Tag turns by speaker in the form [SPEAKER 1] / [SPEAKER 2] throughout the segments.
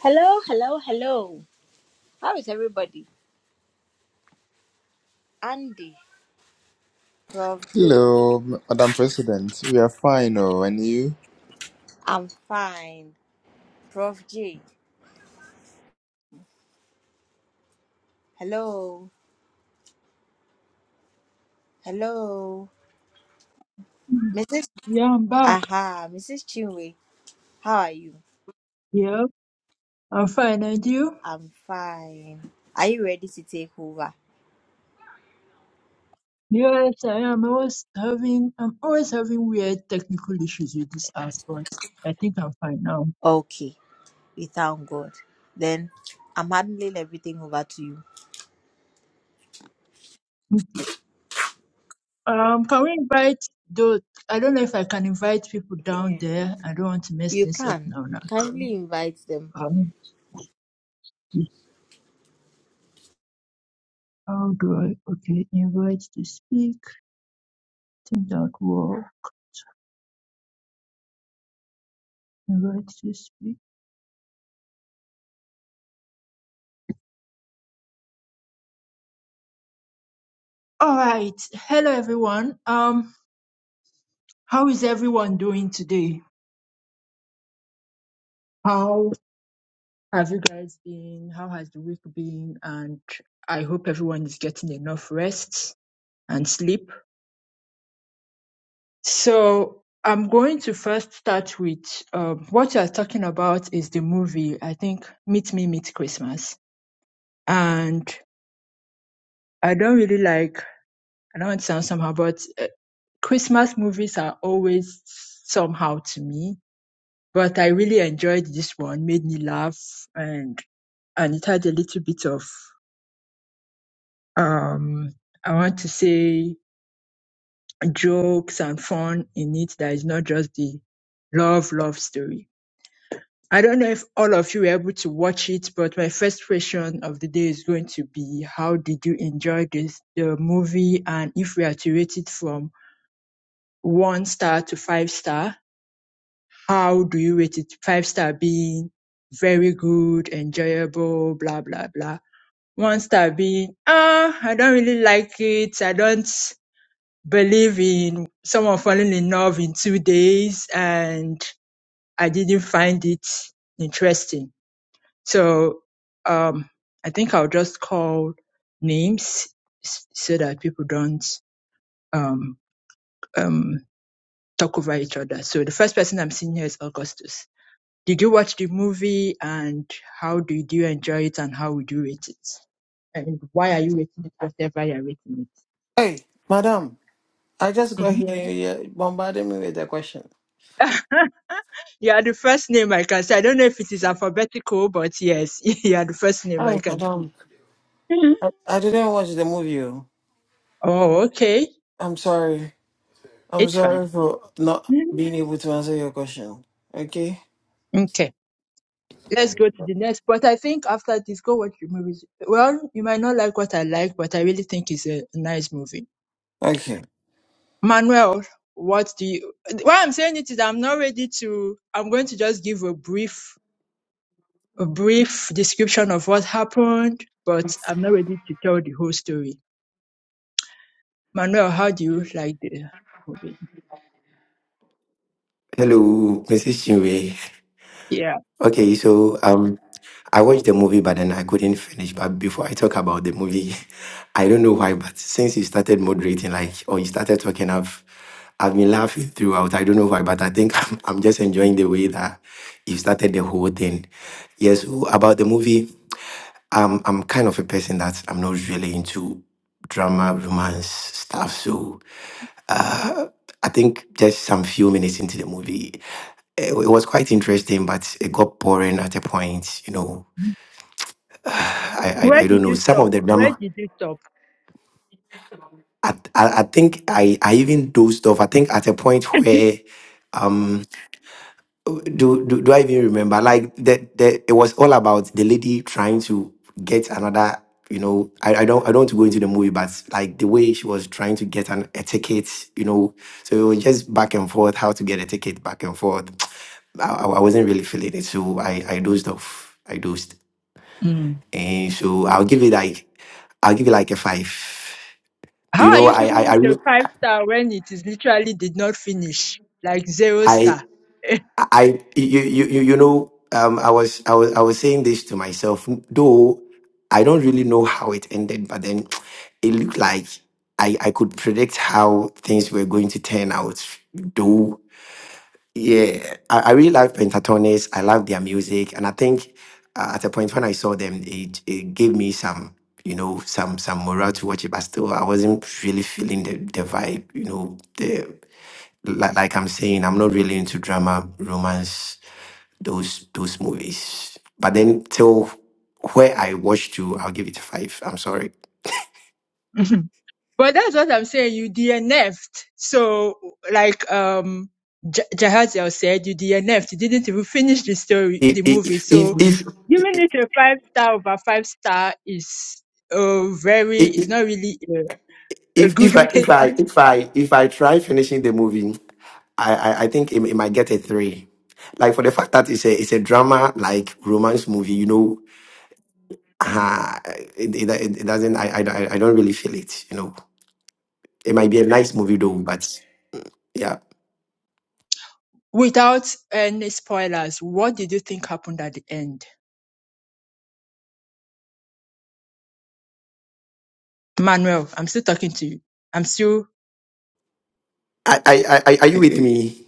[SPEAKER 1] Hello, hello, hello. How is everybody? Andy, Prof. J.
[SPEAKER 2] Hello, M- Madam President. We are fine, oh, and you?
[SPEAKER 1] I'm fine. Prof. J. Hello, hello. Mrs.
[SPEAKER 3] Yeah, I'm back.
[SPEAKER 1] Aha, Mrs. Chinwe, how are you?
[SPEAKER 3] Yeah, I'm fine. And you?
[SPEAKER 1] I'm fine. Are you ready to take over?
[SPEAKER 3] Yes, I am. I was having, I'm always having weird technical issues with this app, but I think I'm fine now.
[SPEAKER 1] Okay, we thank God. Then I'm handing everything over to you.
[SPEAKER 3] Okay. Um, can we invite those? I don't know if I can invite people down
[SPEAKER 1] Yeah.
[SPEAKER 3] there. I don't want to mess
[SPEAKER 1] You
[SPEAKER 3] this up
[SPEAKER 1] can.
[SPEAKER 3] now. Now,
[SPEAKER 1] Kindly invite them.
[SPEAKER 3] um, how do I? Okay, invite to speak. Think that will invite to speak. All right. Hello, everyone. Um, how is everyone doing today? How have you guys been? How has the week been? And I hope everyone is getting enough rest and sleep. So I'm going to first start with um, what you're talking about is the movie, I think, Meet Me, Meet Christmas. And I don't really like, I don't want to sound somehow, but uh, Christmas movies are always somehow to me. But I really enjoyed this one, made me laugh, and and it had a little bit of um, I want to say jokes and fun in it that is not just the love love story. I don't know if all of you were able to watch it, but my first question of the day is going to be how did you enjoy this the movie and if we are to rate it from one star to five star, how do you rate it? Five star being very good, enjoyable, blah blah blah. One star being ah, oh, I don't really like it. I don't believe in someone falling in love in two days and I didn't find it interesting. So um, I think I'll just call names s- so that people don't um, um, talk over each other. So the first person I'm seeing here is Augustus. Did you watch the movie and how did you enjoy it and how would you rate it? And why are you rating it whatever you're rating
[SPEAKER 4] Hey, madam, I just got
[SPEAKER 3] it?
[SPEAKER 4] here. You you bombarded me with the question.
[SPEAKER 3] Mhm. You are the first name I can say. I don't know if it is alphabetical, but yes, you are the first name I
[SPEAKER 4] Oh,
[SPEAKER 3] can see.
[SPEAKER 4] madam,
[SPEAKER 3] Mhm.
[SPEAKER 4] I, I didn't watch the movie. oh.
[SPEAKER 3] Oh, okay.
[SPEAKER 4] I'm sorry. I'm
[SPEAKER 3] It's fine.
[SPEAKER 4] sorry for not
[SPEAKER 3] Mhm.
[SPEAKER 4] being able to answer your question. Okay.
[SPEAKER 3] Okay. Let's go to the next. But I think after this, go watch the movies. Well, you might not like what I like, but I really think it's a nice movie.
[SPEAKER 4] Okay?
[SPEAKER 3] Manuel, what do you, why I'm saying it is I'm not ready to, I'm going to just give a brief, a brief description of what happened, but I'm not ready to tell the whole story. Manuel, how do you like the movie?
[SPEAKER 5] Hello, Mrs. Chinwe.
[SPEAKER 3] Yeah.
[SPEAKER 5] Okay, so um, I watched the movie, but then I couldn't finish. But before I talk about the movie, I don't know why, but since you started moderating, like, or you started talking, I've, I've been laughing throughout. I don't know why, but I think I'm, I'm just enjoying the way that you started the whole thing. Yes, so about the movie, um, I'm kind of a person that I'm not really into drama, romance stuff. So Uh, I think just some few minutes into the movie, it it was quite interesting, but it got boring at a point. You know, I I,
[SPEAKER 3] Where
[SPEAKER 5] I don't
[SPEAKER 3] did
[SPEAKER 5] know
[SPEAKER 3] you
[SPEAKER 5] some
[SPEAKER 3] stop?
[SPEAKER 5] of the
[SPEAKER 3] Where
[SPEAKER 5] drama.
[SPEAKER 3] did you stop?
[SPEAKER 5] I, I I think I I even dozed off. I think at a point where um, do, do do I even remember? Like that that it was all about the lady trying to get another. You know, I, I don't I don't want to go into the movie, but like the way she was trying to get an a ticket. You know, so it was just back and forth how to get a ticket back and forth. I, I I wasn't really feeling it, so I I dozed off. I dozed,
[SPEAKER 3] Mm.
[SPEAKER 5] and so I'll give it like I'll give it like a five.
[SPEAKER 3] How
[SPEAKER 5] You
[SPEAKER 3] are
[SPEAKER 5] know,
[SPEAKER 3] you
[SPEAKER 5] I I
[SPEAKER 3] giving
[SPEAKER 5] I.
[SPEAKER 3] it a
[SPEAKER 5] really-
[SPEAKER 3] five star when it is literally did not finish? Like zero
[SPEAKER 5] I
[SPEAKER 3] star.
[SPEAKER 5] I you you you you know um I was I was I was saying this to myself though I don't really know how it ended but then it looked like I I could predict how things were going to turn out though yeah I, I really like Pentatonix I love their music and I think uh, at a point when I saw them it it gave me some you know some some morale to watch it but still I wasn't really feeling the the vibe you know the like, like I'm saying I'm not really into drama romance those those movies. But then till where I watched to, I'll give it five. I'm sorry.
[SPEAKER 3] but that's what I'm saying. You DNF'd. So, like, um, J- Jahaziel said, you DNF'd. You didn't even finish the story,
[SPEAKER 5] If
[SPEAKER 3] the movie.
[SPEAKER 5] if if
[SPEAKER 3] So, giving
[SPEAKER 5] if
[SPEAKER 3] it a five star over five star is uh, very, is
[SPEAKER 5] if,
[SPEAKER 3] not really a, a
[SPEAKER 5] if,
[SPEAKER 3] good
[SPEAKER 5] if I if I
[SPEAKER 3] rating.
[SPEAKER 5] if I if I try finishing the movie, I I, I think it, it might get a three. Like for the fact that it's a it's a drama like romance movie, you know, uh, it, it it doesn't. I, I I I don't really feel it. You know, it might be a nice movie though, but yeah.
[SPEAKER 3] Without any spoilers, what did you think happened at the end? Manuel, I'm still talking to you. I'm still.
[SPEAKER 5] I I I I- are you with me?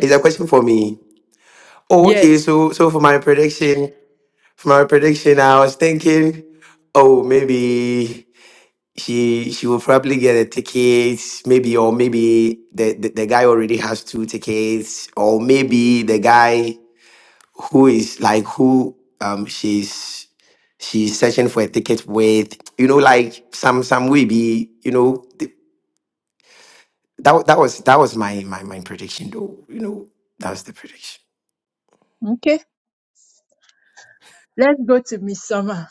[SPEAKER 5] It's a question for me. Oh, okay.
[SPEAKER 3] yes.
[SPEAKER 5] So, so for my prediction, for my prediction, I was thinking, oh, maybe she she will probably get a ticket, maybe, or maybe the, the the guy already has two tickets, or maybe the guy who is like who um she's she's searching for a ticket with, you know, like some some will be, you know, th- that that was that was my my my prediction, though, you know, that was the prediction.
[SPEAKER 3] Okay. Let's go to Miss Summer.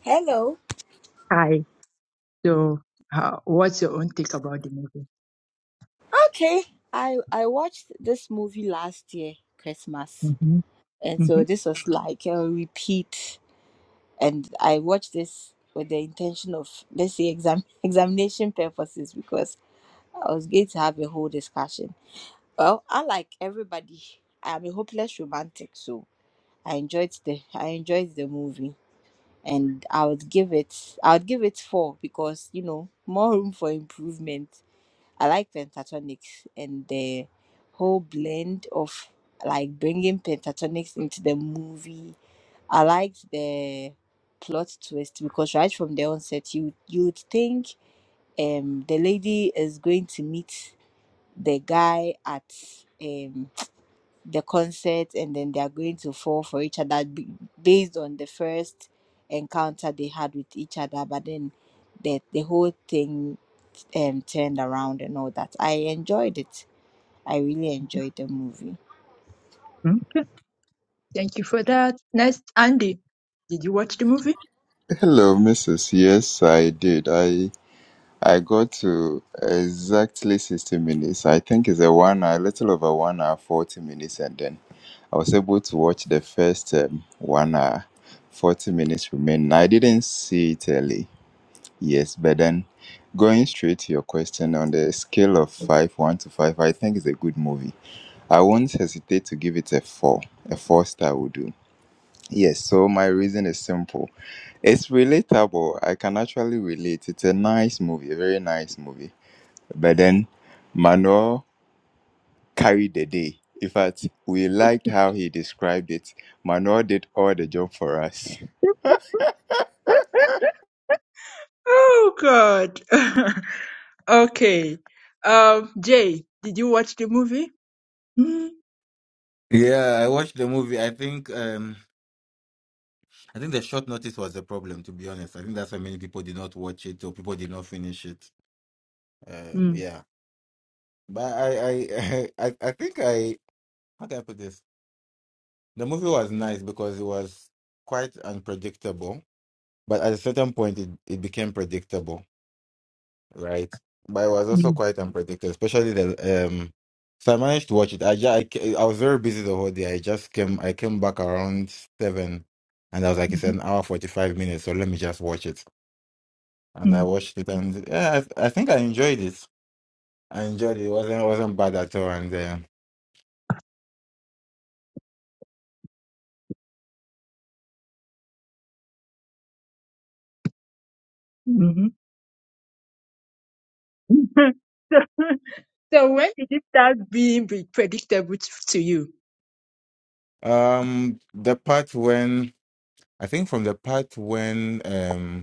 [SPEAKER 1] Hello.
[SPEAKER 3] Hi. So, uh, what's your own take about the movie?
[SPEAKER 1] Okay. I I watched this movie last year, Christmas.
[SPEAKER 3] hmm
[SPEAKER 1] And
[SPEAKER 3] hmm
[SPEAKER 1] so this was like a repeat. And I watched this with the intention of, let's say, exam- examination purposes because I was going to have a whole discussion. Well, unlike everybody, I'm a hopeless romantic, so I enjoyed the I enjoyed the movie, and I would give it I would give it four because you know more room for improvement. I like pentatonics and the whole blend of like bringing pentatonics into the movie. I liked the plot twist because right from the onset, you you'd think um the lady is going to meet the guy at um the concert and then they are going to fall for each other b- based on the first encounter they had with each other, but then the the whole thing um, turned around and all that. I enjoyed it. I really enjoyed the movie.
[SPEAKER 3] Okay. Thank you for that. Next, Andy. Did you watch the movie?
[SPEAKER 2] Hello, Mrs. Yes, I did. I I got to exactly 60 minutes. I think it's a one hour, a little over one hour, 40 minutes, and then I was able to watch the first um, one hour, 40 minutes remaining. I didn't see it early, yes, but then going straight to your question on the scale of 5, 1 to 5, I think it's a good movie. I won't hesitate to give it a 4. A 4 star would do. Yes, so my reason is simple. It's relatable. I can actually relate. It's a nice movie, a very nice movie. But then Manuel carried the day. In fact, we liked how he described it. Manuel did all the job for us.
[SPEAKER 3] Oh, God. okay. Um, Jay, did you watch the movie? Mm-hmm.
[SPEAKER 6] Yeah, I watched the movie. I think um I think the short notice was the problem, to be honest. I think that's why many people did not watch it or people did not finish it. Um yeah. But I I I, I think I how can I put this? The movie was nice because it was quite unpredictable, but at a certain point it, it became predictable. right? But it was also
[SPEAKER 3] Mm-hmm.
[SPEAKER 6] quite unpredictable, especially the um. So I managed to watch it. I, ju- I ca- I was very busy the whole day. I just came I came back around seven, and I was like, it's an hour forty five minutes, so let me just watch it. And I watched it, and yeah, I, I think I enjoyed it. I enjoyed it. It wasn't it wasn't bad at all. And
[SPEAKER 3] Mm-hmm. So when did it start being pre- predictable t- to you?
[SPEAKER 6] uh, um, the part when I think from the part when um.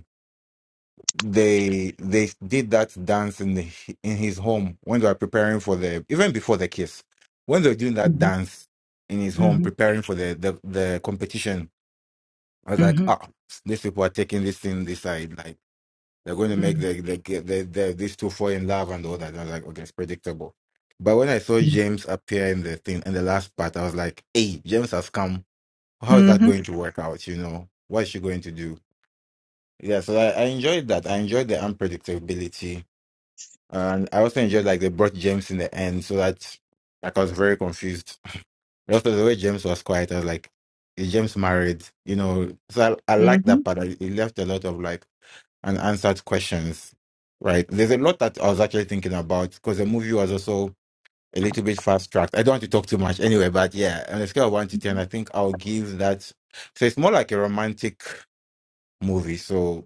[SPEAKER 6] they they did that dance in the, in his home when they were preparing for the even before the kiss when they were doing that
[SPEAKER 3] Mm-hmm.
[SPEAKER 6] dance in his home
[SPEAKER 3] Mm-hmm.
[SPEAKER 6] preparing for the the, the competition i was like ah these people are taking this thing this side like they're going to make
[SPEAKER 3] Mm-hmm.
[SPEAKER 6] the the, the, the these two fall in love and all that And i was like okay it's predictable but when i saw james appear in the thing in the last part i was like hey james has come how is that
[SPEAKER 3] Mm-hmm.
[SPEAKER 6] going to work out you know what is she going to do yeah so i, I enjoyed that i enjoyed the unpredictability and I also enjoyed like they brought James in the end, so that like I was very confused. Also, the way James was quiet, I was like, "Is James married?" You know, so I, I like
[SPEAKER 3] Mm-hmm.
[SPEAKER 6] that part. It it left a lot of like unanswered questions. Right? There's a lot that I was actually thinking about because the movie was also a little bit fast tracked. I don't want to talk too much anyway, but yeah, on a scale of one to ten, I think I'll give that. So it's more like a romantic movie. So,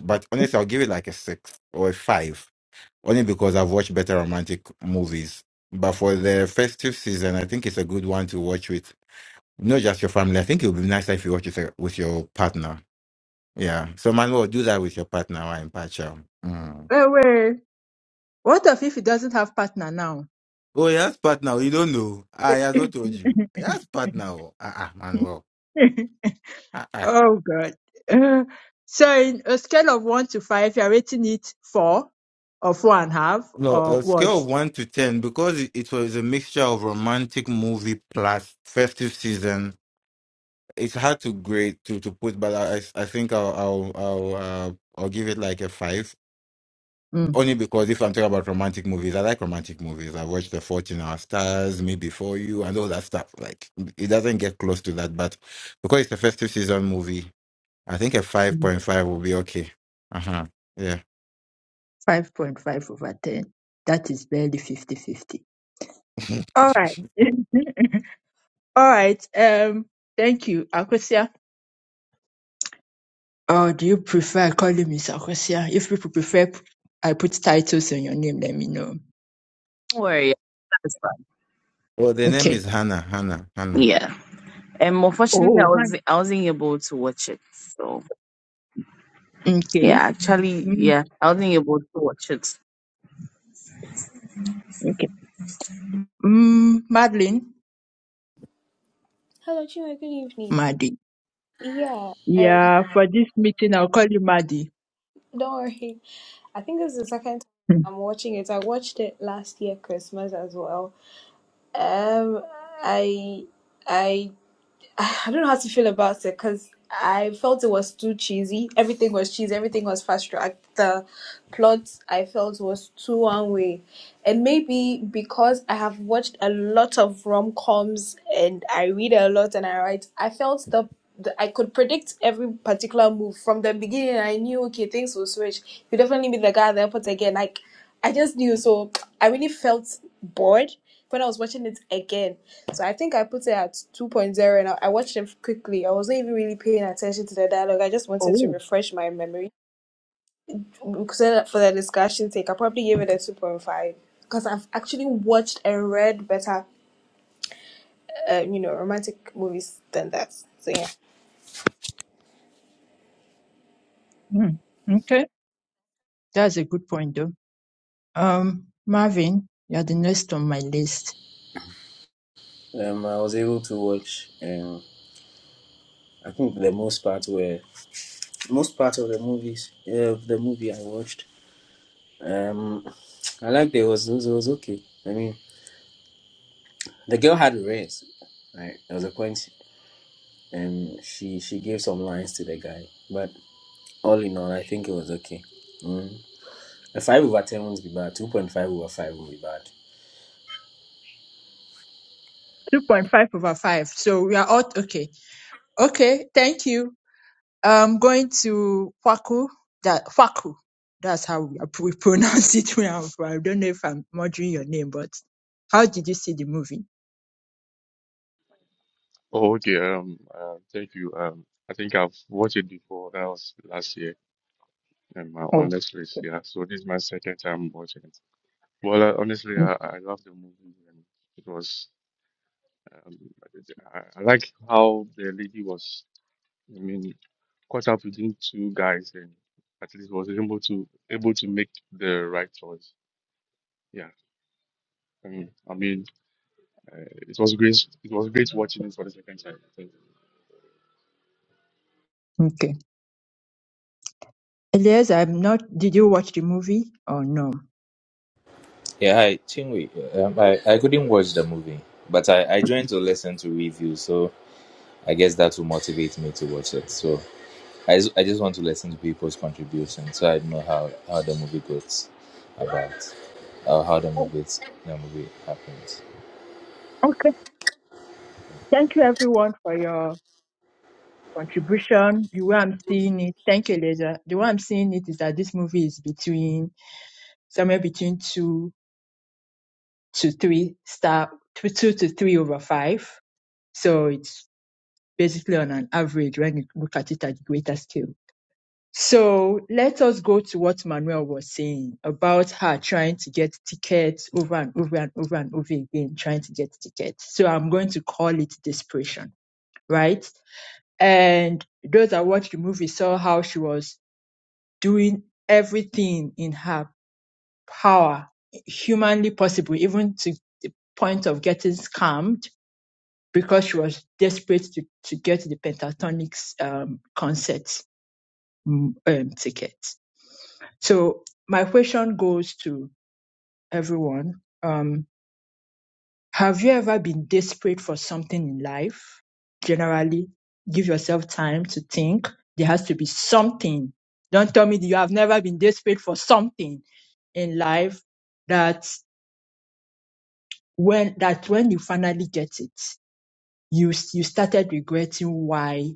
[SPEAKER 6] but honestly, I'll give it like a six or a five only because I've watched better romantic movies. But for the festive season, I think it's a good one to watch with not just your family. I think it would be nicer if you watch it uh, with your partner. Yeah. So Manuel, do that with your partner and partner. Mm.
[SPEAKER 3] Oh, wait. What if if he doesn't have partner now?
[SPEAKER 6] Oh, yes, partner. You don't know. I has not told you. Yes, partner. Ah, ah, Manuel. Ah, ah.
[SPEAKER 3] oh God. Uh, so in a scale of one to five, you're rating it four or four and a half
[SPEAKER 6] No,
[SPEAKER 3] or
[SPEAKER 6] a scale
[SPEAKER 3] what?
[SPEAKER 6] of one to ten because it, it was a mixture of romantic movie plus festive season it's hard to grade to to put, but I I I think I'll I'll I'll uh, I'll give it like a five.
[SPEAKER 3] Mm.
[SPEAKER 6] Only because if I'm talking about romantic movies, I like romantic movies. I watched The Fault in Our Stars, Me Before You, and all that stuff. Like it doesn't get close to that, but because it's a festive season movie, I think a five
[SPEAKER 3] Mm.
[SPEAKER 6] point five will be okay. Uh huh. Yeah.
[SPEAKER 3] 5.5 over 10. That is barely fifty-fifty. right. All right. Um, thank you, Akosia. Or do you prefer calling me Sakosia? If people prefer I put titles on your name, let me know.
[SPEAKER 7] Don't worry. That's fine.
[SPEAKER 6] well, the name is
[SPEAKER 3] Okay.
[SPEAKER 6] Hannah. Hannah. Hannah.
[SPEAKER 7] Yeah. And unfortunately, I
[SPEAKER 3] Oh,
[SPEAKER 7] was
[SPEAKER 3] Hannah.
[SPEAKER 7] I wasn't able to watch it. So yeah,
[SPEAKER 3] Okay.
[SPEAKER 7] actually,
[SPEAKER 3] Mm,
[SPEAKER 7] yeah, I wasn't able to watch it.
[SPEAKER 3] okay. Mm, Madeline?
[SPEAKER 8] Hello, Chinwe. Good evening.
[SPEAKER 3] Maddie.
[SPEAKER 8] Yeah, um,
[SPEAKER 3] Yeah, for this meeting, I'll call you Maddie.
[SPEAKER 8] don't worry. I think this is the second
[SPEAKER 3] Hmm.
[SPEAKER 8] time I'm watching it. I watched it last year Christmas as well. Um, I I I don't know how to feel about it because I felt it was too cheesy. Everything was cheesy. Everything was fast track. The plot I felt was too one way, and maybe because I have watched a lot of rom coms and I read a lot and I write, I felt the, the I could predict every particular move from the beginning. I knew okay things will switch. You definitely be the guy at the airport again. Like I just knew. So I really felt bored when I was watching it again. So I think I put it at 2.0 and I, I watched it quickly. I wasn't even really paying attention to the dialogue. I just wanted to
[SPEAKER 3] Oh.
[SPEAKER 8] refresh my memory. So for the discussion sake, I probably gave it a 2.5 because I've actually watched and read better, um, you know, romantic movies than that. So yeah.
[SPEAKER 3] Mm, okay. That's a good point, though. Um, Marvin, you're the next on my list.
[SPEAKER 9] Um, I was able to watch. Um, I think the most part were most part of the movies uh, of the movie I watched. Um, I liked it. It was, it was it was okay. I mean, the girl had race. Right, there was a point, and she she gave some lines to the guy, but all in all, I think it was okay. Mm. A five over ten won't be bad. Two point five over five will be bad.
[SPEAKER 3] 2.5 over 5. So we are all okay. Okay. Thank you. um going to Kwaku that Kwaku that's how we, we pronounce it where I'm from. I don't know if I'm murdering your name, but how did you see the movie?
[SPEAKER 10] Oh, okay. Um, uh, thank you. Um, I think I've watched it before. That was last year, and my
[SPEAKER 3] Oh,
[SPEAKER 10] honest list,
[SPEAKER 3] okay.
[SPEAKER 10] yeah. So this is my second time watching it. Well, I, honestly,
[SPEAKER 3] Mm,
[SPEAKER 10] I, I love the movie, and it was. Um, I, I like how the lady was. I mean, caught up between two guys, and at least was able to able to make the right choice. Yeah. I mean, I mean, uh, it was great. It was great watching it for the second time. Thank
[SPEAKER 3] Okay. Yes, I'm not. Did you watch the movie or no?
[SPEAKER 11] Yeah, hi, Chinwe. Um, I, I couldn't watch the movie, but I, I joined to listen to reviews, so I guess that will motivate me to watch it. So I, s- I just want to listen to people's contributions so I know how, how the movie goes about, or how the
[SPEAKER 3] Oh,
[SPEAKER 11] movie, the movie happens.
[SPEAKER 3] okay. Thank you, everyone, for your contribution. The way I'm seeing it, thank you, Eliza. The way I'm seeing it is that this movie is between somewhere between two to three star, two, two to three over five. So it's basically on an average when you look at it at greater scale. So let us go to what Manuel was saying about her trying to get tickets over and over and over and over again, trying to get tickets. So I'm going to call it desperation, right? And those that watched the movie saw how she was doing everything in her power, humanly possible, even to the point of getting scammed because she was desperate to, to get the Pentatonix um, concert mm, um, ticket. So my question goes to everyone. Um, have you ever been desperate for something in life? Generally, give yourself time to think. There has to be something. Don't tell me that you have never been desperate for something in life that when, that when you finally get it, you, you started regretting why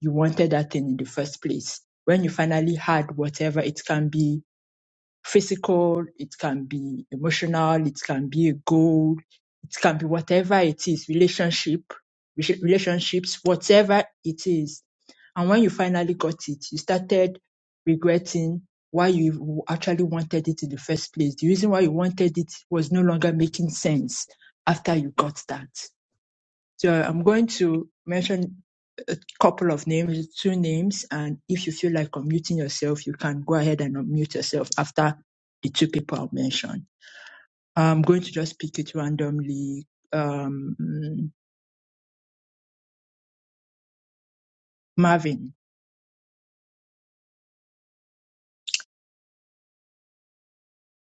[SPEAKER 3] you wanted that thing in the first place. When you finally had whatever, it can be physical, it can be emotional, it can be a goal, it can be whatever it is, relationship, rela- relationships, whatever it is. And when you finally got it, you started regretting why you actually wanted it in the first place. The reason why you wanted it was no longer making sense after you got that. So I'm going to mention a couple of names, two names, and if you feel like unmuting yourself, you can go ahead and unmute yourself after the two people I'll mention. I'm going to just pick it randomly. Um, mm, Marvin,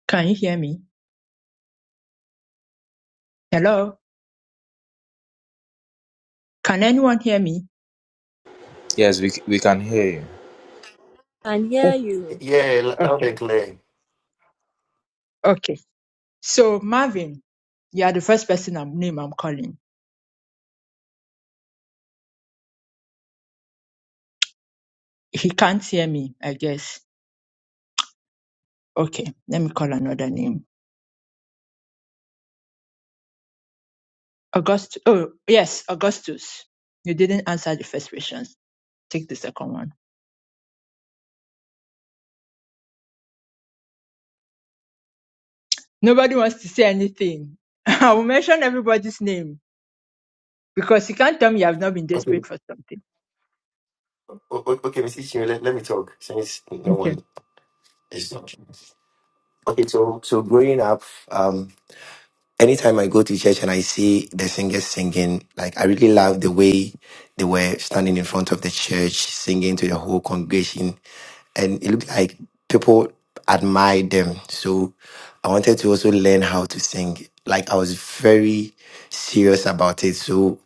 [SPEAKER 3] can you hear me? Hello? Can anyone hear me?
[SPEAKER 11] Yes, we, c- we can hear you.
[SPEAKER 1] And hear
[SPEAKER 3] O-
[SPEAKER 1] you.
[SPEAKER 5] Yeah, loud
[SPEAKER 3] Okay.
[SPEAKER 5] and clear.
[SPEAKER 3] Okay. So Marvin, yeah, the first person I'm name I'm calling. He can't hear me, I guess. Okay, let me call another name. August. Oh, yes, Augustus. You didn't answer the first question. Take the second one. Nobody wants to say anything. I will mention everybody's name because you can't tell me you have not been desperate for something.
[SPEAKER 5] O- o- Okay, Mrs. Chinwe, let, let me talk since no
[SPEAKER 3] Okay.
[SPEAKER 5] one is talking. Okay, so so growing up, um, anytime I go to church and I see the singers singing, like I really love the way they were standing in front of the church singing to the whole congregation, and it looked like people admired them. So I wanted to also learn how to sing. Like I was very serious about it. So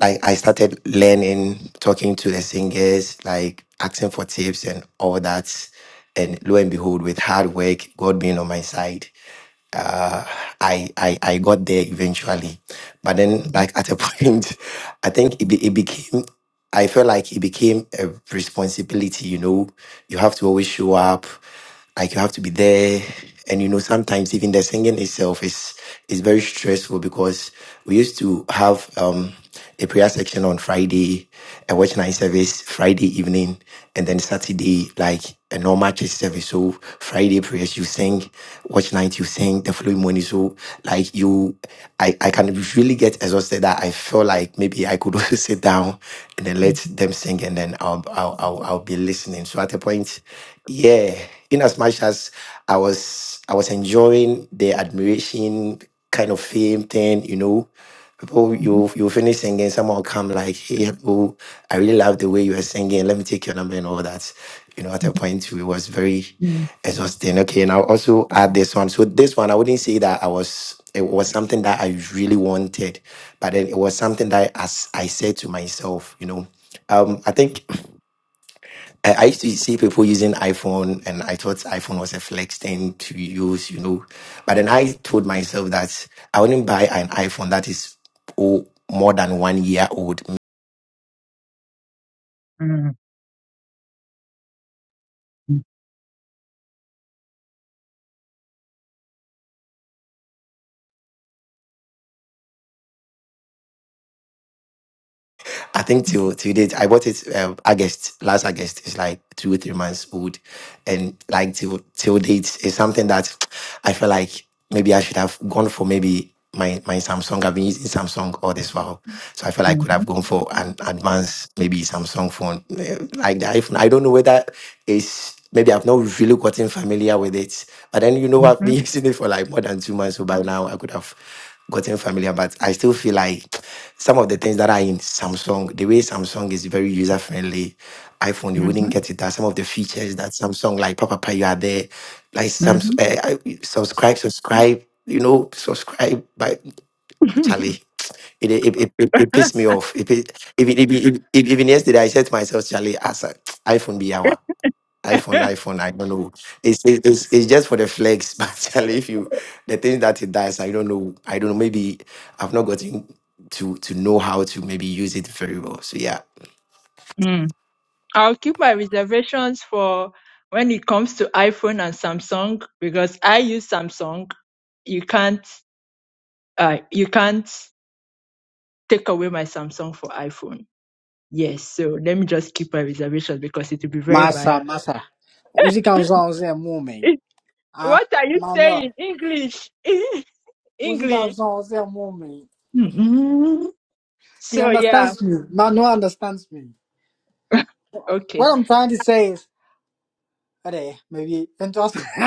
[SPEAKER 5] like I started learning, talking to the singers, like asking for tips and all that. And lo and behold, with hard work, God being on my side, uh, I, I I got there eventually. But then,
[SPEAKER 3] Mhm,
[SPEAKER 5] like at a point, I think it, be, it became. I felt like it became a responsibility. You know, you have to always show up. Like you have to be there, and you know sometimes even the singing itself is is very stressful because we used to have. um a prayer section on Friday, a watch night service Friday evening, and then Saturday, like a normal church service. So Friday prayers you sing, watch night you sing, the following morning. So like you I, I can really get exhausted that I feel like maybe I could also sit down and then let
[SPEAKER 3] mhm,
[SPEAKER 5] them sing and then I'll I'll I'll, I'll be listening. So at a point, yeah, in as much as I was I was enjoying the admiration kind of fame thing, you know. People,
[SPEAKER 3] mhm,
[SPEAKER 5] you you finish singing, someone will come like, "Hey, oh, I really love the way you were singing. Let me take your number and all that." You know, at a point, it was very
[SPEAKER 3] mhm,
[SPEAKER 5] exhausting. Okay, and I'll also add this one. So this one, I wouldn't say that I was. It was something that I really wanted, but then it was something that as I s- I said to myself, you know, um, I think I I used to see people using iPhone, and I thought iPhone was a flex thing to use, you know. But then I told myself that I wouldn't buy an iPhone that is oh, more than one year old.
[SPEAKER 3] mm,
[SPEAKER 5] I think till till date, I bought it um, August last August. It's like two or three months old, and like till till date is something that I feel like maybe I should have gone for maybe my my Samsung. I've been using Samsung all this while, so I feel like I
[SPEAKER 3] mm,
[SPEAKER 5] could have
[SPEAKER 3] mm,
[SPEAKER 5] gone for an advanced maybe Samsung phone eh, like the iPhone. I don't know whether it's maybe I've not really gotten familiar with it, but then you know I've
[SPEAKER 3] mhm,
[SPEAKER 5] been using it for like more than two months. So by now I could have gotten familiar, but I still feel like some of the things that are in Samsung, the way Samsung is very user friendly, iPhone you
[SPEAKER 3] mhm,
[SPEAKER 5] wouldn't
[SPEAKER 3] mhm,
[SPEAKER 5] get it. That some of the features that Samsung, like Papa, Papa, you are there, like some uh, subscribe, subscribe, you know, subscribe. But
[SPEAKER 3] mhm.
[SPEAKER 5] Charlie, it it, it, it, it pissed me off. It, pi- even, even, even even yesterday, I said to myself, Charlie, as a iPhone be our iPhone, iPhone, I don't know. It's it- it's, it's just for the flex, but if you the things that it does, I don't know. I don't know. Maybe I've not gotten to to know how to maybe use it very well. So yeah.
[SPEAKER 3] Mm. I'll keep my reservations for when it comes to iPhone and Samsung because I use Samsung. You can't. Uh, you can't. take away my Samsung for iPhone. Yes, so let me just keep my reservations because it will be very
[SPEAKER 12] Massa,
[SPEAKER 3] biased.
[SPEAKER 12] massa. Use Ganzon's a moment. Ah,
[SPEAKER 3] What are you
[SPEAKER 12] Manuel.
[SPEAKER 3] saying? English.
[SPEAKER 12] Use
[SPEAKER 3] English.
[SPEAKER 12] Ganzon's a moment.
[SPEAKER 3] Mm-mm.
[SPEAKER 12] He
[SPEAKER 3] So yeah.
[SPEAKER 12] understands me. Manuel understands me.
[SPEAKER 3] Okay.
[SPEAKER 12] What I'm trying to say is, okay, maybe interesting.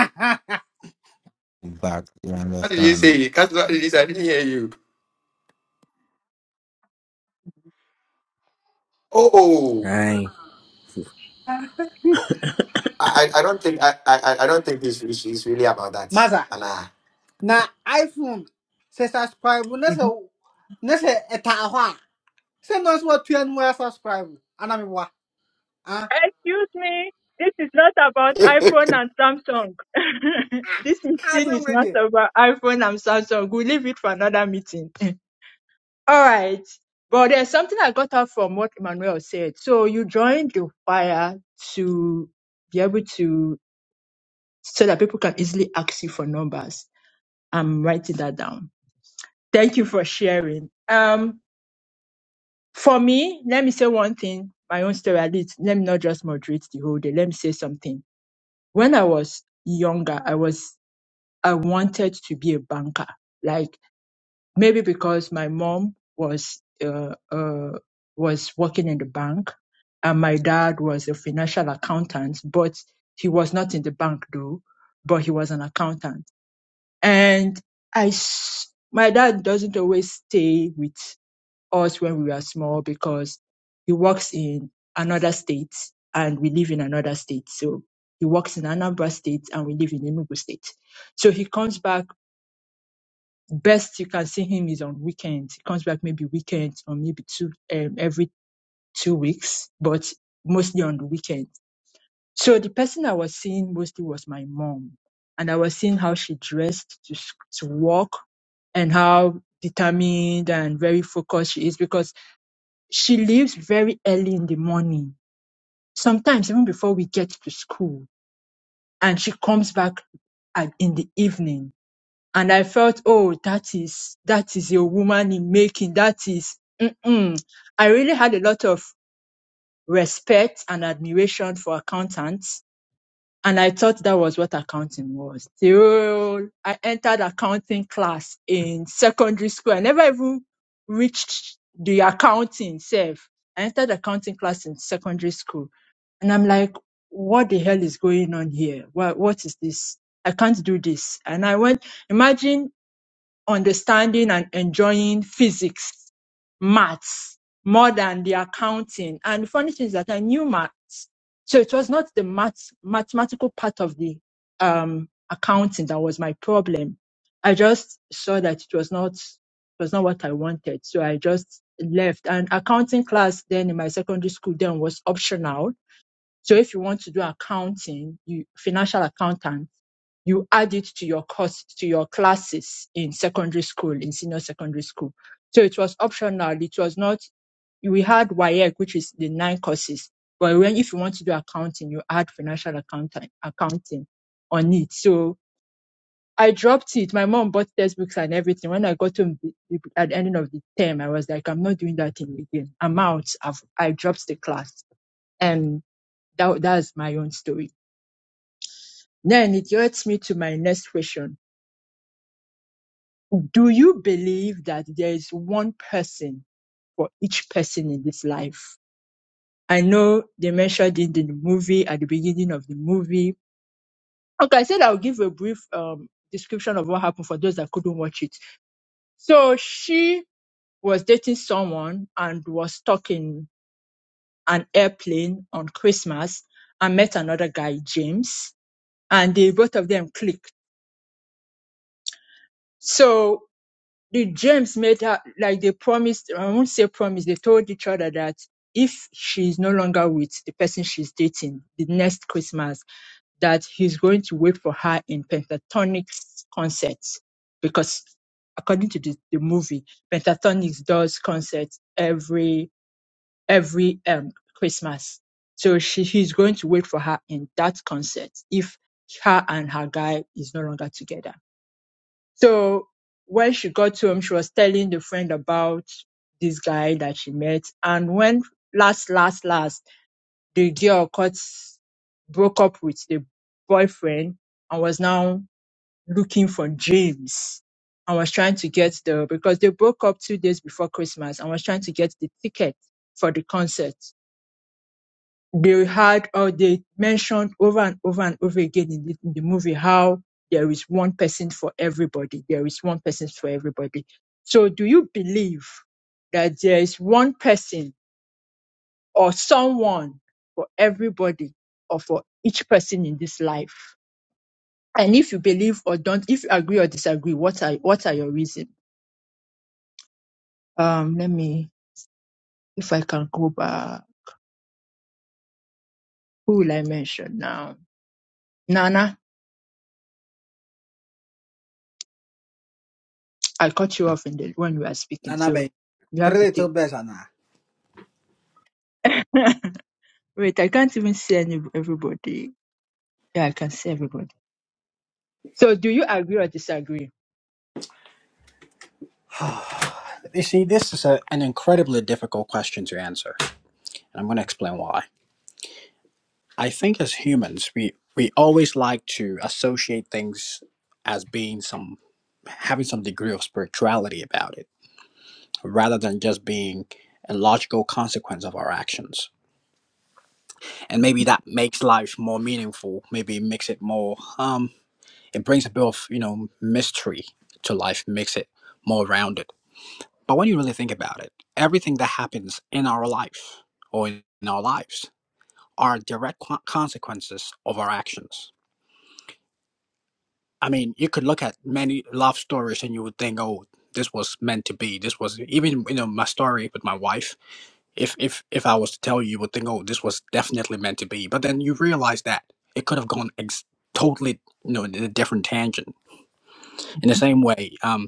[SPEAKER 6] Back. You
[SPEAKER 5] What did you
[SPEAKER 6] understand?
[SPEAKER 5] say? Cut, What did you say? I didn't hear you. Oh, oh.
[SPEAKER 9] Right.
[SPEAKER 5] I, I I don't think I, I, I I don't think it's, it's, it's really about that.
[SPEAKER 12] Massa.
[SPEAKER 5] Anna.
[SPEAKER 12] Na iPhone say subscribe. nese
[SPEAKER 3] Mhm.
[SPEAKER 12] nese na se etahwa. Say no so two and more subscribe. Anami wa. Ah,
[SPEAKER 3] Excuse me. This is not about iPhone and Samsung. this
[SPEAKER 12] I
[SPEAKER 3] meeting
[SPEAKER 12] don't
[SPEAKER 3] is not
[SPEAKER 12] ready.
[SPEAKER 3] about iPhone and Samsung. We'll leave it for another meeting. All right. But there's something I got out from what Emmanuel said. So you joined the choir to be able to, so that people can easily ask you for numbers. I'm writing that down. Thank you for sharing. Um, for me, let me say one thing, my own story at least. Let me not just moderate the whole day. Let me say something. When I was younger, I was, I wanted to be a banker. Like. Maybe because my mom was uh, uh, was working in the bank, and my dad was a financial accountant, but he was not in the bank though, but he was an accountant. And I, s- my dad doesn't always stay with us when we are small because he works in another state and we live in another state. So he works in Anambra state and we live in Enugu state. So he comes back Best you can see him is on weekends. He comes back maybe weekends or maybe two um, every two weeks, but mostly on the weekend. So the person I was seeing mostly was my mom, and I was seeing how she dressed to s- to work and how determined and very focused she is because she leaves very early in the morning, sometimes even before we get to school, and she comes back at, in the evening And I felt, oh, that is, that is a woman in making. That is, mm-mm. I really had a lot of respect and admiration for accountants. And I thought that was what accounting was. Till I entered accounting class in secondary school. I never even reached the accounting self. I entered accounting class in secondary school. And I'm like, what the hell is going on here? What, what is this? I can't do this. And I went, imagine understanding and enjoying physics, maths, more than the accounting. And the funny thing is that I knew maths. So it was not the maths, mathematical part of the um, accounting that was my problem. I just saw that it was not it was not what I wanted. So I just left. And accounting class then in my secondary school then was optional. So if you want to do accounting, you financial accountant you add it to your course, to your classes in secondary school, in senior secondary school. So it was optional. It was not, we had WIEC, which is the nine courses. But when, if you want to do accounting, you add financial accounting, accounting on it. So I dropped it. My mom bought textbooks and everything. When I got to the, at the end of the term, I was like, I'm not doing that thing again. I'm out. I've, I dropped the class. And that, that's my own story. Then it leads me to my next question Do you believe that there is one person for each person in this life? I know they mentioned it in the movie at the beginning of the movie. Okay, I said I'll give a brief um, description of what happened for those that couldn't watch it. So she was dating someone and was stuck in an airplane on Christmas and met another guy, James, and they both of them clicked. So the James made her like they promised. I won't say promise. They told each other that if she's no longer with the person she's dating the next Christmas, that he's going to wait for her in Pentatonix concerts because, according to the, the movie, Pentatonix does concerts every every um Christmas. So she he's going to wait for her in that concert if her and her guy is no longer together. So when she got home, she was telling the friend about this guy that she met. And when last, last, last, the girl got broke up with the boyfriend and was now looking for James and was trying to get the because they broke up two days before Christmas and was trying to get the ticket for the concert they had or they mentioned over and over and over again in the, in the movie how there is one person for everybody. There is one person for everybody. So do you believe that there is one person or someone for everybody or for each person in this life? And if you believe or don't, if you agree or disagree, what are what are your reasons? Um, let me if I can go back. Who will I mention now? Nana, I cut you off in the when we are speaking,
[SPEAKER 12] Nana
[SPEAKER 3] so
[SPEAKER 12] be
[SPEAKER 3] you
[SPEAKER 12] three
[SPEAKER 3] have the table.
[SPEAKER 12] little bears ana.
[SPEAKER 3] Wait, I can't even see any everybody. Yeah, I can see everybody. So, do you agree or disagree?
[SPEAKER 12] You see, this is a, an incredibly difficult question to answer, and I'm going to explain why. I think as humans, we we always like to associate things as being some having some degree of spirituality about it, rather than just being a logical consequence of our actions. And maybe that makes life more meaningful. Maybe it makes it more. Um, it brings a bit of you know mystery to life, makes it more rounded. But when you really think about it, everything that happens in our life or in our lives are direct co- consequences of our actions I mean, you could look at many love stories and you would think, oh, this was meant to be. This was even you know my story with my wife. If if if I was to tell you, you would think, oh, this was definitely meant to be. But then you realize that it could have gone ex- totally you know in a different tangent. In the same way, um.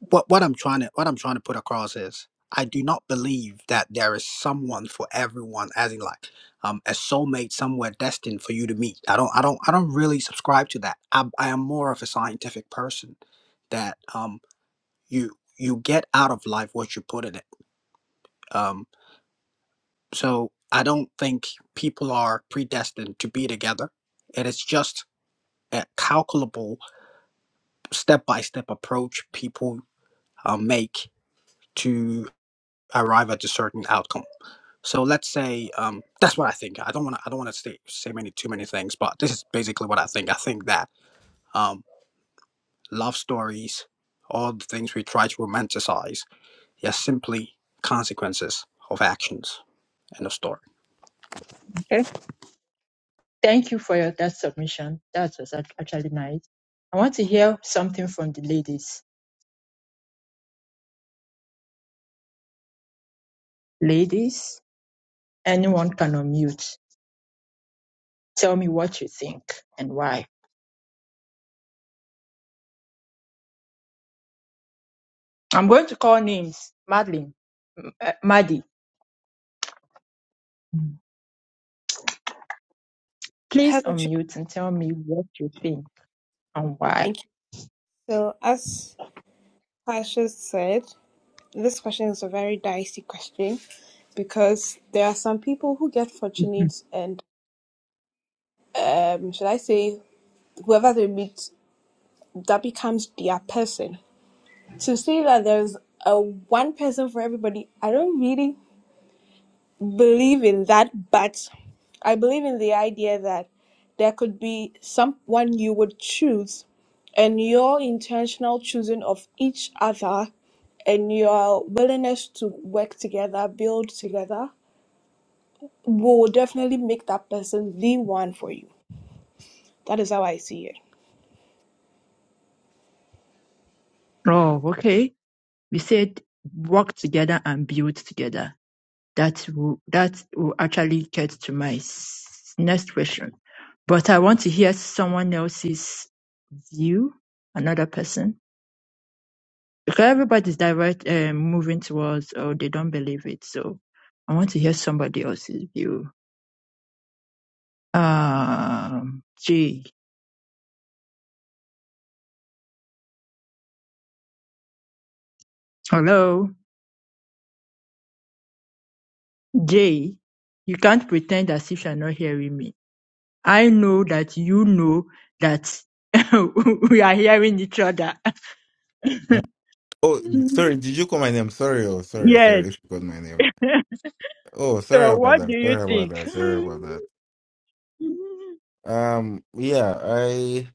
[SPEAKER 12] what what I'm trying to what I'm trying to put across is I do not believe that there is someone for everyone, as in like um, a soulmate somewhere destined for you to meet. I don't I don't I don't really subscribe to that. I, I am more of a scientific person that um you you get out of life what you put in it. Um, so I don't think people are predestined to be together. It is just a calculable step by step approach people uh, make to arrive at a certain outcome. So let's say um, that's what I think. I don't want to. I don't want to say say many too many things, but this is basically what I think. I think that um, love stories, all the things we try to romanticize, are simply consequences of actions. End of story.
[SPEAKER 3] Okay. Thank you for your that submission. That was act- actually nice. I want to hear something from the ladies. Ladies, anyone can unmute. Tell me what you think and why. I'm going to call names. Madeline, M- uh, Maddie,
[SPEAKER 8] Have
[SPEAKER 3] please
[SPEAKER 8] a treat.
[SPEAKER 3] unmute and tell me what you think and why.
[SPEAKER 8] Thank you. So as Pasha said, This question is a very dicey question because there are some people who get
[SPEAKER 3] Mhm.
[SPEAKER 8] fortunate and um should I say whoever they meet that becomes their person. To say that there's a one person for everybody, I don't really believe in that, but I believe in the idea that there could be someone you would choose and your intentional choosing of each other and your willingness to work together, build together will definitely make that person the one for you. That is how I see it.
[SPEAKER 3] Oh, okay. You said work together and build together. that will that will actually get to my s- next question. But I want to hear someone else's view, another person, because everybody's direct uh, moving towards, or they don't believe it. So I want to hear somebody else's view. Um, Jay, hello, Jay. You can't pretend as if you're not hearing me. I know that you know that we are hearing each other.
[SPEAKER 6] Oh, sorry. Did you call my name? Sorry. Oh, sorry.
[SPEAKER 3] yes,
[SPEAKER 6] Sorry. If you called my name. Oh, sorry
[SPEAKER 3] So
[SPEAKER 6] about
[SPEAKER 3] what do
[SPEAKER 6] that.
[SPEAKER 3] you
[SPEAKER 6] Sorry about
[SPEAKER 3] think?
[SPEAKER 6] that. Sorry about that. Um, yeah, I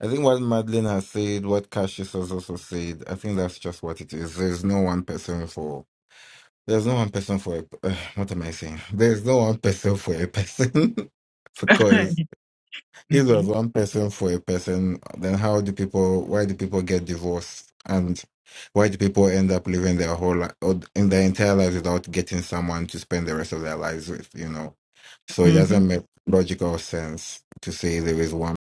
[SPEAKER 6] I think what Madeline has said, what Cassius has also said, I think that's just what it is. There's no one person for. There's no one person for a. Uh, what am I saying? There's no one person for a person because If
[SPEAKER 3] hmm
[SPEAKER 6] there's one person for a person, then how do people? Why do people get divorced? And why do people end up living their whole life or in their entire lives without getting someone to spend the rest of their lives with? You know, so it
[SPEAKER 3] hmm hmm
[SPEAKER 6] doesn't make logical sense to say there is one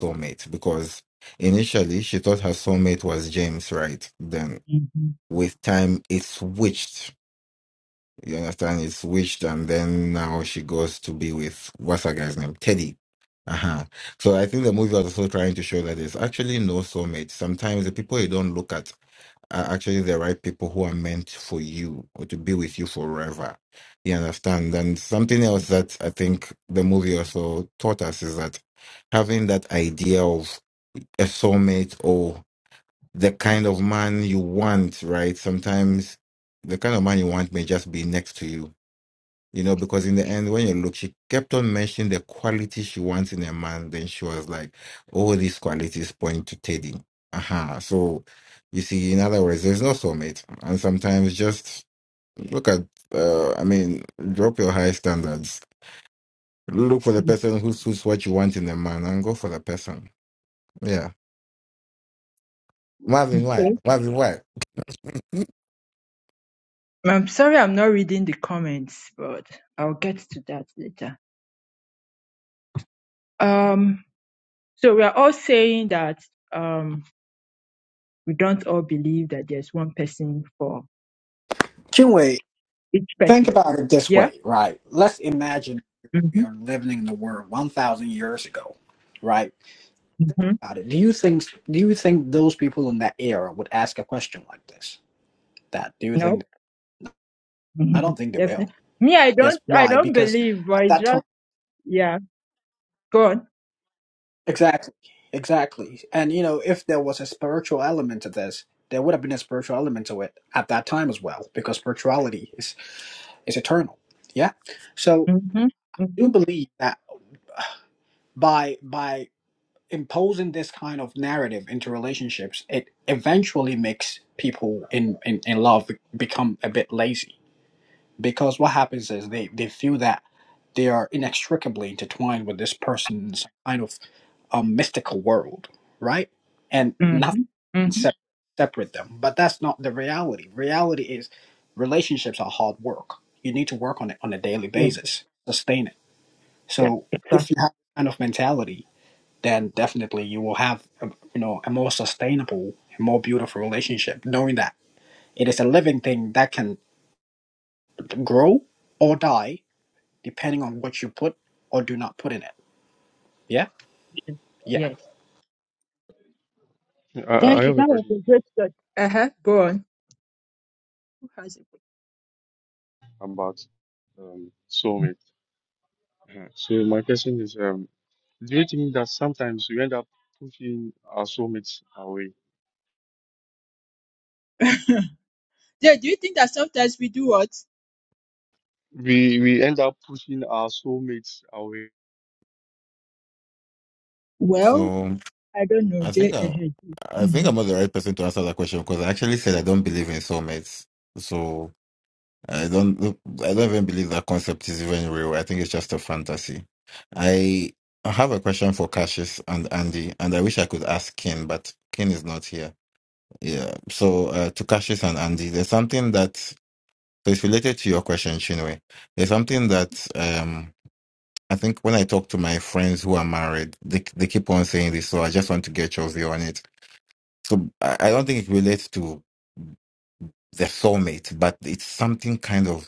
[SPEAKER 6] soulmate because initially she thought her soulmate was James, right? Then with time it switched You understand? It's witched, and then now she goes to be with what's that guy's name? Teddy. Uh huh. So I think the movie was also trying to show that there's actually no soulmate. Sometimes the people you don't look at are actually the right people who are meant for you or to be with you forever. You understand? And something else that I think the movie also taught us is that having that idea of a soulmate or the kind of man you want, right? Sometimes the kind of man you want may just be next to you you know, because in the end, when you look, she kept on mentioning the quality she wants in a man. Then she was like, all these qualities point to Teddy. Uh-huh. So, you see, in other words, there's no soulmate. And sometimes just look at, uh, I mean, drop your high standards. Look for the person who suits what you want in a man and go for the person. Yeah. Marvin, why?
[SPEAKER 3] Okay.
[SPEAKER 6] Marvin, why?
[SPEAKER 3] I'm sorry I'm not reading the comments, but I'll get to that later. Um, so we are all saying that um, we don't all believe that there's one person for
[SPEAKER 12] Chinwe,
[SPEAKER 3] each
[SPEAKER 12] think
[SPEAKER 3] person.
[SPEAKER 12] about it this
[SPEAKER 3] Yeah.
[SPEAKER 12] way, right? Let's imagine we
[SPEAKER 3] hmm
[SPEAKER 12] are living in the world one thousand years ago, right?
[SPEAKER 3] hmm
[SPEAKER 12] About it. Do you think do you think those people in that era would ask a question like this? That do you
[SPEAKER 3] No.
[SPEAKER 12] think? I
[SPEAKER 3] hmm
[SPEAKER 12] don't think they will.
[SPEAKER 3] Definitely. Me, I don't.
[SPEAKER 12] Yes.
[SPEAKER 3] I
[SPEAKER 12] Why?
[SPEAKER 3] don't
[SPEAKER 12] Because
[SPEAKER 3] believe, but
[SPEAKER 12] at
[SPEAKER 3] it's
[SPEAKER 12] that time,
[SPEAKER 3] just yeah. Go on.
[SPEAKER 12] exactly, exactly. And you know, if there was a spiritual element to this, there would have been a spiritual element to it at that time as well, because spirituality is is eternal. Yeah. So
[SPEAKER 3] hmm
[SPEAKER 12] I do
[SPEAKER 3] hmm
[SPEAKER 12] believe that by by imposing this kind of narrative into relationships, it eventually makes people in in, in love become a bit lazy because what happens is they they feel that they are inextricably intertwined with this person's kind of a mystical world, right? And
[SPEAKER 3] hmm
[SPEAKER 12] nothing can
[SPEAKER 3] hmm
[SPEAKER 12] sep- separate them. But that's not the reality. Reality is relationships are hard work. You need to work on it on a daily
[SPEAKER 3] Yeah.
[SPEAKER 12] basis, sustain it. So
[SPEAKER 3] Yeah.
[SPEAKER 12] if you have that kind of mentality, then definitely you will have a, you know a more sustainable and more beautiful relationship, knowing that it is a living thing that can grow or die depending on what you put or do not put in it. Yeah, yeah.
[SPEAKER 3] Yes.
[SPEAKER 10] you. I, I I
[SPEAKER 3] Thank you.
[SPEAKER 10] have a
[SPEAKER 3] That was
[SPEAKER 10] question
[SPEAKER 3] a great question. Uh huh. Go on. Who has it?
[SPEAKER 10] about um, soulmates. Uh, So my question is, um, do you think that sometimes we end up pushing our soulmates away?
[SPEAKER 3] Jay, do you think that sometimes we do what?
[SPEAKER 10] We we end up pushing our soulmates away.
[SPEAKER 3] Well,
[SPEAKER 6] So,
[SPEAKER 3] I don't know,
[SPEAKER 6] I think
[SPEAKER 3] Jay.
[SPEAKER 6] I,
[SPEAKER 3] Uh-huh.
[SPEAKER 6] I think
[SPEAKER 3] Mm,
[SPEAKER 6] I'm not the right person to answer that question because I actually said I don't believe in soulmates. So, I don't I don't even believe that concept is even real. I think it's just a fantasy. I I have a question for Cassius and Andy, and I wish I could ask Ken, but Ken is not here. Yeah. So uh, to Cassius and Andy, there's something that so it's related to your question, Chinwe. There's something that um I think when I talk to my friends who are married, they they keep on saying this, so I just want to get your view on it. So I, I don't think it relates to the soulmate, but it's something kind of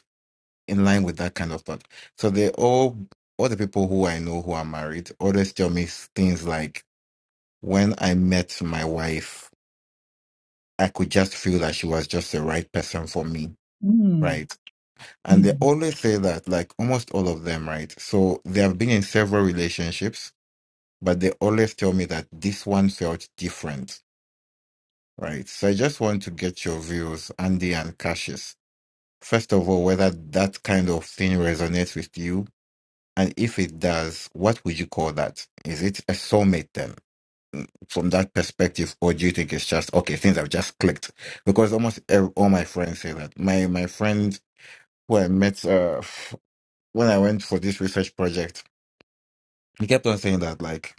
[SPEAKER 6] in line with that kind of thought. So they all, all the people who I know who are married, always tell me s- things like, when I met my wife, I could just feel that she was just the right person for me.
[SPEAKER 3] mm,
[SPEAKER 6] Right. And they
[SPEAKER 3] mm.
[SPEAKER 6] always say that, like almost all of them, right? So they have been in several relationships, but they always tell me that this one felt different. Right. So I just want to get your views, Andy and Cassius. First of all, whether that kind of thing resonates with you And if it does, what would you call that? Is it a soulmate then, from that perspective, or do you think it's just okay? Things have just clicked because almost ev- all my friends say that. My my friend who I met uh, f- when I went for this research project, he kept on saying that like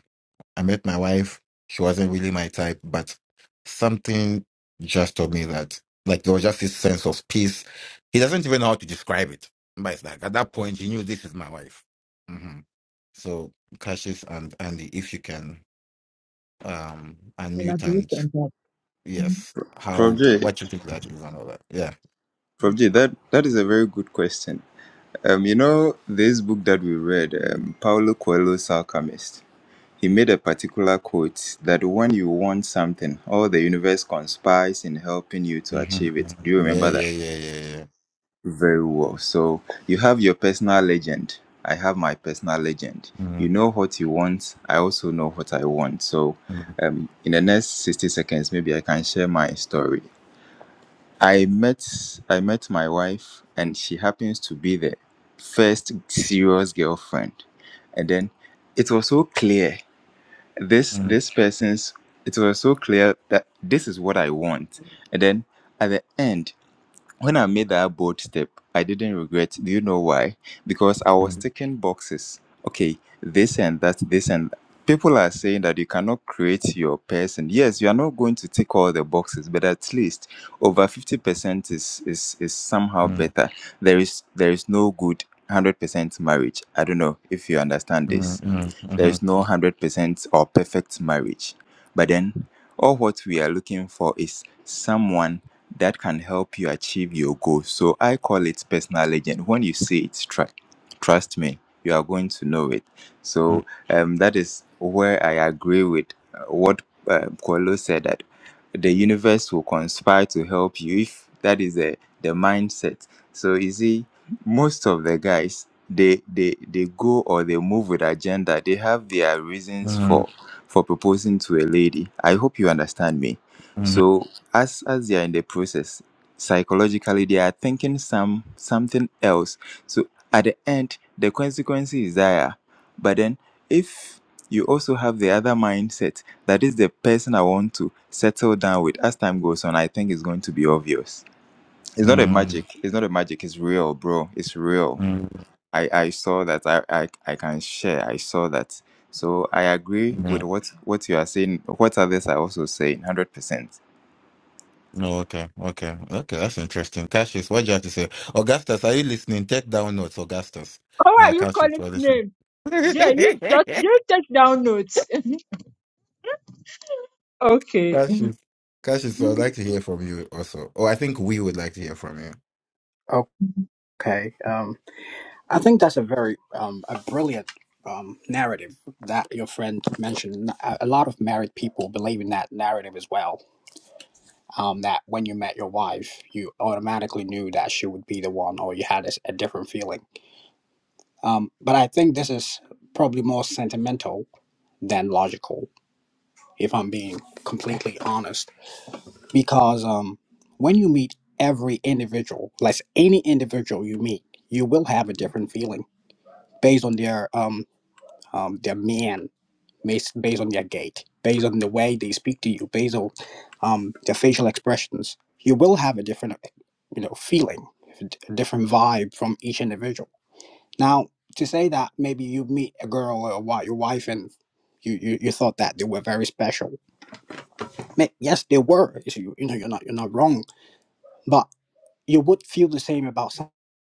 [SPEAKER 6] I met my wife, she wasn't really my type, but something just told me that like there was just this sense of peace. He doesn't even know how to describe it, but it's like at that point he knew this is my wife. Mm-hmm. So Cassius and Andy, if you can um unmute
[SPEAKER 3] Elaborate
[SPEAKER 6] and
[SPEAKER 3] on that. Mm.
[SPEAKER 6] yes,
[SPEAKER 2] Prof
[SPEAKER 6] how
[SPEAKER 2] J,
[SPEAKER 6] what you think that is and all that. Yeah.
[SPEAKER 2] Prof J, that, that is a very good question. Um, you know, this book that we read, um, Paulo Coelho's Alchemist, he made a particular quote that when you want something, all the universe conspires in helping you to
[SPEAKER 6] Mm-hmm.
[SPEAKER 2] achieve it. Do you
[SPEAKER 6] Mm-hmm. Yeah,
[SPEAKER 2] remember that?
[SPEAKER 6] yeah, yeah, yeah, yeah.
[SPEAKER 2] Very well. So you have your personal legend. I have my personal legend.
[SPEAKER 6] Mhm,
[SPEAKER 2] You know what you want. I also know what I want. So,
[SPEAKER 6] mhm,
[SPEAKER 2] um, in the next sixty seconds, maybe I can share my story. I met I met my wife, and she happens to be the first serious girlfriend. And then it was so clear this
[SPEAKER 6] mhm,
[SPEAKER 2] this person's. It was so clear that this is what I want. And then at the end when I made that bold step, I didn't regret. Do you know why? Because I was
[SPEAKER 6] mhm,
[SPEAKER 2] ticking boxes. Okay, this and that, this and that. People are saying that you cannot create your person. Yes, you are not going to tick all the boxes, but at least over fifty percent is is is somehow
[SPEAKER 6] mhm,
[SPEAKER 2] better. There is there is no good hundred percent marriage. I don't know if you understand
[SPEAKER 6] mhm,
[SPEAKER 2] this.
[SPEAKER 6] mhm, mhm,
[SPEAKER 2] There's no 100% or perfect marriage. But then, all what we are looking for is someone that can help you achieve your goals. So I call it personal legend. When you say it's trust, trust me, you are going to know it. So um, that is where I agree with uh, what uh, Kualo said that the universe will conspire to help you if that is the, the mindset. So easy most of the guys they they they go or they move with agenda they have their reasons for for proposing to a lady i hope you understand me
[SPEAKER 6] mhm,
[SPEAKER 2] so as as they are in the process psychologically they are thinking some something else so at the end the consequence is dire but then if you also have the other mindset that is the person i want to settle down with as time goes on i think it's going to be obvious it's not a
[SPEAKER 6] mhm,
[SPEAKER 2] magic it's not a magic it's real bro it's real
[SPEAKER 6] mhm.
[SPEAKER 2] i i saw that i i, I can share i saw that so i agree with
[SPEAKER 6] mhm.
[SPEAKER 2] what what you are saying what others are also saying 100%
[SPEAKER 6] No, okay, okay, okay. That's interesting. Cassius, what do you have to say? Augustus, are you listening? Take down notes, Augustus.
[SPEAKER 3] How are
[SPEAKER 6] Uh,
[SPEAKER 3] you
[SPEAKER 6] Cassius,
[SPEAKER 3] calling
[SPEAKER 6] for this one.
[SPEAKER 3] name? Jay, you just you take down notes. okay.
[SPEAKER 6] Cassius, Cassius,
[SPEAKER 3] Mm,
[SPEAKER 6] I'd like to hear from you also. Oh, I think we would like to hear from you.
[SPEAKER 3] mm.
[SPEAKER 12] Okay. Um. I think that's a very um, a brilliant um, narrative that your friend mentioned. And A a lot of married people believe in that narrative as well. Um, that when you met your wife, you automatically knew that she would be the one, or you had a, s- a different feeling. Um, but I think this is probably more sentimental than logical, if I'm being completely honest, because um, when you meet every individual, like any individual you meet, you will have a different feeling based on their um, um, their man based, based on their gait, based on the way they speak to you, based on um, their facial expressions, you will have a different, you know, feeling, a different vibe from each individual. Now, to say that maybe you meet a girl or a wi- your wife and you, you, you thought that they were very special. Yes, they were. You know, you're not you're not wrong. but you would feel the same about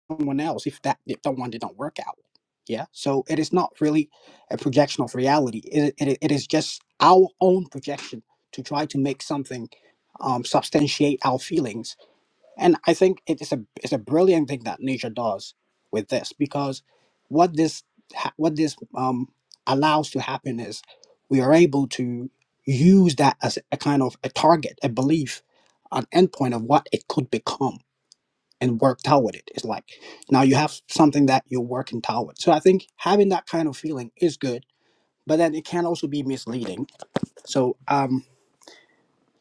[SPEAKER 12] someone else if that if the one didn't work out yeah so it is not really a projection of reality it, it, it is just our own projection to try to make something um, substantiate our feelings and i think it is a it's a brilliant thing that nature does with this because what this ha- what this um, allows to happen is we are able to use that as a kind of a target a belief an endpoint of what it could become and work toward it. It's like now you have something that you're working toward. So I think having that kind of feeling is good, but then it can also be misleading. So um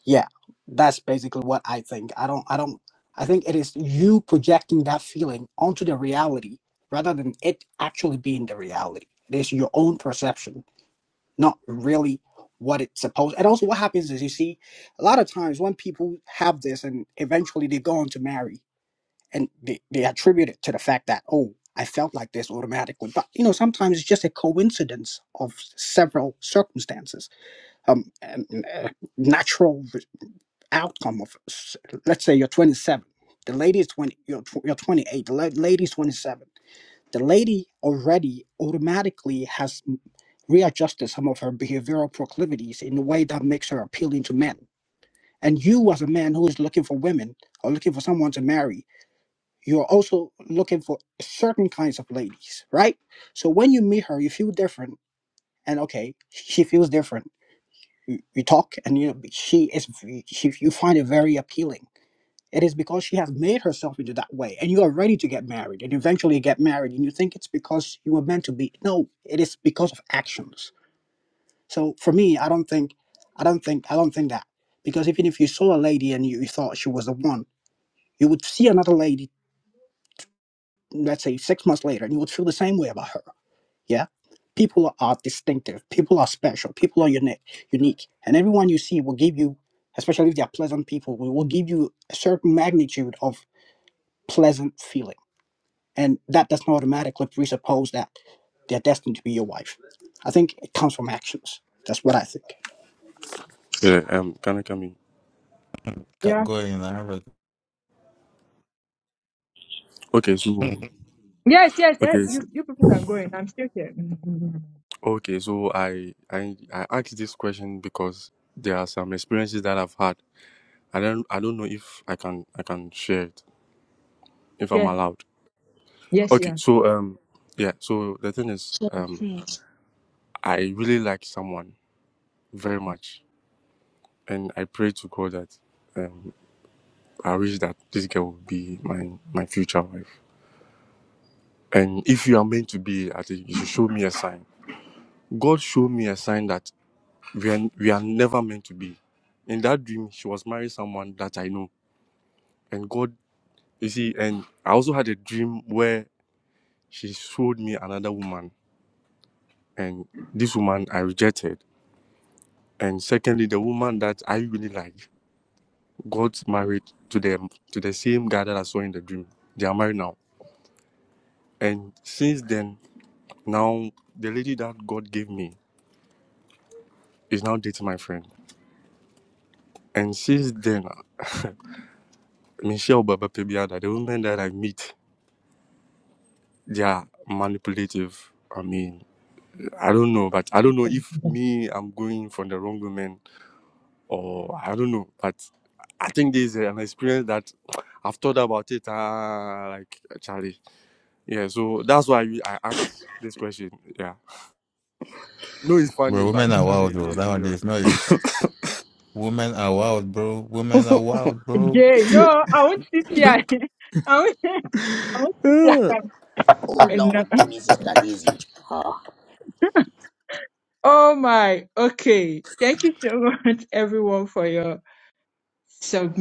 [SPEAKER 12] yeah, that's basically what I think. I don't I don't I think it is you projecting that feeling onto the reality rather than it actually being the reality. It is your own perception, not really what it's supposed and also what happens is you see a lot of times when people have this and eventually they go on to marry and they, they attribute it to the fact that oh i felt like this automatically but you know sometimes it's just a coincidence of several circumstances um and, uh, natural re- outcome of s- let's say you're 27 the lady is 20 you're, tw- you're 28 the la- lady is 27 the lady already automatically has m- readjusted some of her behavioral proclivities in a way that makes her appealing to men and you as a man who is looking for women or looking for someone to marry you're also looking for certain kinds of ladies, right? So when you meet her, you feel different, and okay, she feels different. You, you talk, and you know, she is she, you find it very appealing. It is because she has made herself into that way, and you are ready to get married, and eventually get married, and you think it's because you were meant to be. No, it is because of actions. So for me, I don't think, I don't think, I don't think that because even if you saw a lady and you, you thought she was the one, you would see another lady, let's say six months later, and you would feel the same way about her Yeah. People are, distinctive. People are special. People are unique. Unique. And everyone you see will give you, especially if they are pleasant people, will will give you a certain magnitude of pleasant feeling. And that does not automatically presuppose that they're destined to be your wife. I think it comes from actions. That's what I think.
[SPEAKER 10] Yeah, um, can I come in?
[SPEAKER 6] Ca-
[SPEAKER 3] Yeah.
[SPEAKER 6] Go in, I have
[SPEAKER 10] Okay, so
[SPEAKER 6] a-
[SPEAKER 3] Yes, yes. eh,
[SPEAKER 10] okay, so,
[SPEAKER 3] You you people can go in. I'm still here. Mm, mm, mm.
[SPEAKER 10] okay, so I I I asked this question because there are some experiences that I've had. I don't I don't know if I can I can share it if I'm
[SPEAKER 3] Yeah.
[SPEAKER 10] allowed.
[SPEAKER 3] Yes, you
[SPEAKER 10] Okay,
[SPEAKER 3] are.
[SPEAKER 10] so um yeah, so the thing is um
[SPEAKER 1] Hmm.
[SPEAKER 10] I really like someone very much, and I pray to God that. um. I wish that this girl would be my my future wife. And if you are meant to be, I think you should show me a sign. God showed me a sign that we are, we are never meant to be. In that dream, she was marrying someone that I know. And God, you see, and I also had a dream where she showed me another woman. And this woman I rejected. And secondly, the woman that I really like got married to them to the same guy that I saw in the dream. They are married now. And since then, Now, the lady that God gave me is now dating my friend. And since then, Michelle Baba Pebiada, the women that I meet, they are manipulative. I mean, I don't know, but I don't know if me, I'm going for the wrong woman or I don't know. But I think this is an experience that I've thought about it, uh, like, Charlie. Yeah, so that's why we- I asked this question. Yeah. No, it's
[SPEAKER 6] bro.
[SPEAKER 10] funny,
[SPEAKER 6] Women
[SPEAKER 10] but
[SPEAKER 6] are
[SPEAKER 3] Mm.
[SPEAKER 6] wild,
[SPEAKER 10] Charlie, this
[SPEAKER 6] bro.
[SPEAKER 10] is serious.
[SPEAKER 6] Nowadays, no issue. Women are wild, bro. Women are wild, bro.
[SPEAKER 3] Jay, no, I won't sit here. I won't. I won't sit here. No. Oh my, okay. Thank you so much, everyone, for your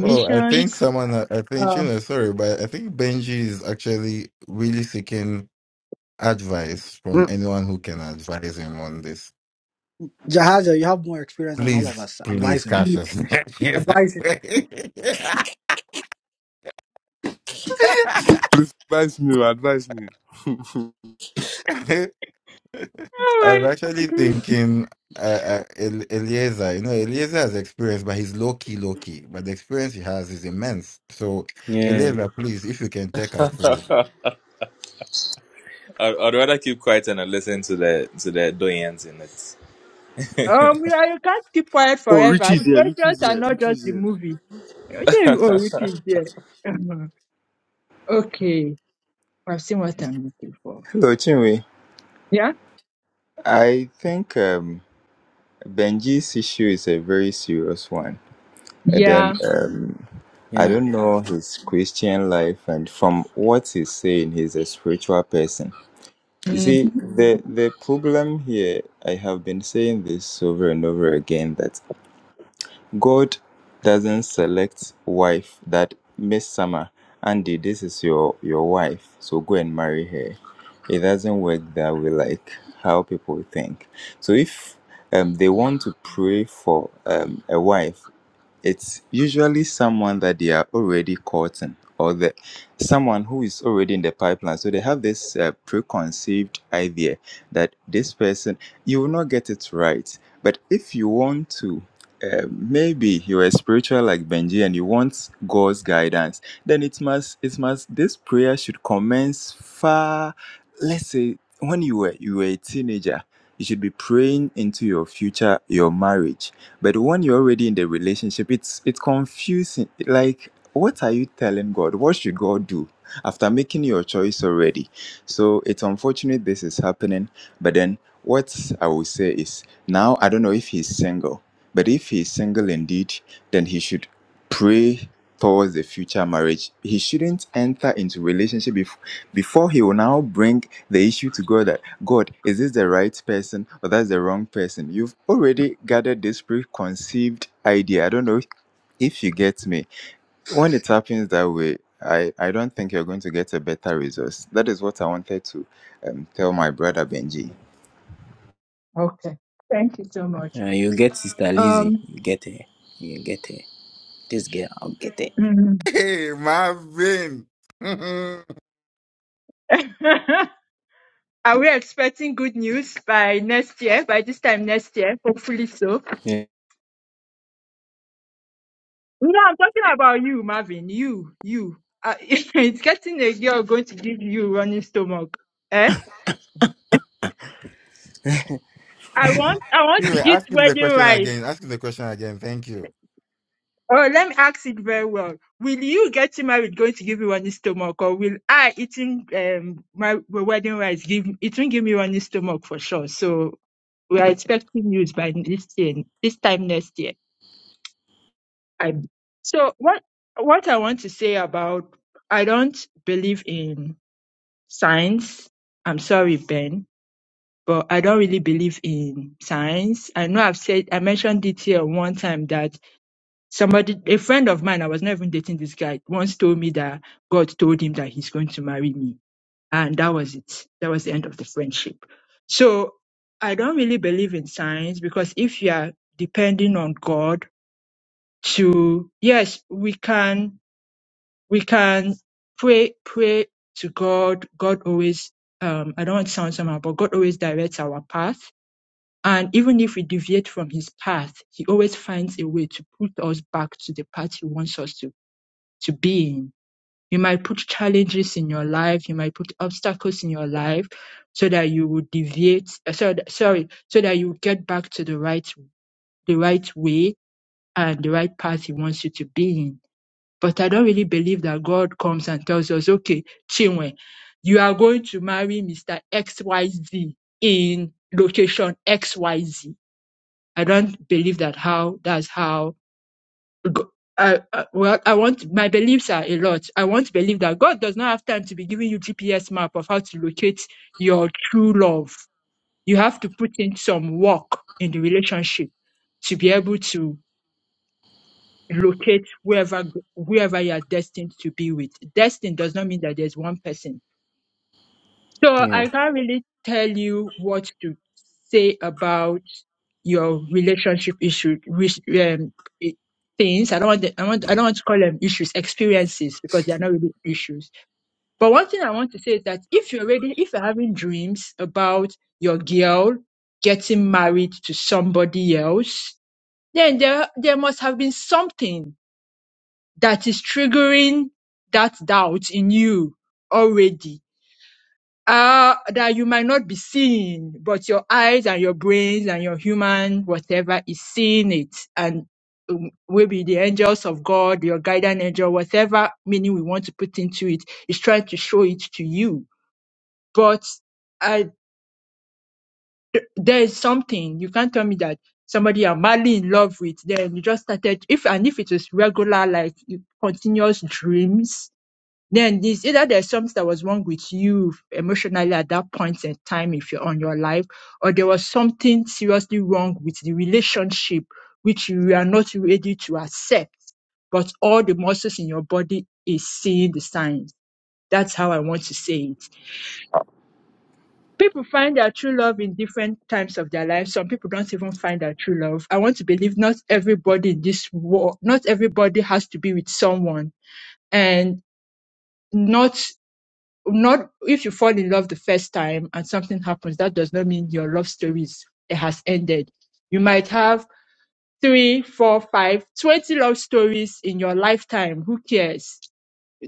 [SPEAKER 6] oh, I think someone, I think you
[SPEAKER 3] Um,
[SPEAKER 6] know, sorry, but I think Benji is actually really seeking advice from anyone who can advise him on this.
[SPEAKER 12] Jahaja, you have more experience than all of
[SPEAKER 6] Please,
[SPEAKER 12] us.
[SPEAKER 6] please,
[SPEAKER 12] Advise him.
[SPEAKER 3] yeah.
[SPEAKER 6] Cassius.
[SPEAKER 12] Advise him.
[SPEAKER 10] Please advise me, advise me.
[SPEAKER 6] I was
[SPEAKER 3] oh my
[SPEAKER 6] actually
[SPEAKER 3] God.
[SPEAKER 6] thinking uh, uh, El- Eliezer. You know, Eliezer has experience, but he's low key, low key. But the experience he has is immense. So,
[SPEAKER 9] Yeah.
[SPEAKER 6] Eliezer, please, if you can take us through.
[SPEAKER 11] I, I'd rather keep quiet and listen to the to the doyens in it.
[SPEAKER 3] Um, yeah, you can't keep quiet
[SPEAKER 10] Oh,
[SPEAKER 3] forever.
[SPEAKER 10] Richie's
[SPEAKER 3] The
[SPEAKER 10] here.
[SPEAKER 3] questions
[SPEAKER 10] Richie's
[SPEAKER 3] are
[SPEAKER 10] here.
[SPEAKER 3] not just
[SPEAKER 10] Richie's
[SPEAKER 3] the
[SPEAKER 10] here.
[SPEAKER 3] movie. Okay, Oh, which is there? Uh-huh. okay, I've seen what I'm looking for.
[SPEAKER 2] hello chinwe
[SPEAKER 3] Yeah,
[SPEAKER 2] i think um benji's issue is a very serious one and then
[SPEAKER 3] yeah.
[SPEAKER 2] um i
[SPEAKER 9] Yeah.
[SPEAKER 2] don't know his christian life and from what he's saying he's a spiritual person you see
[SPEAKER 3] Mhm.
[SPEAKER 2] the the problem here i have been saying this over and over again that God doesn't select wife that Miss Summer, Andy, this is your your wife, so go and marry her. It doesn't work that way, like how people think. So if um, they want to pray for um, a wife, it's usually someone that they are already courting or the someone who is already in the pipeline. So they have this uh, preconceived idea that this person you will not get it right. But if you want to, uh, maybe you are spiritual like Benji and you want God's guidance, then it must it must this prayer should commence far. Let's say when you were you were a teenager, you should be praying into your future, your marriage but when you're already in the relationship, it's it's confusing. Like, what are you telling God? What should God do after making your choice already? So it's unfortunate this is happening. But then what I will say is now I don't know if he's single. But if he's single indeed, then he should pray towards the future marriage. He shouldn't enter into relationship bef- before he will now bring the issue to God that God, is this the right person or that's the wrong person? You've already gathered this preconceived idea. I don't know if, if you get me. When it happens that way, I, I don't think you're going to get a better result. That is what I wanted to um, tell my brother Benji.
[SPEAKER 3] Okay. Thank you so much.
[SPEAKER 9] Uh, you get Sister Lizzie.
[SPEAKER 3] Um,
[SPEAKER 9] You get her. You get her. This girl, I'll get her.
[SPEAKER 3] mm.
[SPEAKER 6] Hey, Marvin. you
[SPEAKER 3] are we expecting good news by next year? By this time next year, hopefully so.
[SPEAKER 9] Yeah.
[SPEAKER 3] No, I'm talking about you, Marvin. You, you. Uh, it's getting a girl going to give you running stomach. Eh? I want, I want to
[SPEAKER 6] may
[SPEAKER 3] eat
[SPEAKER 6] ask him the
[SPEAKER 3] wedding
[SPEAKER 6] question
[SPEAKER 3] rice.
[SPEAKER 6] again. Ask him the question again. Thank you.
[SPEAKER 3] Oh, let me ask it very well. Will you getting married going to give you running stomach, or will I eating um my wedding rice give it will give me running stomach for sure? So we are expecting news by this year, this time next year. I so what what I want to say about I don't believe in science. I'm sorry, Ben, but I don't really believe in science. I know I've said, I mentioned it here one time that somebody, a friend of mine, I was not even dating this guy, once told me that God told him that he's going to marry me. And that was it. That was the end of the friendship. So I don't really believe in science because if you are depending on God to, yes, we can we can pray pray to God. God always um I don't want to sound somehow, but God always directs our path. And even if we deviate from his path, he always finds a way to put us back to the path he wants us to, to be in. You might put challenges in your life, you might put obstacles in your life so that you will deviate uh, so sorry, so that you get back to the right the right way and the right path he wants you to be in but I don't really believe that God comes and tells us, okay, Chinwe, you are going to marry Mr. XYZ in location XYZ. I don't believe that how, that's how, go- I, I, well, I want, my beliefs are a lot. I want to believe that God does not have time to be giving you GPS map of how to locate your true love. You have to put in some work in the relationship to be able to locate wherever wherever you are destined to be with. Destined does not mean that there's one person. So
[SPEAKER 9] Yeah.
[SPEAKER 3] I can't really tell you what to say about your relationship issue which, um, i- things. I don't want the, I want I don't want to call them issues, experiences because they are not really issues. But one thing I want to say is that if you're already if you're having dreams about your girl getting married to somebody else, then there there must have been something that is triggering that doubt in you already uh, that you might not be seeing, but your eyes and your brains and your human whatever is seeing it. And um, maybe the angels of God, your guiding angel, whatever meaning we want to put into it, is trying to show it to you. But I, there is something you can't tell me that somebody you're madly in love with, then you just started. If and if it is regular, like continuous dreams, then it's either there's something that was wrong with you emotionally at that point in time if you're on your life, or there was something seriously wrong with the relationship which you are not ready to accept, but all the muscles in your body is seeing the signs. That's how I want to say it. People find their true love in different times of their life. Some people don't even find their true love. I want to believe not everybody in this world, not everybody has to be with someone. And not not if you fall in love the first time and something happens, that does not mean your love stories it has ended. You might have three, four, five, twenty love stories in your lifetime. Who cares?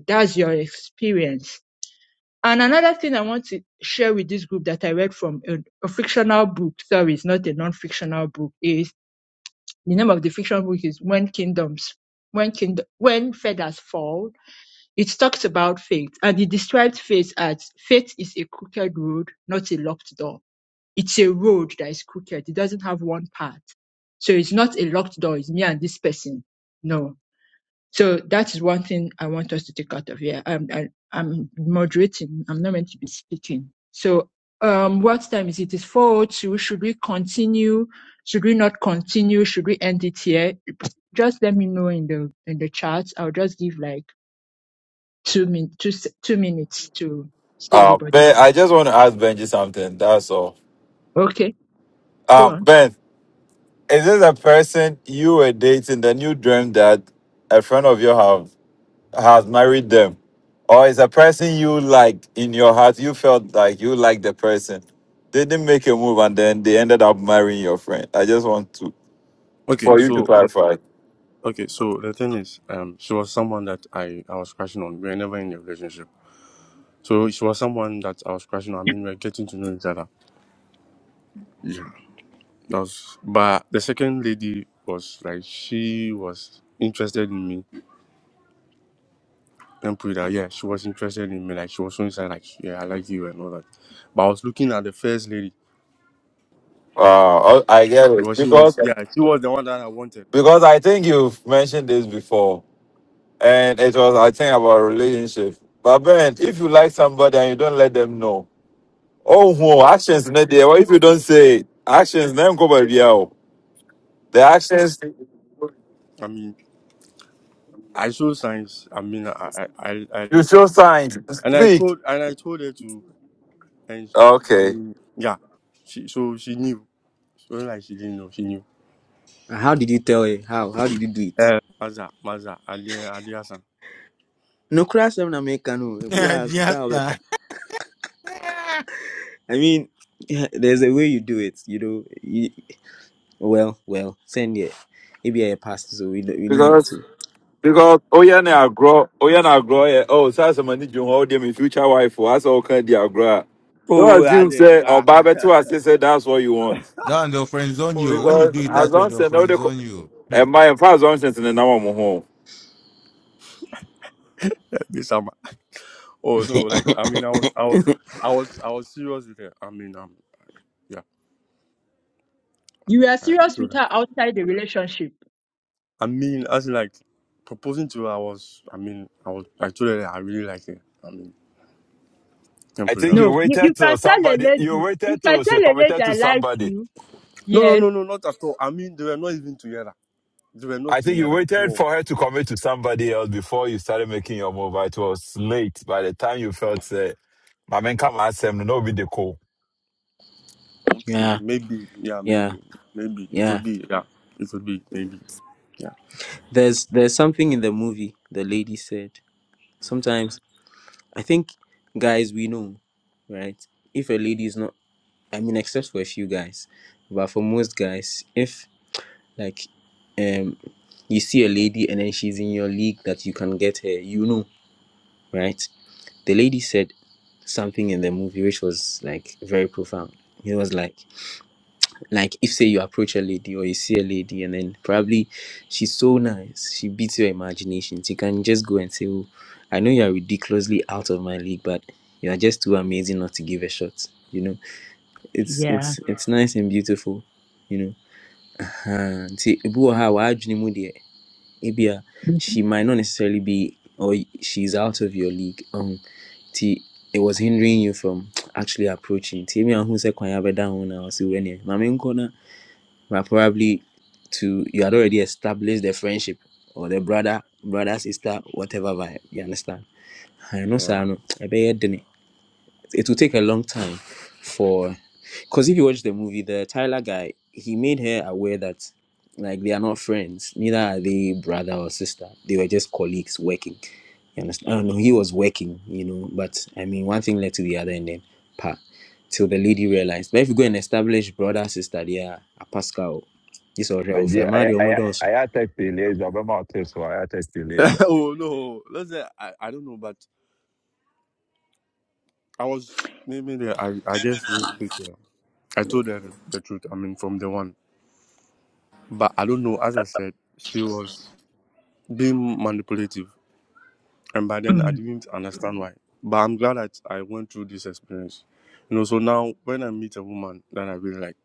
[SPEAKER 3] That's your experience. And another thing I want to share with this group that I read from a, a fictional book, sorry, it's not a non-fictional book, is the name of the fictional book is When Kingdoms, When Kingdom, When Feathers Fall it talks about faith and it describes faith as faith is a crooked road, not a locked door. It's a road that is crooked. It doesn't have one path. So it's not a locked door. It's me and this person. No. So that is one thing I want us to take out of here. I'm, I, I'm moderating. I'm not meant to be speaking. So, um, what time is it? It's 402. Should we continue? Should we not continue? Should we end it here? Just let me know in the, in the chat. I'll just give like Two min two se- two minutes to see
[SPEAKER 13] Uh,
[SPEAKER 3] everybody.
[SPEAKER 13] ben, I just want to ask Benji something. That's all.
[SPEAKER 3] Okay, go
[SPEAKER 13] Um,
[SPEAKER 3] on.
[SPEAKER 13] ben, is this a person you were dating, then you dreamed that a friend of yours have, has married them? Or is a person you like in your heart, you felt like you liked the person, they didn't make a move and then they ended up marrying your friend? I just want to,
[SPEAKER 10] Okay,
[SPEAKER 13] for you to
[SPEAKER 10] so the,
[SPEAKER 13] clarify.
[SPEAKER 10] okay, so the thing is, um, she was someone that I I was crashing on. We were never in a relationship, so she was someone that I was crashing on. I mean, we are getting to know each other. Yeah, that was. But the second lady was like she was interested in me and put it out. Yeah, she was interested in me. Like she was so inside. Like yeah, I like you and all that. But I was looking at the first lady
[SPEAKER 13] Uh, I I get it.
[SPEAKER 10] because she
[SPEAKER 13] Because,
[SPEAKER 10] was yeah she was the one that I wanted.
[SPEAKER 13] because I think you've mentioned this before. and it was I think about relationship. But Ben, if you like somebody and you don't let them know, oh whoa, actions not there. What if you don't say it? Actions then go by the hour. The actions
[SPEAKER 10] I mean, I saw signs. I mean, I I I, I
[SPEAKER 13] you show signs,
[SPEAKER 10] And I
[SPEAKER 13] speak.
[SPEAKER 10] told and I told her to and sh- I
[SPEAKER 13] Okay.
[SPEAKER 10] mean yeah. She so she knew. So like she didn't know, she knew.
[SPEAKER 9] How did you tell her? How? How did you do it?
[SPEAKER 10] Uh, Maza, Maza, Ali Ali Hassan.
[SPEAKER 9] No crash on America, no. Ebu ask,
[SPEAKER 6] yes,
[SPEAKER 9] tell
[SPEAKER 6] sir.
[SPEAKER 9] America. I mean, there's a way you do it, you know. You, well, well, send it. Maybe I passed, so we, don't- we need not
[SPEAKER 13] Because
[SPEAKER 9] to.
[SPEAKER 13] because oh yeah na grow oh yeah na grow yeah. Oh so that's somebody you hold them in future wife or that's all kind of grow. Don't
[SPEAKER 10] oh,
[SPEAKER 13] assume
[SPEAKER 10] Ali.
[SPEAKER 13] say or
[SPEAKER 10] Ah.
[SPEAKER 13] Baba too as say that's what you want.
[SPEAKER 6] Don, they'll friend zone
[SPEAKER 10] Oh
[SPEAKER 6] you.
[SPEAKER 10] no,
[SPEAKER 6] When
[SPEAKER 10] no,
[SPEAKER 6] you
[SPEAKER 10] no,
[SPEAKER 13] Because
[SPEAKER 6] do
[SPEAKER 10] I
[SPEAKER 6] it
[SPEAKER 13] as
[SPEAKER 6] that
[SPEAKER 10] mean
[SPEAKER 6] way,
[SPEAKER 13] long as
[SPEAKER 6] they'll
[SPEAKER 13] they know
[SPEAKER 6] friend
[SPEAKER 13] the
[SPEAKER 6] zone you. Hmm.
[SPEAKER 13] and my as long as they know i
[SPEAKER 10] this summer. Oh no, like I mean I was I was I was I was serious with her. I mean um yeah,
[SPEAKER 3] You are
[SPEAKER 10] I, I
[SPEAKER 3] serious
[SPEAKER 10] told
[SPEAKER 3] with
[SPEAKER 10] her.
[SPEAKER 3] her outside the relationship.
[SPEAKER 10] I mean as in like proposing to her I was I mean I was I told her that I really like her. I mean can
[SPEAKER 13] I
[SPEAKER 10] put it
[SPEAKER 13] think
[SPEAKER 10] that
[SPEAKER 13] you
[SPEAKER 10] way.
[SPEAKER 3] No, You,
[SPEAKER 13] waited
[SPEAKER 3] you
[SPEAKER 13] till
[SPEAKER 3] can tell a
[SPEAKER 13] somebody, you
[SPEAKER 3] lady, you
[SPEAKER 13] waited
[SPEAKER 3] can
[SPEAKER 13] till she
[SPEAKER 3] tell a lady
[SPEAKER 13] committed to
[SPEAKER 3] I like
[SPEAKER 13] somebody.
[SPEAKER 3] you.
[SPEAKER 10] No no
[SPEAKER 3] Yes.
[SPEAKER 10] no no not at all. I mean they were not even together. They were not
[SPEAKER 13] I think you
[SPEAKER 10] together at
[SPEAKER 13] waited
[SPEAKER 10] all.
[SPEAKER 13] for her to commit to somebody else before you started making your move. But It was late by the time you felt, uh, my man, come ask him, no, be the call.
[SPEAKER 10] Okay,
[SPEAKER 9] yeah,
[SPEAKER 10] maybe, yeah,
[SPEAKER 9] yeah,
[SPEAKER 10] maybe, maybe it
[SPEAKER 9] yeah.
[SPEAKER 10] could be, yeah, it could be, maybe, yeah,
[SPEAKER 9] There's there's something in the movie the lady said. Sometimes I think guys we know, right? If a lady is not, I mean, except for a few guys, but for most guys, if Like, um, you see a lady and then she's in your league that you can get her, you know, right? The lady said something in the movie which was like very profound. It was like, like if say you approach a lady or you see a lady and then probably she's so nice, she beats your imaginations. You can just go and say, oh, I know you are ridiculously out of my league, but you are just too amazing not to give a shot. You know, it's
[SPEAKER 3] yeah.
[SPEAKER 9] it's it's nice and beautiful. You know, Ah, nti ebi wɔ ha Ibia, she might not necessarily be, or she's out of your league. Um, t it was hindering you from actually approaching. T me who said kwanya beda down or see when you. Mami nkona, but probably to you had already established the friendship or the brother, brother sister, whatever vibe. You understand? I know,
[SPEAKER 10] yeah.
[SPEAKER 9] sir. No, I be it will take a long time for because if you watch the movie the tyler guy he made her aware that like they are not friends neither are they brother or sister they were just colleagues working you understand i don't know he was working you know but i mean one thing led to the other and then pa till the lady realized but if you go and establish brother sister they are a pascal this is real
[SPEAKER 13] But yeah,
[SPEAKER 9] friend Man,
[SPEAKER 13] I,
[SPEAKER 9] they almost
[SPEAKER 13] I,
[SPEAKER 9] does.
[SPEAKER 13] I had text the laser, but my text, so I had text the laser.
[SPEAKER 10] oh no, let's say I, I don't know, but I was maybe the, I I just with people. I told her the truth. I mean, from the one, but I don't know. As I said, she was being manipulative, and by then I
[SPEAKER 3] Mm,
[SPEAKER 10] didn't understand why. But I'm glad that I went through this experience. You know, so now when I meet a woman, then I really like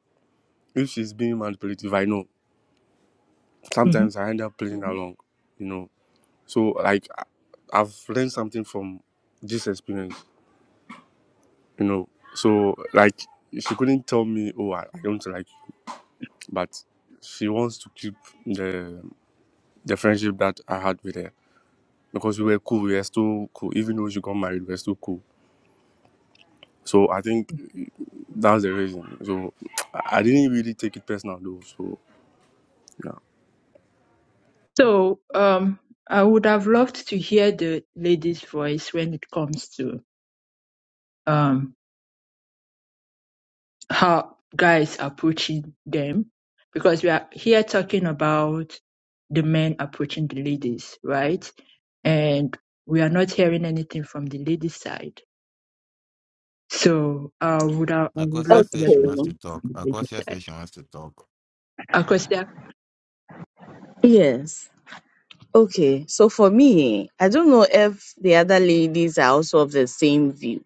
[SPEAKER 10] if she's being manipulative. I know
[SPEAKER 3] mhm.
[SPEAKER 10] sometimes I end up playing along. You know So like I- I've learned something from this experience, you know. So like she couldn't tell me, oh, I, I don't like, you," but she wants to keep the the friendship that I had with her because we were cool. We were still cool, even though she got married. We were still cool. So I think that's the reason. So I I didn't really take it personal though. So yeah.
[SPEAKER 3] So um, I would have loved to hear the lady's voice when it comes to um how guys approaching them because we are here talking about the men approaching the ladies, right? And we are not hearing anything from the lady side. So I would I, would love
[SPEAKER 6] Akosia
[SPEAKER 3] to
[SPEAKER 6] says
[SPEAKER 3] hear
[SPEAKER 6] she wants
[SPEAKER 7] Okay.
[SPEAKER 3] something
[SPEAKER 6] to
[SPEAKER 3] from
[SPEAKER 6] talk.
[SPEAKER 3] the lady
[SPEAKER 6] Akosia
[SPEAKER 3] side.
[SPEAKER 6] says she wants to talk.
[SPEAKER 3] Of course, there are
[SPEAKER 7] Yes. Okay. So for me, I don't know if the other ladies are also of the same view.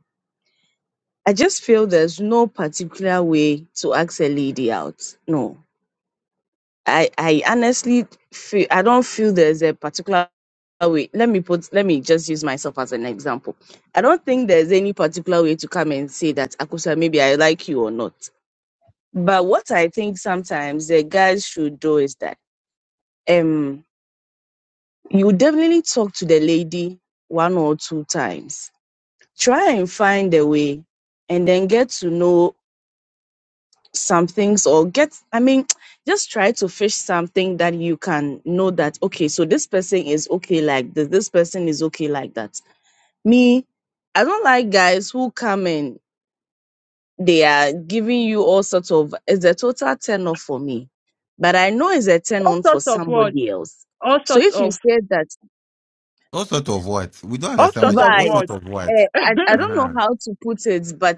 [SPEAKER 7] I just feel there's no particular way to ask a lady out. No. I I honestly feel I don't feel there's a particular way. Let me put let me just use myself as an example. I don't think there's any particular way to come and say that Akusa maybe I like you or not. But what I think sometimes the guys should do is that um you definitely talk to the lady one or two times. Try and find a way and then get to know some things or get i mean just try to fish something that you can know that okay so this person is okay like this this person is okay like that me i don't like guys who come in they are giving you all sorts of it's a total turn off for me but i know it's a turn
[SPEAKER 3] all
[SPEAKER 7] on for
[SPEAKER 3] sorts of words,
[SPEAKER 7] somebody else
[SPEAKER 3] all
[SPEAKER 7] so
[SPEAKER 3] sorts
[SPEAKER 7] if you
[SPEAKER 3] of
[SPEAKER 7] say that
[SPEAKER 6] All sort of what? We don't
[SPEAKER 3] all
[SPEAKER 6] understand
[SPEAKER 3] sorts
[SPEAKER 6] what. You,
[SPEAKER 3] of
[SPEAKER 6] all sort
[SPEAKER 7] vibes
[SPEAKER 3] words.
[SPEAKER 6] of
[SPEAKER 7] eh, I, I don't know
[SPEAKER 6] what?
[SPEAKER 7] how to put it but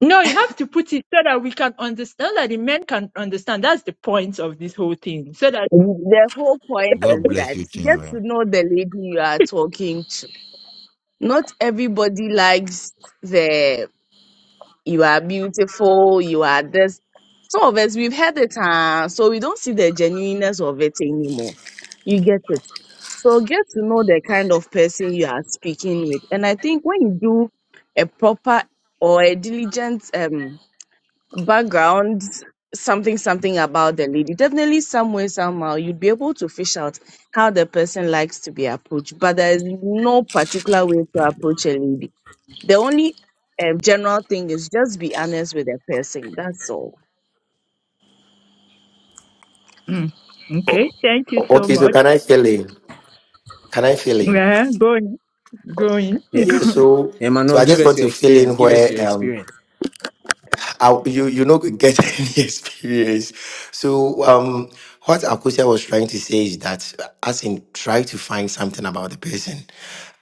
[SPEAKER 3] No, you have to put it so that we can understand that the men can understand. That's the point of this whole thing. So that
[SPEAKER 7] the whole point
[SPEAKER 6] God
[SPEAKER 7] is
[SPEAKER 6] bless
[SPEAKER 7] that
[SPEAKER 6] you,
[SPEAKER 7] get
[SPEAKER 6] Chinwe.
[SPEAKER 7] to know the lady you are talking to Not everybody likes the you are beautiful, you are this. Some of us we've heard it, uh, so we don't see the genuineness of it anymore. You get it. So get to know the kind of person you are speaking with. And I think when you do a proper or a diligent um background something something about the lady, definitely some way, somehow you'd be able to fish out how the person likes to be approached. But there is no particular way to approach a lady. The only um, general thing is just be honest with the person. That's all.
[SPEAKER 3] Mm.
[SPEAKER 5] Oh,
[SPEAKER 3] okay, thank you so
[SPEAKER 5] okay, so
[SPEAKER 3] much.
[SPEAKER 5] can I fill in? Can I fill in?
[SPEAKER 3] Yeah, go Going,
[SPEAKER 9] yeah
[SPEAKER 5] Yeah,
[SPEAKER 3] going.
[SPEAKER 5] so so
[SPEAKER 9] Emmanuel,
[SPEAKER 5] I
[SPEAKER 9] give
[SPEAKER 5] just
[SPEAKER 9] us
[SPEAKER 5] want
[SPEAKER 9] your
[SPEAKER 5] to fill
[SPEAKER 9] experience.
[SPEAKER 5] in
[SPEAKER 9] Give us
[SPEAKER 5] where
[SPEAKER 9] your
[SPEAKER 5] um
[SPEAKER 9] experience.
[SPEAKER 5] I, you you not gonna get any experience. So um, what Akosia was trying to say is that, as in try to find something about the person,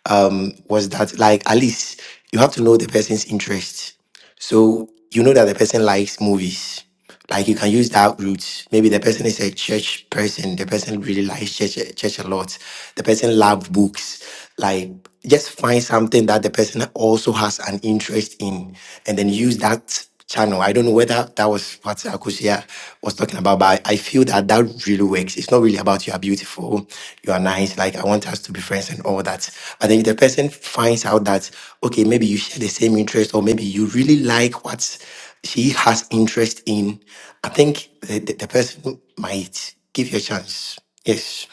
[SPEAKER 5] um, was that like at least you have to know the person's interest. So you know that the person likes movies. Like you can use that route. Maybe the person is a church person. The person really likes church church a lot. The person loves books. Like just find something that the person also has an interest in, and then use that channel. I don't know whether that was what Akusia was talking about, but I I feel that that really works. It's not really about you are beautiful, you are nice, like I want us to be friends and all that. But then if the person finds out that, okay, maybe you share the same interest or maybe you really like what she has interest in, I think the, the, the person might give you a chance. Yes.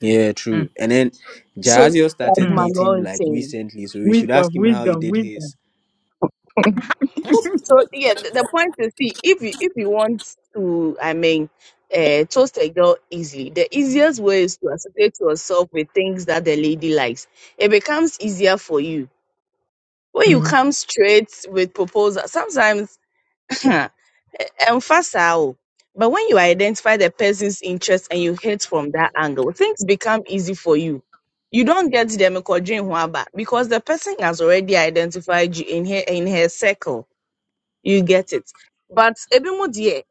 [SPEAKER 9] Yeah,
[SPEAKER 3] Mm,
[SPEAKER 9] true. And then
[SPEAKER 7] So
[SPEAKER 9] Jazio
[SPEAKER 7] like
[SPEAKER 9] started
[SPEAKER 3] mm,
[SPEAKER 9] dating
[SPEAKER 7] Manuel is
[SPEAKER 9] like
[SPEAKER 7] saying.
[SPEAKER 9] recently, so we should
[SPEAKER 3] Wisdom,
[SPEAKER 9] ask him how he
[SPEAKER 3] wisdom,
[SPEAKER 9] did
[SPEAKER 3] wisdom.
[SPEAKER 9] his.
[SPEAKER 7] So yeah, the, the point is, see, if you if you want to, I mean, uh, toast a girl easily, the easiest way is to associate yourself with things that the lady likes. It becomes easier for you when you
[SPEAKER 3] mm.
[SPEAKER 7] come straight with proposal. Sometimes Emphasize. But when you identify the person's interest and you hit from that angle, things become easy for you. You don't get them a because the person has already identified you in her in her circle. You get it. But ebi mu deɛ,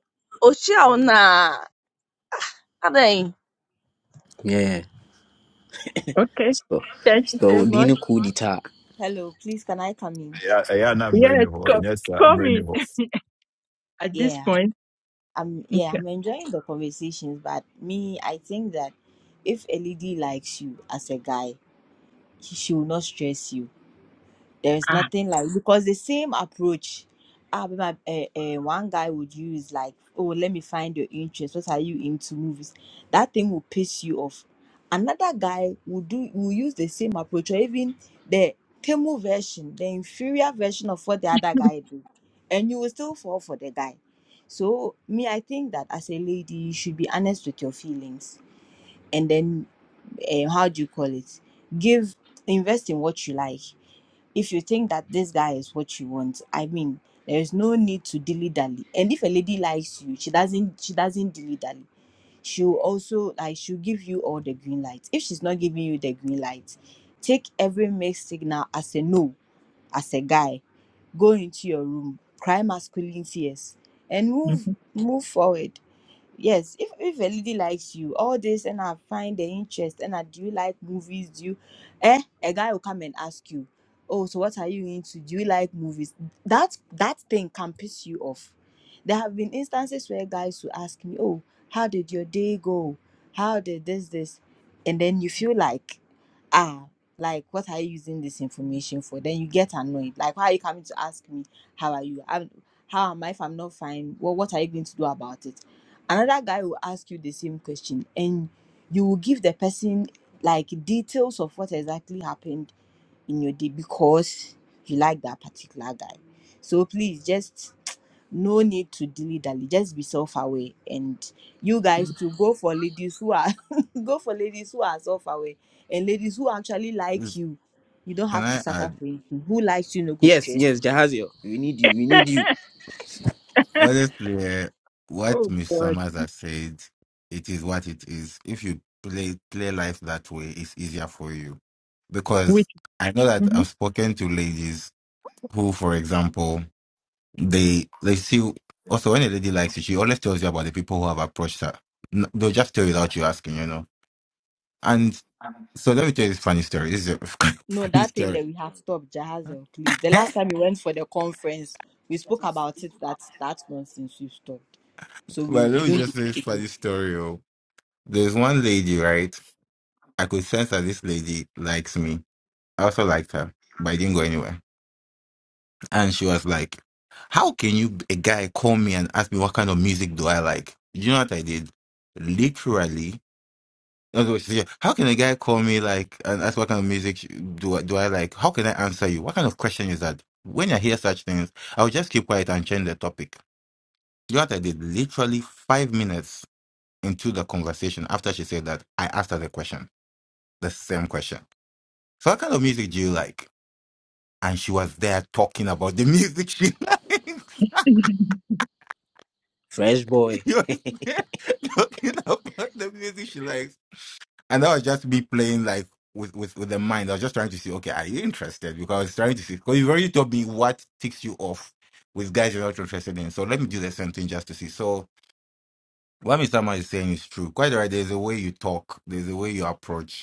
[SPEAKER 7] ɔhyia wo na adɛn?
[SPEAKER 9] Yeah.
[SPEAKER 3] Okay.
[SPEAKER 9] So,
[SPEAKER 3] Thank you
[SPEAKER 9] so
[SPEAKER 3] so
[SPEAKER 1] Hmm.
[SPEAKER 3] much.
[SPEAKER 9] Dino coup d'etat.
[SPEAKER 1] Hello, please can I come in?
[SPEAKER 13] I, I, I'm bringing
[SPEAKER 3] Yes,
[SPEAKER 13] home.
[SPEAKER 3] come,
[SPEAKER 13] Yes, I'm
[SPEAKER 3] come in
[SPEAKER 13] bringing home.
[SPEAKER 3] at this
[SPEAKER 1] Yeah,
[SPEAKER 3] point.
[SPEAKER 1] I'm yeah,
[SPEAKER 3] Okay.
[SPEAKER 1] I'm enjoying the conversations, but me, I think that if a lady likes you as a guy, he- she will not stress you. There's
[SPEAKER 3] Ah.
[SPEAKER 1] nothing like because the same approach uh, uh, one guy would use like, oh, let me find your interest. What are you into movies? That thing will piss you off. Another guy will do will use the same approach or even the Temu version, the inferior version of what the other guy did. And you will still fall for the guy. So me, I think that as a lady, you should be honest with your feelings and then uh, how do you call it? Give invest in what you like if you think that this guy is what you want i mean there is no need to dilly dally and if a lady likes you she doesn't she doesn't dilly dally she'll also like she'll give you all the green lights if she's not giving you the green light take every mixed signal as a no as a guy go into your room cry masculine tears and move
[SPEAKER 3] mhm.
[SPEAKER 1] move forward yes if, if a lady likes you all this and i find the interest and i do you like movies do you eh a guy will come and ask you oh so what are you into do you like movies that that thing can piss you off there have been instances where guys will ask me oh how did your day go how did this this and then you feel like ah like what are you using this information for then you get annoyed like why are you coming to ask me how are you I'm, how am i if i'm not fine well what are you going to do about it another guy will ask you the same question and you will give the person like details of what exactly happened in your day because you like that particular guy so please just no need to dilly dally just be self aware and you guys to go for ladies who are go for ladies who are self aware and ladies who actually like
[SPEAKER 6] Please,
[SPEAKER 1] you, you don't
[SPEAKER 6] Can
[SPEAKER 1] have to
[SPEAKER 6] I
[SPEAKER 1] suffer
[SPEAKER 6] add?
[SPEAKER 1] for anything. Who likes you no go
[SPEAKER 9] Yes,
[SPEAKER 1] stress
[SPEAKER 9] yes,
[SPEAKER 1] you.
[SPEAKER 9] Jahazio, we need you, we need you.
[SPEAKER 6] Honestly, eh, what
[SPEAKER 3] Oh
[SPEAKER 6] Miss
[SPEAKER 3] God.
[SPEAKER 6] Summers has said, it is what it is. If you play play life that way, it's easier for you. Because
[SPEAKER 3] Which?
[SPEAKER 6] I know that
[SPEAKER 3] mhm.
[SPEAKER 6] I've spoken to ladies who, for example, they they see. Also, when a lady likes you, she always tells you about the people who have approached her. N- They'll just tell you without you asking, you know. And so let me tell you this funny story. This is a
[SPEAKER 1] No,
[SPEAKER 6] funny
[SPEAKER 1] that thing
[SPEAKER 6] story.
[SPEAKER 1] that we have stopped,
[SPEAKER 6] well,
[SPEAKER 1] Jahazel, please. The last time we went for the conference, we spoke about it. That that nonsense we stopped. So we,
[SPEAKER 6] let
[SPEAKER 1] we
[SPEAKER 6] me
[SPEAKER 1] don't
[SPEAKER 6] just say this funny story. oh. There's one lady, right? I could sense that this lady likes me. I also liked her, but I didn't go anywhere. And she was like, How can you, a guy, call me and ask me what kind of music do I like? You know what I did? Literally, that's what she said. How can a guy call me like and ask what kind of music do I, do I like? How can I answer you? What kind of question is that? When I hear such things, I'll just keep quiet and change the topic. You know what I did? Literally five minutes into the conversation after she said that, I asked her the question, the same question. So what kind of music do you like? And she was there talking about the music she likes.
[SPEAKER 9] Fresh boy.
[SPEAKER 6] she was there talking about the music she likes. And that was just me playing like with, with, with the mind. I was just trying to see, okay, are you interested? Because I was trying to see, because you've already told me what ticks you off with guys you're not interested in. So let me do the same thing just to see. So what Mr. Man is saying is true. Quite right. There's a way you talk, there's a way you approach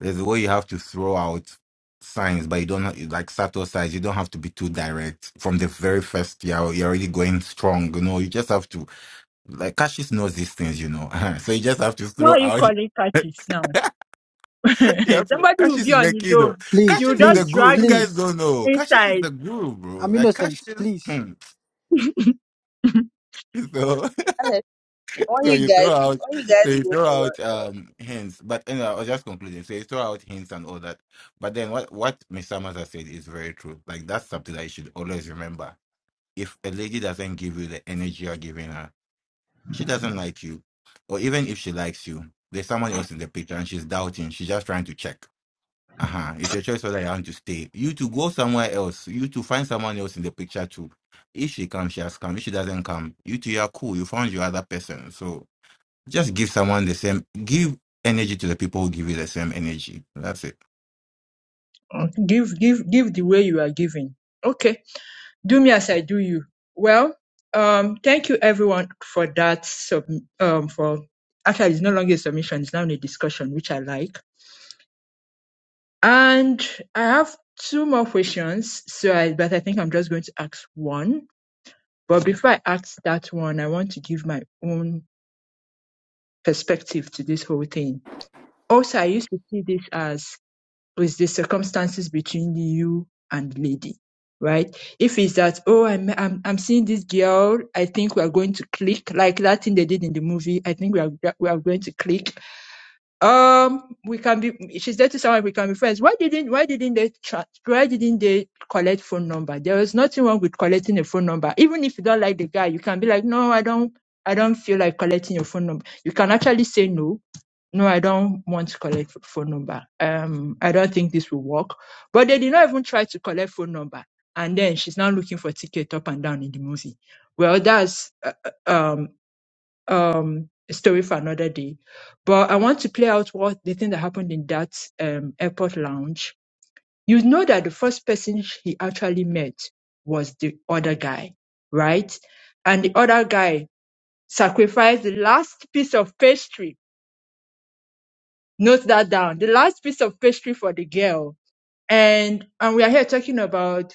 [SPEAKER 6] There's a way you have to throw out signs, but you don't have- like subtle signs. You don't have to be too direct from the very first year. You're you're already going strong, you know. You just have to like Cassius knows these things, you know. so you just have to
[SPEAKER 3] Why
[SPEAKER 6] throw
[SPEAKER 3] are you
[SPEAKER 6] out.
[SPEAKER 3] calling catches now?
[SPEAKER 6] you have to,
[SPEAKER 3] Somebody will
[SPEAKER 6] Cassius
[SPEAKER 3] be
[SPEAKER 6] is
[SPEAKER 3] on
[SPEAKER 6] the
[SPEAKER 3] his
[SPEAKER 6] kid, though.
[SPEAKER 3] own.
[SPEAKER 12] Please,
[SPEAKER 3] You
[SPEAKER 6] Cassius is the
[SPEAKER 3] just
[SPEAKER 12] please,
[SPEAKER 6] guru.
[SPEAKER 3] drag
[SPEAKER 6] You guys
[SPEAKER 3] him
[SPEAKER 12] please.
[SPEAKER 6] don't know. Cassius is
[SPEAKER 3] inside.
[SPEAKER 6] the guru, bro.
[SPEAKER 12] I'm
[SPEAKER 6] Like
[SPEAKER 12] innocent.
[SPEAKER 6] Cassius.
[SPEAKER 12] Please.
[SPEAKER 6] Hmm. So
[SPEAKER 7] Alex, why
[SPEAKER 6] so
[SPEAKER 7] you
[SPEAKER 6] you throw
[SPEAKER 7] guys
[SPEAKER 6] out
[SPEAKER 7] why you
[SPEAKER 6] so
[SPEAKER 7] guys
[SPEAKER 6] you
[SPEAKER 7] go
[SPEAKER 6] throw
[SPEAKER 7] for your
[SPEAKER 6] out um hints but anyway i was just concluding so you throw out hints and all that but then what what miss summers has said is very true like that's something that you should always remember if a lady doesn't give you the energy you're giving her she doesn't like you or even if she likes you there's someone else in the picture and she's doubting she's just trying to check uh-huh it's your choice whether you want to stay you to go somewhere else you to find someone else in the picture too if she comes she has come if she doesn't come you two you are cool you found your other person so just give someone the same, give energy to the people who give you the same energy. That's it.
[SPEAKER 3] Oh, Give, give, give the way you are giving. Okay. do me as I do you. Well, um, thank you everyone for that. Sub- um, for actually, it's no longer a submission; it's now a discussion, which I like. And I have two more questions, so I, but I think I'm just going to ask one. But before I ask that one, I want to give my own perspective to this whole thing. Also, I used to see this as with the circumstances between you and the lady right if it's that oh i'm i'm, I'm seeing this girl i think we are going to click like that thing they did in the movie i think we are we are going to click um we can be she's there to someone we can be friends why didn't why didn't they tra- why didn't they collect phone number there was nothing wrong with collecting a phone number even if you don't like the guy you can be like no i don't i don't feel like collecting your phone number you can actually say no no, I don't want to collect phone number. Um, I don't think this will work. But they did not even try to collect phone number. And then she's now looking for ticket up and down in the movie. Well, that's uh, uh, um um a story for another day. But I want to play out what the thing that happened in that um airport lounge. You know that the first person he actually met was the other guy, right? And the other guy sacrificed the last piece of pastry Note that down. The last piece of pastry for the girl. And and we are here talking about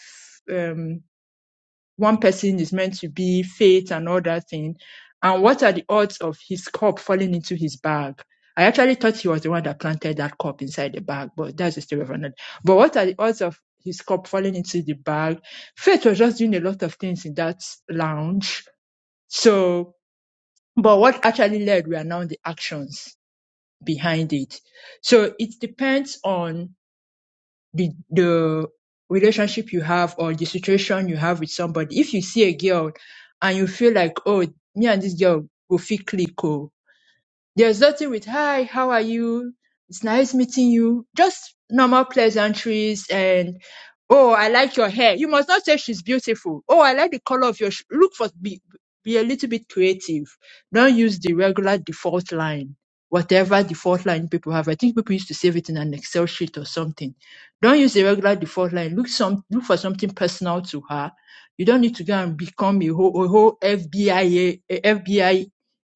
[SPEAKER 3] um one person is meant to be fate and all that thing. And what are the odds of his cup falling into his bag? I actually thought he was the one that planted that cup inside the bag, but that's the story of another. But what are the odds of his cup falling into the bag? Faith was just doing a lot of things in that lounge. So, but what actually led were now the actions behind it. So it depends on the the relationship you have or the situation you have with somebody. If you see a girl and you feel like, oh, me and this girl will fit click, oh, there's nothing with hi, how are you? It's nice meeting you. Just normal pleasantries and oh, I like your hair. You must not say she's beautiful. Oh, I like the color of your sh-. look for be be a little bit creative. Don't use the regular default line. Whatever default line people have, I think people used to save it in an Excel sheet or something. Don't use the regular default line. Look some look for something personal to her. You don't need to go and become a whole, a whole FBI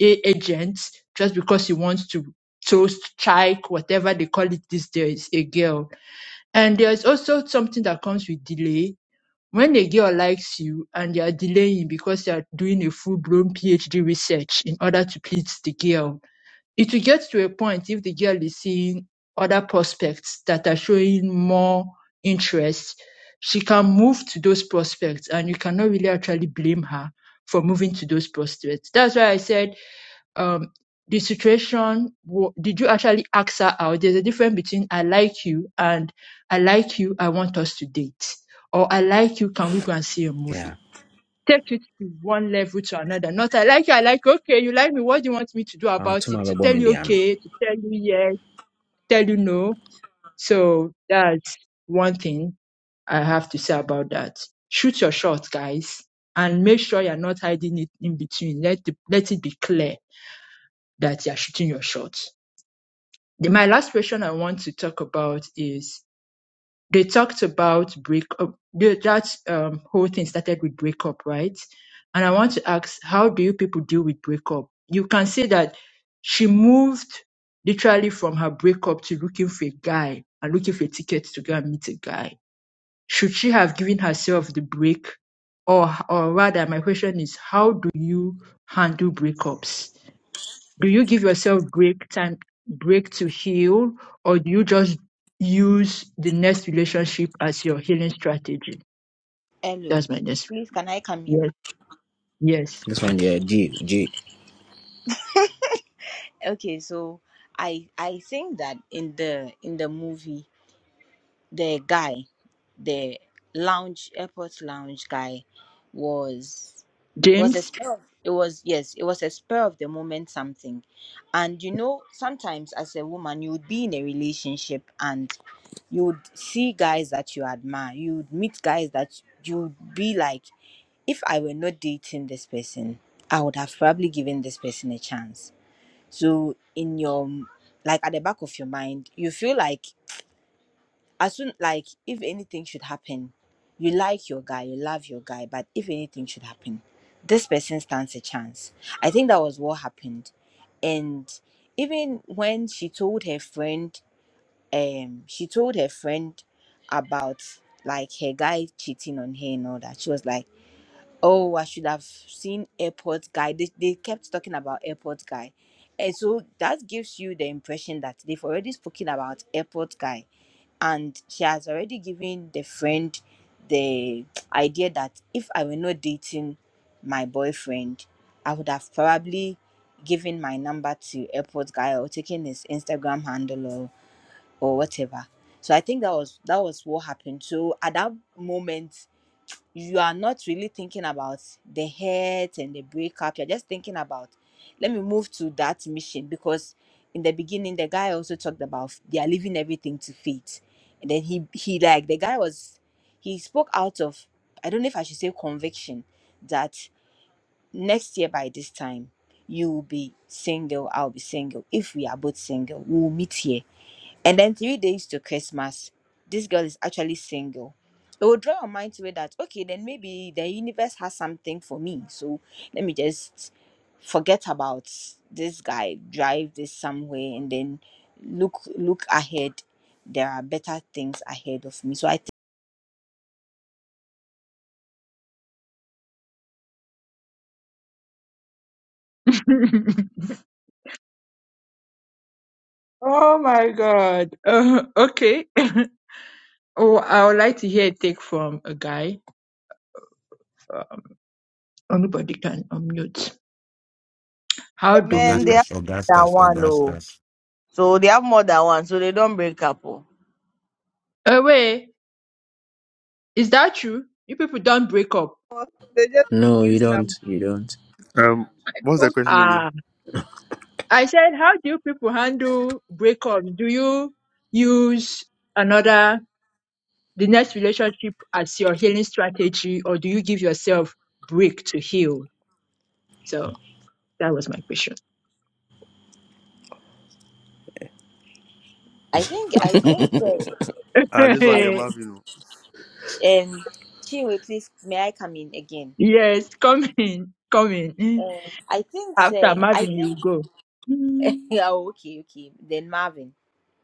[SPEAKER 3] a- agents just because he wants to toast chike, whatever they call it these days a girl and there's also something that comes with delay when a girl likes you and they are delaying because they are doing a full-blown phd research in order to please the girl it will get to a point if the girl is seeing other prospects that are showing more interest she can move to those prospects and you cannot really actually blame her for moving to those prospects that's why i said um the situation wa- did you actually ask her out there's a difference between i like you and i like you i want us to date or i like you can we go and see a movie
[SPEAKER 9] Yeah.
[SPEAKER 3] take it to one level to another not i like you i like okay you like me what do you want me to do
[SPEAKER 9] Oh,
[SPEAKER 3] about
[SPEAKER 9] to my
[SPEAKER 3] it to
[SPEAKER 9] baby,
[SPEAKER 3] tell
[SPEAKER 9] me
[SPEAKER 3] you
[SPEAKER 9] there, no.
[SPEAKER 3] okay to tell you yes tell you no so that's one thing i have to say about that shoot your shot guys and make sure you're not hiding it in between let the, let it be clear that you're shooting your shot the- my last question I want to talk about is they talked about breakup. That um, whole thing started with breakup, right? And I want to ask, how do you people deal with breakup? You can see that she moved literally from her breakup to looking for a guy and looking for a ticket to go and meet a guy. Should she have given herself the break? Or, or rather, my question is, how do you handle breakups? do you give yourself break time break to heal or do you just use the next relationship as your healing strategy
[SPEAKER 1] Hello.
[SPEAKER 3] that's my next
[SPEAKER 1] Please, can I come in?
[SPEAKER 3] yes yes
[SPEAKER 9] This one, yeah, G, G.
[SPEAKER 1] Okay, so I I think that in the in the movie. the guy, the lounge airport lounge guy, was was a
[SPEAKER 3] james
[SPEAKER 1] spur. of- It was yes, it was a spur of the moment something, and you know sometimes as a woman you would be in a relationship and you would see guys that you admire. You would meet guys that you would be like, if I were not dating this person, I would have probably given this person a chance. So in your like at the back of your mind, you feel like as soon like if anything should happen you like your guy you love your guy but if anything should happen this person stands a chance i think that was what happened and even when she told her friend um she told her friend about like her guy cheating on her and all that she was like oh i should have seen airport guy they, they kept talking about airport guy and so that gives you the impression that they've already spoken about airport guy and she has already given the friend the idea that if I were not dating my boyfriend, I would have probably given my number to airport guy or taken his Instagram handle or, or whatever. So I think that was that was what happened. So at that moment you are not really thinking about the hurt and the breakup. You're just thinking about, let me move to that mission because in the beginning the guy also talked about they are leaving everything to fate, and then he he like the guy was he spoke out of I don't know if I should say conviction that next year by this time you will be single, I'll be single. If we are both single, we'll meet here and then three days to Christmas, this girl is actually single. It will draw your mind to it that okay, then maybe the universe has something for me. So let me just forget about this guy, drive this somewhere, and then look look ahead. There are better things ahead of me. So I think
[SPEAKER 3] oh my god uh, okay oh i would like to hear a take from a guy uh, anybody can unmute how do
[SPEAKER 7] Men, they
[SPEAKER 3] you
[SPEAKER 7] have
[SPEAKER 6] Augustus,
[SPEAKER 7] more than
[SPEAKER 6] Augustus,
[SPEAKER 7] one, oh.
[SPEAKER 6] Augustus.
[SPEAKER 7] So they have more than one, so they don't break up. Oh.
[SPEAKER 3] uh, wait is that true you people don't break up
[SPEAKER 7] But They just
[SPEAKER 9] No, you
[SPEAKER 7] use
[SPEAKER 9] don't,
[SPEAKER 7] number.
[SPEAKER 9] you don't.
[SPEAKER 10] Um, what's the
[SPEAKER 7] O-
[SPEAKER 10] question again?
[SPEAKER 3] I said, how do you people handle breakups? Do you use another, the next relationship as your healing strategy, or do you give yourself break to heal? So that was my question.
[SPEAKER 1] I think
[SPEAKER 10] Uh,
[SPEAKER 1] I think
[SPEAKER 10] uh this one,
[SPEAKER 1] uh,
[SPEAKER 10] they're Marvin.
[SPEAKER 1] I um Chinwe, please may I come in again?
[SPEAKER 3] yes, come in, come in.
[SPEAKER 1] Uh, I think
[SPEAKER 3] After
[SPEAKER 1] say I
[SPEAKER 3] Marvin, you
[SPEAKER 1] think
[SPEAKER 3] go. Mm.
[SPEAKER 1] yeah okay okay then Marvin.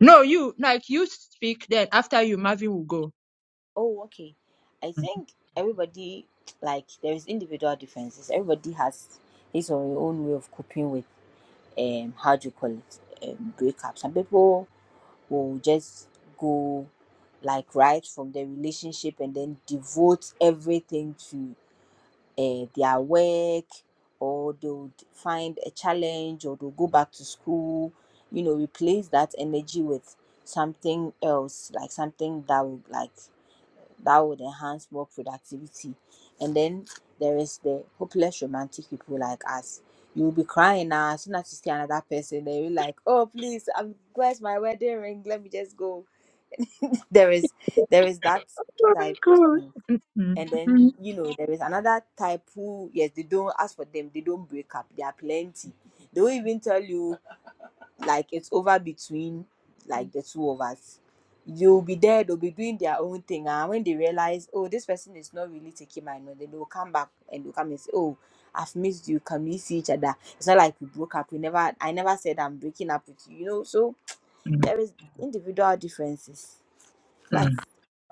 [SPEAKER 3] No, you, like you speak, then after you, Marvin will go.
[SPEAKER 1] Oh, okay. I
[SPEAKER 3] Mm.
[SPEAKER 1] think everybody, like, there is individual differences. Everybody has his or her own way of coping with, um, how do you call it, um, breakup. Some people will just go, like, right from their relationship and then devote everything to uh, their work, or they'll find a challenge, or they'll go back to school, you know, replace that energy with something else, like something that would, like, that would enhance work productivity. And then there is the hopeless romantic people like us. You'll be crying now as soon as you see another person, they'll be like, Oh please, um where's my wedding ring? Let me just go. There is there is that
[SPEAKER 3] Oh my
[SPEAKER 1] type
[SPEAKER 3] God.
[SPEAKER 1] too.
[SPEAKER 3] Mm, mm,
[SPEAKER 1] And then you know, there is another type who yes, they don't ask for them, they don't break up. They are plenty. They will even tell you like it's over between like the two of us. You'll be there, they'll be doing their own thing. And when they realize, oh, this person is not really taking my note, then they'll come back and they'll come and say, Oh, I've missed you. Can we see each other? It's not like we broke up. We never I never said I'm breaking up with you, you know. So
[SPEAKER 3] mm,
[SPEAKER 1] there is individual differences. But
[SPEAKER 3] mm,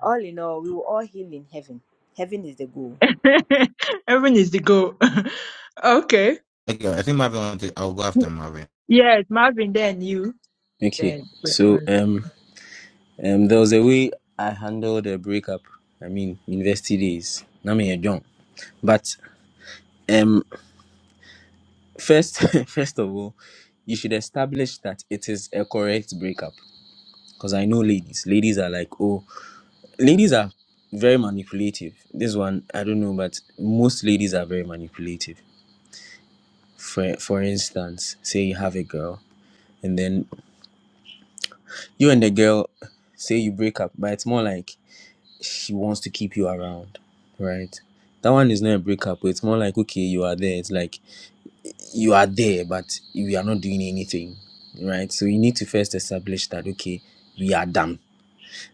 [SPEAKER 1] all in all, we will all heal in heaven. Heaven is the goal.
[SPEAKER 3] mm. Heaven is the goal. okay.
[SPEAKER 6] Okay, I think Marvin, want I'll go after Marvin.
[SPEAKER 3] Yes, Marvin, then you.
[SPEAKER 9] Okay.
[SPEAKER 3] Then.
[SPEAKER 9] So,
[SPEAKER 3] Clifford.
[SPEAKER 9] um, um, there was a way I handled a breakup. I mean, university days. Now me a young, but. um. First, first of all, you should establish that it is a correct breakup. Because I know ladies. Ladies are like, oh, ladies are very manipulative. This one, I don't know, but most ladies are very manipulative. For for instance, say you have a girl, and then you and the girl say you break up, but it's more like she wants to keep you around, right? That one is not a breakup. but It's more like okay, you are there. It's like you are there but you are not doing anything right so you need to first establish that okay we are done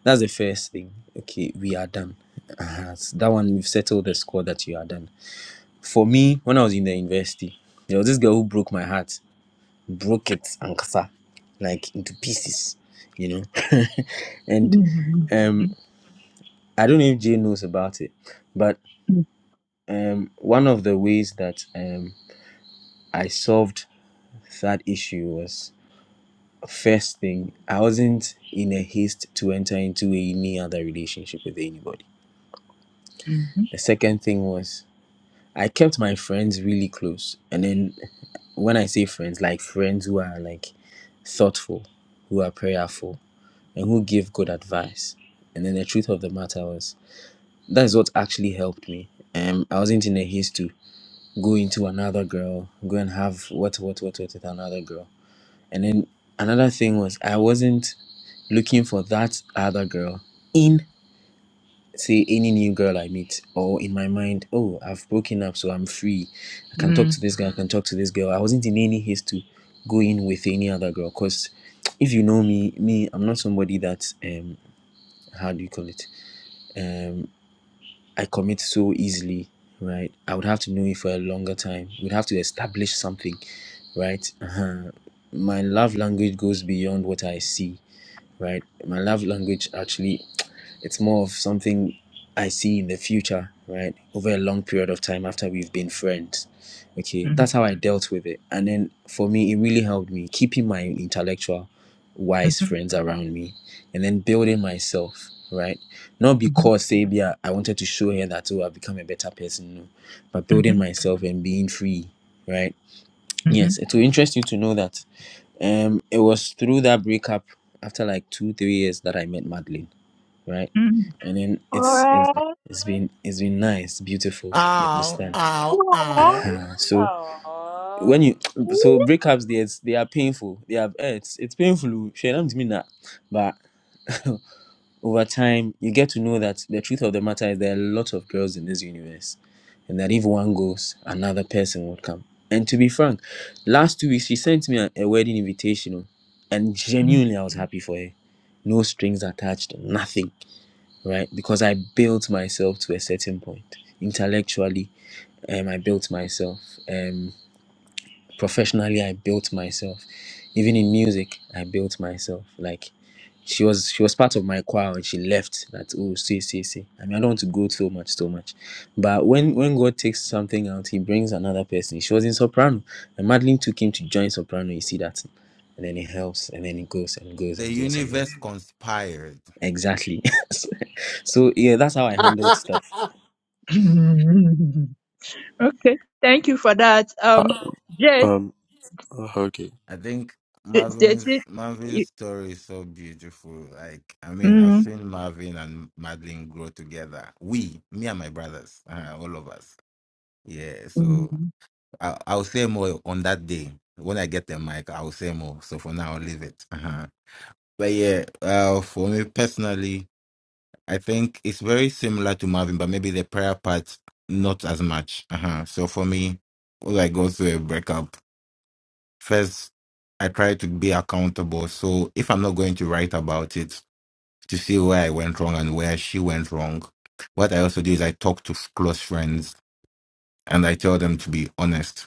[SPEAKER 9] that's the first thing okay we are done uh so that one we've settled the score that you are done for me when i was in the university there was this girl who broke my heart broke it ankasa like into pieces you know and
[SPEAKER 3] Mhm,
[SPEAKER 9] um
[SPEAKER 3] mhm,
[SPEAKER 9] i don't know if jay knows about it but um one of the ways that um i solved that issue was First thing, I wasn't in a haste to enter into any other relationship with anybody.
[SPEAKER 3] mhm,
[SPEAKER 9] The second thing was, I kept my friends really close. And then when I say friends, like friends who are like thoughtful, who are prayerful, and who give good advice. And then the truth of the matter was that's what actually helped me. Um, I wasn't in a haste to go into another girl, go and have what what what what with another girl. And then another thing was I wasn't looking for that other girl in say any new girl I meet or in my mind, oh, I've broken up, so I'm free. I can talk
[SPEAKER 3] mhm,
[SPEAKER 9] to this guy, I can talk to this girl. I wasn't in any haste to go in with any other girl. Cause if you know me, me, I'm not somebody that um how do you call it? Um I commit so easily, right? I would have to know it for a longer time. We'd have to establish something, right? Uh-huh. My love language goes beyond what I see right my love language actually it's more of something i see in the future right over a long period of time after we've been friends okay
[SPEAKER 3] mhm,
[SPEAKER 9] that's how i dealt with it and then for me it really helped me keeping my intellectual wise
[SPEAKER 3] mhm,
[SPEAKER 9] friends around me and then building myself right not
[SPEAKER 3] mhm,
[SPEAKER 9] because sabia i wanted to show her that oh i've become a better person no but building
[SPEAKER 3] mhm,
[SPEAKER 9] myself and being free right yes
[SPEAKER 3] mhm,
[SPEAKER 9] it will interest you to know that um, it was through that breakup after like two, three years that I met Madeline, right?
[SPEAKER 3] mhm.
[SPEAKER 9] And then
[SPEAKER 3] Aw.
[SPEAKER 9] it's it's it's been it's been nice, beautiful. You
[SPEAKER 6] Ow,
[SPEAKER 9] understand?
[SPEAKER 6] ow, ow.
[SPEAKER 9] Uh-huh. So
[SPEAKER 1] Oh.
[SPEAKER 9] when you so breakups, they it's- they are painful. They are eh, it's it's painful. Shey, na me timi na. But over time you get to know that the truth of the matter is there are a lot of girls in this universe and that if one goes another person would come and to be frank last two weeks she sent me a, a wedding invitation oh, and genuinely i was happy for her no strings attached nothing right because i built myself to a certain point intellectually um, i built myself Um, professionally i built myself even in music i built myself like she was she was part of my choir and she left that oh see see see i mean i don't want to go so much so much but when when god takes something out he brings another person she was in soprano and madeline took him to join soprano you see that and then it helps and then it goes and goes
[SPEAKER 6] The
[SPEAKER 9] and goes and
[SPEAKER 6] universe
[SPEAKER 9] goes
[SPEAKER 6] conspired.
[SPEAKER 9] exactly so yeah that's how i handled stuff
[SPEAKER 3] Mhm. Okay, thank you for that.
[SPEAKER 10] oh.
[SPEAKER 3] Um,
[SPEAKER 10] Uh,
[SPEAKER 3] yes,
[SPEAKER 10] um. uh, okay.
[SPEAKER 6] I think
[SPEAKER 3] th- th- th-
[SPEAKER 6] Marvin's Marvin's
[SPEAKER 3] you-
[SPEAKER 6] story is so beautiful. Like, I mean, I've
[SPEAKER 3] mm,
[SPEAKER 6] seen Marvin and Madeline grow together. We, me and my brothers, uh, all of us. Yeah,
[SPEAKER 3] mm,
[SPEAKER 6] so I, I'll say more on that day when I get the mic. I'll say more. So for now, I'll leave it. Uh-huh. But yeah, uh, for me personally, I think it's very similar to Marvin, but maybe the prayer part not as much. Uh-huh. So for me, when I go through a breakup, first I try to be accountable. So if I'm not going to write about it, to see where I went wrong and where she went wrong, what I also do is I talk to close friends and I tell them to be honest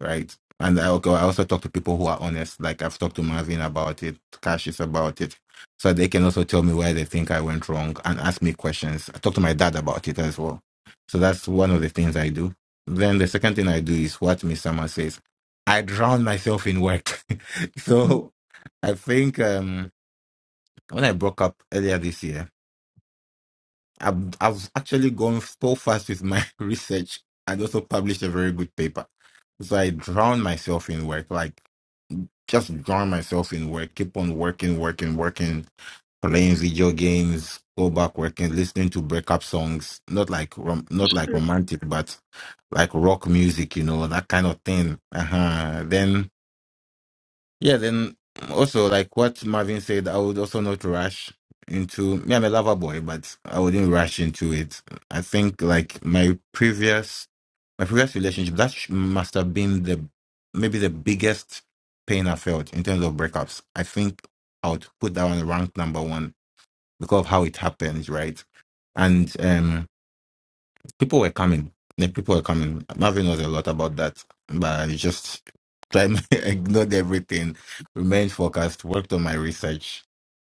[SPEAKER 6] right? And I go, I also talk to people who are honest. Like I've talked to Marvin about it, Cassius about it, so they can also tell me where they think I went wrong and ask me questions. I talk to my dad about it as well. So that's one of the things I do. Then the second thing I do is what Miss Summer says. I drown myself in work.
[SPEAKER 3] mm,
[SPEAKER 6] so I think um, when I broke up earlier this year, I've, I've actually gone so fast with my research and also published a very good paper. So I drowned myself in work. Like just drown myself in work, keep on working, working, working, playing video games, go back working, listening to breakup songs, not like rom- not like romantic, but like rock music, you know, that kind of thing. Uh-huh. Then yeah, then also like what Marvin said, I would also not rush into me, I'm a lover boy, but I wouldn't rush into it. I think like my previous my previous relationship, that sh- must have been the maybe the biggest pain I felt in terms of breakups. I think I would put that on rank number one because of how it happened, right? And um people were coming. The people were coming. Marvin knows a lot about that, but I just tried ignored everything, remained focused, worked on my research,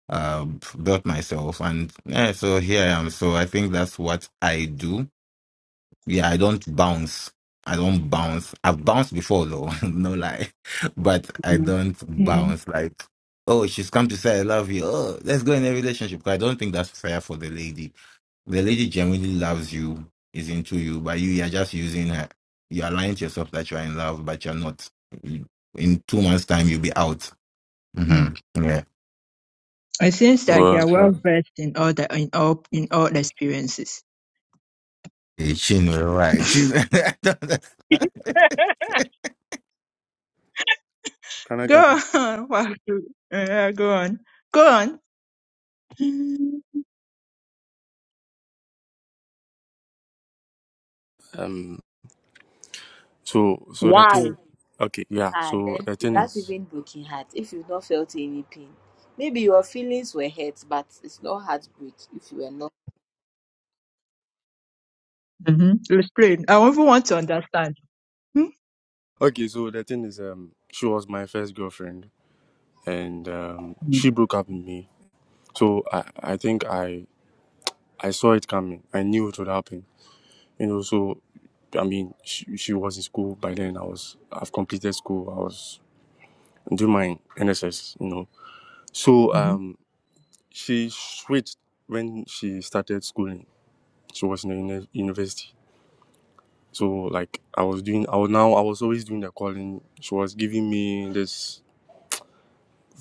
[SPEAKER 6] uh, built myself, and yeah, so here I am. So I think that's what I do. Yeah, I don't bounce. I don't bounce. I've bounced before though, no lie, but I
[SPEAKER 3] mm,
[SPEAKER 6] don't
[SPEAKER 3] mm,
[SPEAKER 6] bounce like. Oh, she's come to say I love you. Oh, let's go in a relationship. I don't think that's fair for the lady the lady genuinely loves you, is into you, but you, you are just using her. You are lying to yourself that you are in love, but you're not. You- In two months' time, you'll be out. hmm
[SPEAKER 3] mm.
[SPEAKER 6] Yeah.
[SPEAKER 3] it seems like
[SPEAKER 10] Well.
[SPEAKER 3] you're
[SPEAKER 10] Uh,
[SPEAKER 3] well versed in all the in all in all experiences.
[SPEAKER 6] Hey, Chin, you right. Chin- I don't understand.
[SPEAKER 10] Can I
[SPEAKER 3] Go on,
[SPEAKER 10] come?
[SPEAKER 3] Wahoo. Uh, go on, go on.
[SPEAKER 10] Um. So so the
[SPEAKER 3] Why?
[SPEAKER 10] thing okay, yeah.
[SPEAKER 1] Ah,
[SPEAKER 10] So
[SPEAKER 1] then
[SPEAKER 10] the
[SPEAKER 1] is
[SPEAKER 10] thing
[SPEAKER 1] that
[SPEAKER 10] is
[SPEAKER 1] even breaking heart if you've not felt any pain? Maybe your feelings were hurt, but it's not heartbreak if you were not.
[SPEAKER 3] hmm Explain. I even want to understand. Hmm?
[SPEAKER 10] okay, so the thing is um she was my first girlfriend and um she broke up with me. So I I think I I saw it coming. I knew it would happen. You know, so I mean she she was in school by then I was I've completed school. I was doing my NSS, you know. So
[SPEAKER 3] Mm-hmm.
[SPEAKER 10] um she switched when she started schooling. She was in the uni- university. So like I was doing, I was now I was always doing the calling. She was giving me this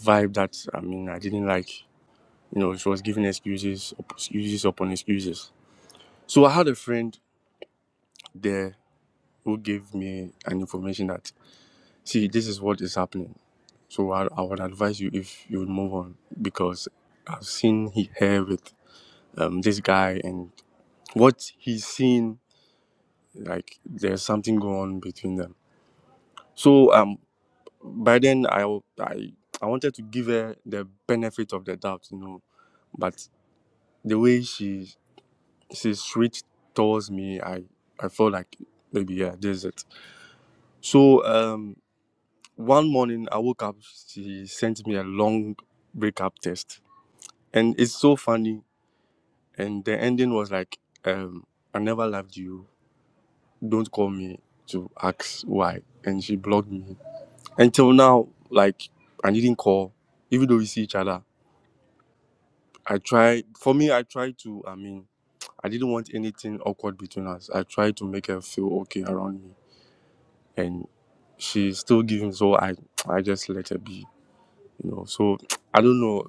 [SPEAKER 10] vibe that I mean I didn't like. You know, she was giving excuses, up- excuses upon excuses. So I had a friend there who gave me an information that see this is what is happening. So I, I would advise you if you would move on because I've seen he, her with um, this guy and what he's seen like there's something going on between them. So um by then I w- I I wanted to give her the benefit of the doubt, you know. But the way she she switched towards me, I I felt like maybe yeah, this is it. So um one morning I woke up, she sent me a long breakup test. And it's so funny. And the ending was like, um, I never loved you. Don't call me to ask why. And she blocked me. Until now, like I didn't call, even though we see each other. I try for me I try to I mean I didn't want anything awkward between us. I tried to make her feel okay around me and she's still giving so I I just let her be, you know. So I don't know.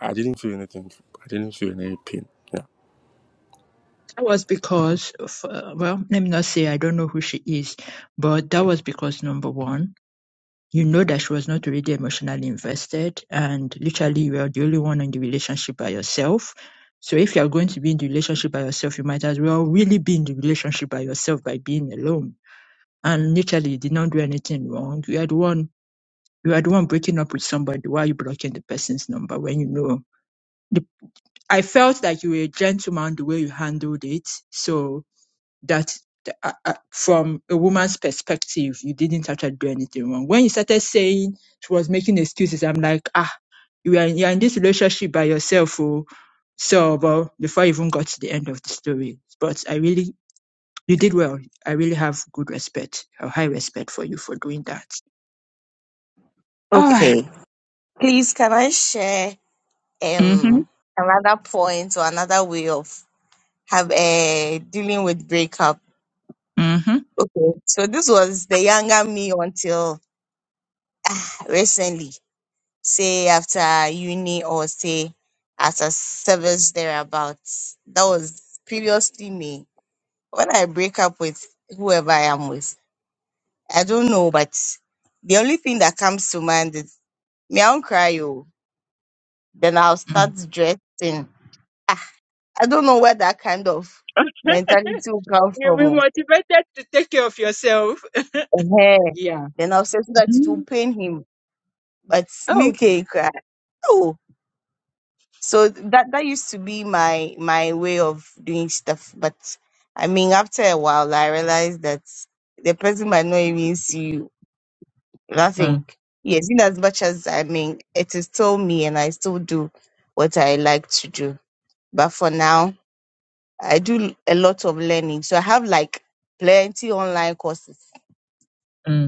[SPEAKER 10] I didn't feel anything. I didn't feel any pain. yeah.
[SPEAKER 3] That was because, of, uh, well, let me not say I don't know who she is, but that was because number one, you know that she was not really emotionally invested, and literally you are the only one in the relationship by yourself. So if you are going to be in the relationship by yourself, you might as well really be in the relationship by yourself by being alone. And literally, you did not do anything wrong. You had one, you had one breaking up with somebody. Why are you blocking the person's number when you know? I felt that you were a gentleman the way you handled it. So that th- uh, uh, from a woman's perspective, you didn't actually do anything wrong. When you started saying she was making excuses, I'm like, ah, you are you're in this relationship by yourself. Oh. So, well, before I even got to the end of the story, but I really, you did well. I really have good respect, a high respect for you for doing that. All right.
[SPEAKER 7] Okay. Please, can I share
[SPEAKER 3] Mm-hmm.
[SPEAKER 7] um another point or another way of have uh, dealing with breakup?
[SPEAKER 3] Mm-hmm.
[SPEAKER 7] Okay. So this was the younger me until ah, recently, say after uni or say after service thereabouts. That was previously me. When I break up with whoever I am with. I don't know, but the only thing that comes to mind is me, I won't cry oh, Then I'll start dressing. Ah, I don't know where that kind of
[SPEAKER 3] Okay.
[SPEAKER 7] mentality will come
[SPEAKER 3] You'll be
[SPEAKER 7] from.
[SPEAKER 3] motivated to take care of yourself.
[SPEAKER 7] oh. eh
[SPEAKER 3] Yeah.
[SPEAKER 7] Then I'll say so that it
[SPEAKER 3] Mm-hmm.
[SPEAKER 7] will pain him. But me
[SPEAKER 3] Oh,
[SPEAKER 7] can cry. Oh. So that that used to be my my way of doing stuff. But I mean after a while I realized that the person might not even see you Nothing.
[SPEAKER 3] Mm,
[SPEAKER 7] Yes, in as much as I mean, it is still me and I still do what I like to do. But for now, I do a lot of learning. So I have like plenty online courses.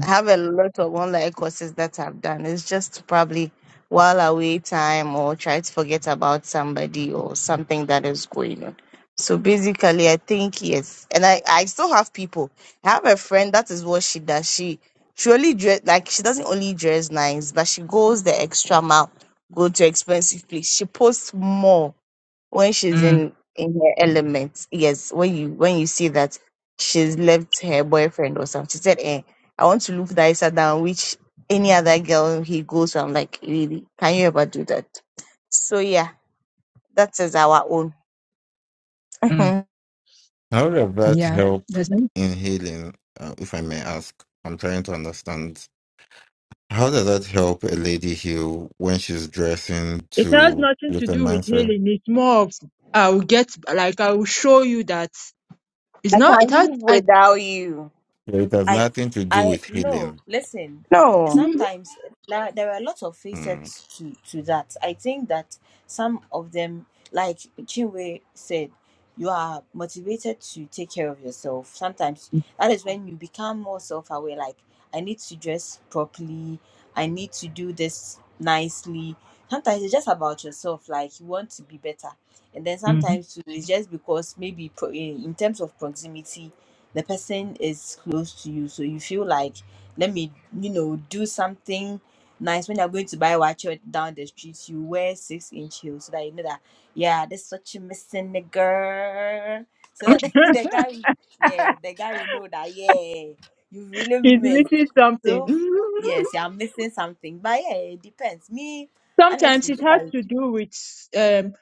[SPEAKER 7] I have a lot of online courses that I've done. It's just probably while away time or try to forget about somebody or something that is going on. So basically, I think yes, and I I still have people. I have a friend that is what she does. She she only dress like she doesn't only dress nice, but she goes the extra mile, go to expensive place. She posts more when she's
[SPEAKER 3] mm,
[SPEAKER 7] in in her element yes when you when you see that she's left her boyfriend or something she said eh, i want to look nicer than which any other girl he goes with." i'm like really can you ever do that so yeah that is our own i
[SPEAKER 3] mm.
[SPEAKER 7] can't
[SPEAKER 6] How does that
[SPEAKER 3] Yeah.
[SPEAKER 6] help in healing, uh, if I may ask? I'm trying to understand. How does that help a lady heal when she's dressing
[SPEAKER 3] it has
[SPEAKER 6] to
[SPEAKER 3] nothing to
[SPEAKER 6] with a
[SPEAKER 3] do with
[SPEAKER 6] mindset?
[SPEAKER 3] healing. It's more of I will get like I will show you that it's not. It has.
[SPEAKER 7] live
[SPEAKER 3] I,
[SPEAKER 7] without you
[SPEAKER 6] It has
[SPEAKER 1] I
[SPEAKER 6] nothing to do
[SPEAKER 1] I
[SPEAKER 6] with
[SPEAKER 1] no
[SPEAKER 6] healing.
[SPEAKER 1] listen.
[SPEAKER 7] no
[SPEAKER 1] Sometimes la- there are a lot of
[SPEAKER 6] Hmm.
[SPEAKER 1] facets to to that. I think that some of them, like Chinwe said, you are motivated to take care of yourself. Sometimes that is when you become more self aware. Like I need to dress properly. I need to do this nicely. Sometimes it's just about yourself. Like you want to be better, and then
[SPEAKER 3] Mm-hmm.
[SPEAKER 1] sometimes too, it's just because maybe pro- in in terms of proximity the person is close to you so you feel like let me you know do something nice when you're going to buy watch down the street you wear six inch heels so that you know that yeah this is what you missing the girl so that the guy will- yeah the guy will know that yeah you really
[SPEAKER 3] he's
[SPEAKER 1] missed
[SPEAKER 3] missing something.
[SPEAKER 1] so
[SPEAKER 3] Mhm.
[SPEAKER 1] yes you're missing something but yeah it depends me
[SPEAKER 3] Sometimes
[SPEAKER 1] honestly
[SPEAKER 3] it
[SPEAKER 1] if
[SPEAKER 3] has
[SPEAKER 1] I
[SPEAKER 3] to do with, um,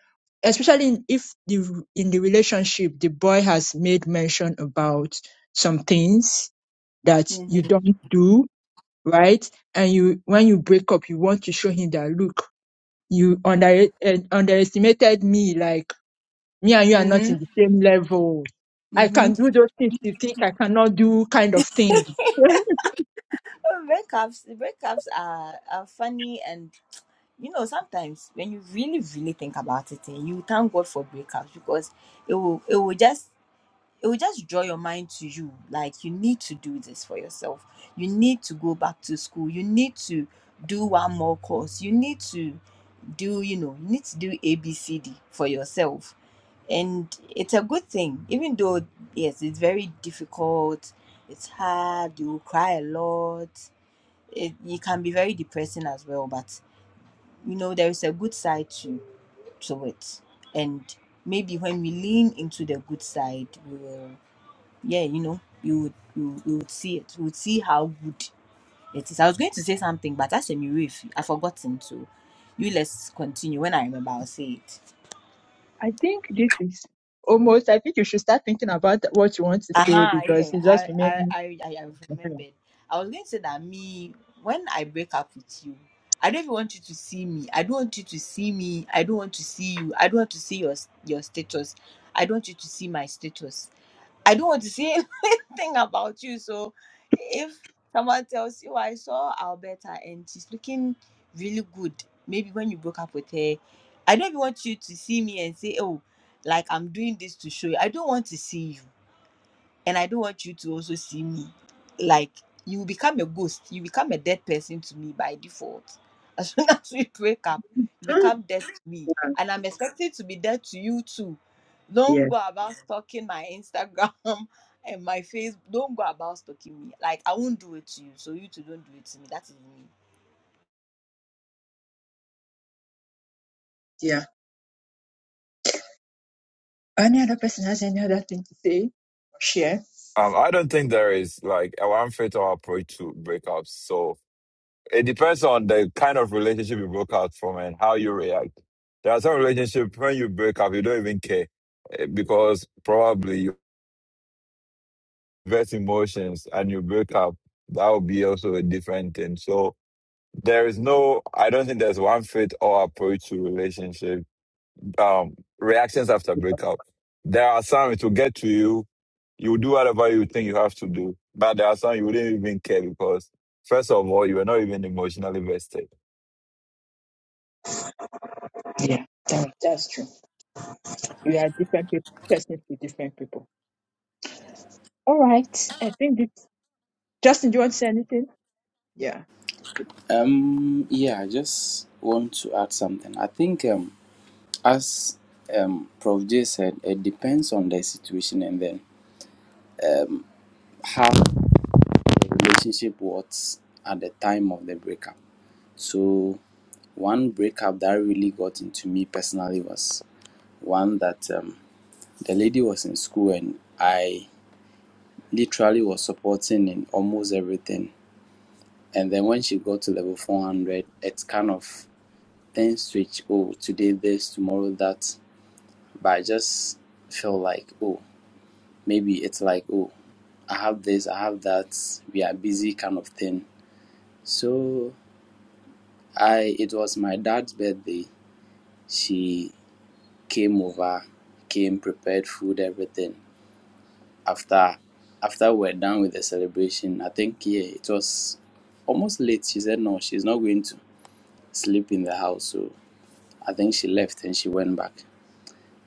[SPEAKER 3] especially in, if the in the relationship the boy has made mention about some things that you
[SPEAKER 1] mm-hmm,
[SPEAKER 3] don't do right, and you when you break up, you want to show him that look. you under, uh, underestimated me. Like me and you are not in the
[SPEAKER 1] mm-hmm,
[SPEAKER 3] same level. I
[SPEAKER 1] mm-hmm.
[SPEAKER 3] can do those things you think I cannot do kind of thing.
[SPEAKER 1] Oh, breakups breakups are, are funny and you know, sometimes when you really, really think about it, and you thank God for breakouts because it will, it will just, it will just draw your mind to you. Like you need to do this for yourself. You need to go back to school. You need to do one more course. You need to do, you know, you need to do A, B, C, D for yourself. And it's a good thing, even though yes, it's very difficult. It's hard. You will cry a lot. It, it can be very depressing as well, But you know there is a good side to to it and maybe when we lean into the good side we will yeah you know we would we would, we would see it we would see how good it is i was going to say something but that's a new if i've forgotten so you let's continue when i remember i'll say it
[SPEAKER 3] I think this is almost, I think you should start thinking about what you want to say
[SPEAKER 1] Uh-huh, yeah,
[SPEAKER 3] because it just
[SPEAKER 1] I, I,
[SPEAKER 3] remaining.
[SPEAKER 1] I, I I remembered. I was going to say that me, when I break up with you, I don't even want you to see me. I don't want you to see me. I don't want to see you. I don't want to see your your status. I don't want you to see my status. I don't want to see anything about you. So if someone tells you I saw Alberta and she's looking really good, maybe when you broke up with her, I don't even want you to see me and say, Oh, like I'm doing this to show you. I don't want to see you and I don't want you to also see me. Like you become a ghost, you become a dead person to me by default. As soon as we break up, you
[SPEAKER 3] Mm,
[SPEAKER 1] become dead to me, and I'm expected to be dead to you too. Don't
[SPEAKER 3] yeah.
[SPEAKER 1] go about stalking my Instagram and my face. Don't go about stalking me. Like I won't do it to you, so you 2 don't do it to me. That is me.
[SPEAKER 3] Yeah. Any other person has any other thing to say or share?
[SPEAKER 13] Um, I don't think there is like a one fatal approach to breakups. So it depends on the kind of relationship you broke out from and how you react. There are some relationships when you break up, you don't even care eh, because probably you invest emotions and you break up. That would be also a different thing. So there is no, I don't think there's one fit all approach to relationship um, reactions after breakup. There are some it will get to you. You will do whatever you think you have to do, but there are some you wouldn't even care because first of all, you were not even emotionally vested.
[SPEAKER 3] Yeah. that- that's true. We are different people, person to different people. All right. I think this, Justin, do you want to say anything? Yeah.
[SPEAKER 14] Um, yeah, I just want to add something. I think, um, as um, Prof. J said, it depends on the situation and then how the relationship was at the time of the breakup. So, one breakup that really got into me personally was one that um, the lady was in school and I literally was supporting in almost everything. And then when she got to level 400, it's kind of things switch. Oh, today this, tomorrow that but I just feel like, oh, maybe it's like, oh, I have this, I have that, we are busy kind of thing. So I, it was my dad's birthday. She came over, came prepared food, everything. After, after we're done with the celebration, I think yeah, it was almost late. She said no, she's not going to sleep in the house. So I think she left and she went back.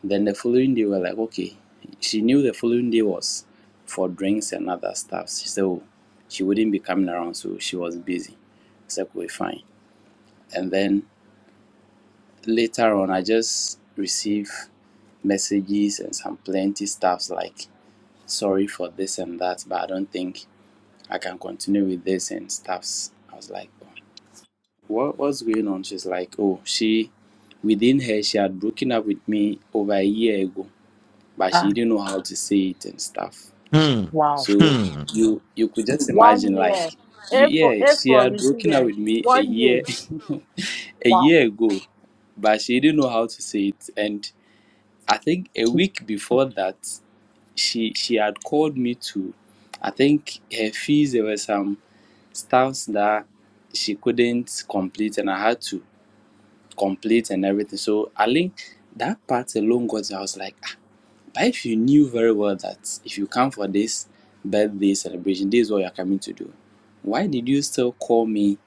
[SPEAKER 14] Then the following day, we were like, okay. She knew the following day was for drinks and other stuff. So she wouldn't be coming around, so she was busy. So we fine. And then later on, I just received messages and some plenty stuffs like, sorry for this and that, but I don't think I can continue with this and stuffs. I was like, what was going on? She's like, oh, she, within her, she had broken up with me over a year ago but
[SPEAKER 3] Ah,
[SPEAKER 14] she didn't know how to say it and stuff.
[SPEAKER 6] Hmm.
[SPEAKER 3] wow.
[SPEAKER 14] So
[SPEAKER 6] Hmm.
[SPEAKER 14] you you could just imagine
[SPEAKER 3] one
[SPEAKER 14] like
[SPEAKER 3] year.
[SPEAKER 14] you,
[SPEAKER 3] A for
[SPEAKER 14] yeah,
[SPEAKER 3] A
[SPEAKER 14] she
[SPEAKER 3] for
[SPEAKER 14] had broken up
[SPEAKER 3] resilience.
[SPEAKER 14] with me a
[SPEAKER 3] One year.
[SPEAKER 14] year a
[SPEAKER 3] Wow.
[SPEAKER 14] year ago, but she didn't know how to say it. And I think a week before that, she she had called me to I think her fees there were some stuffs that she couldn't complete and I had to complete and everything. So I think that part alone got I was like "Ah, but if you knew very well that if you come for this birthday celebration, this is what you are coming to do, why did you still call me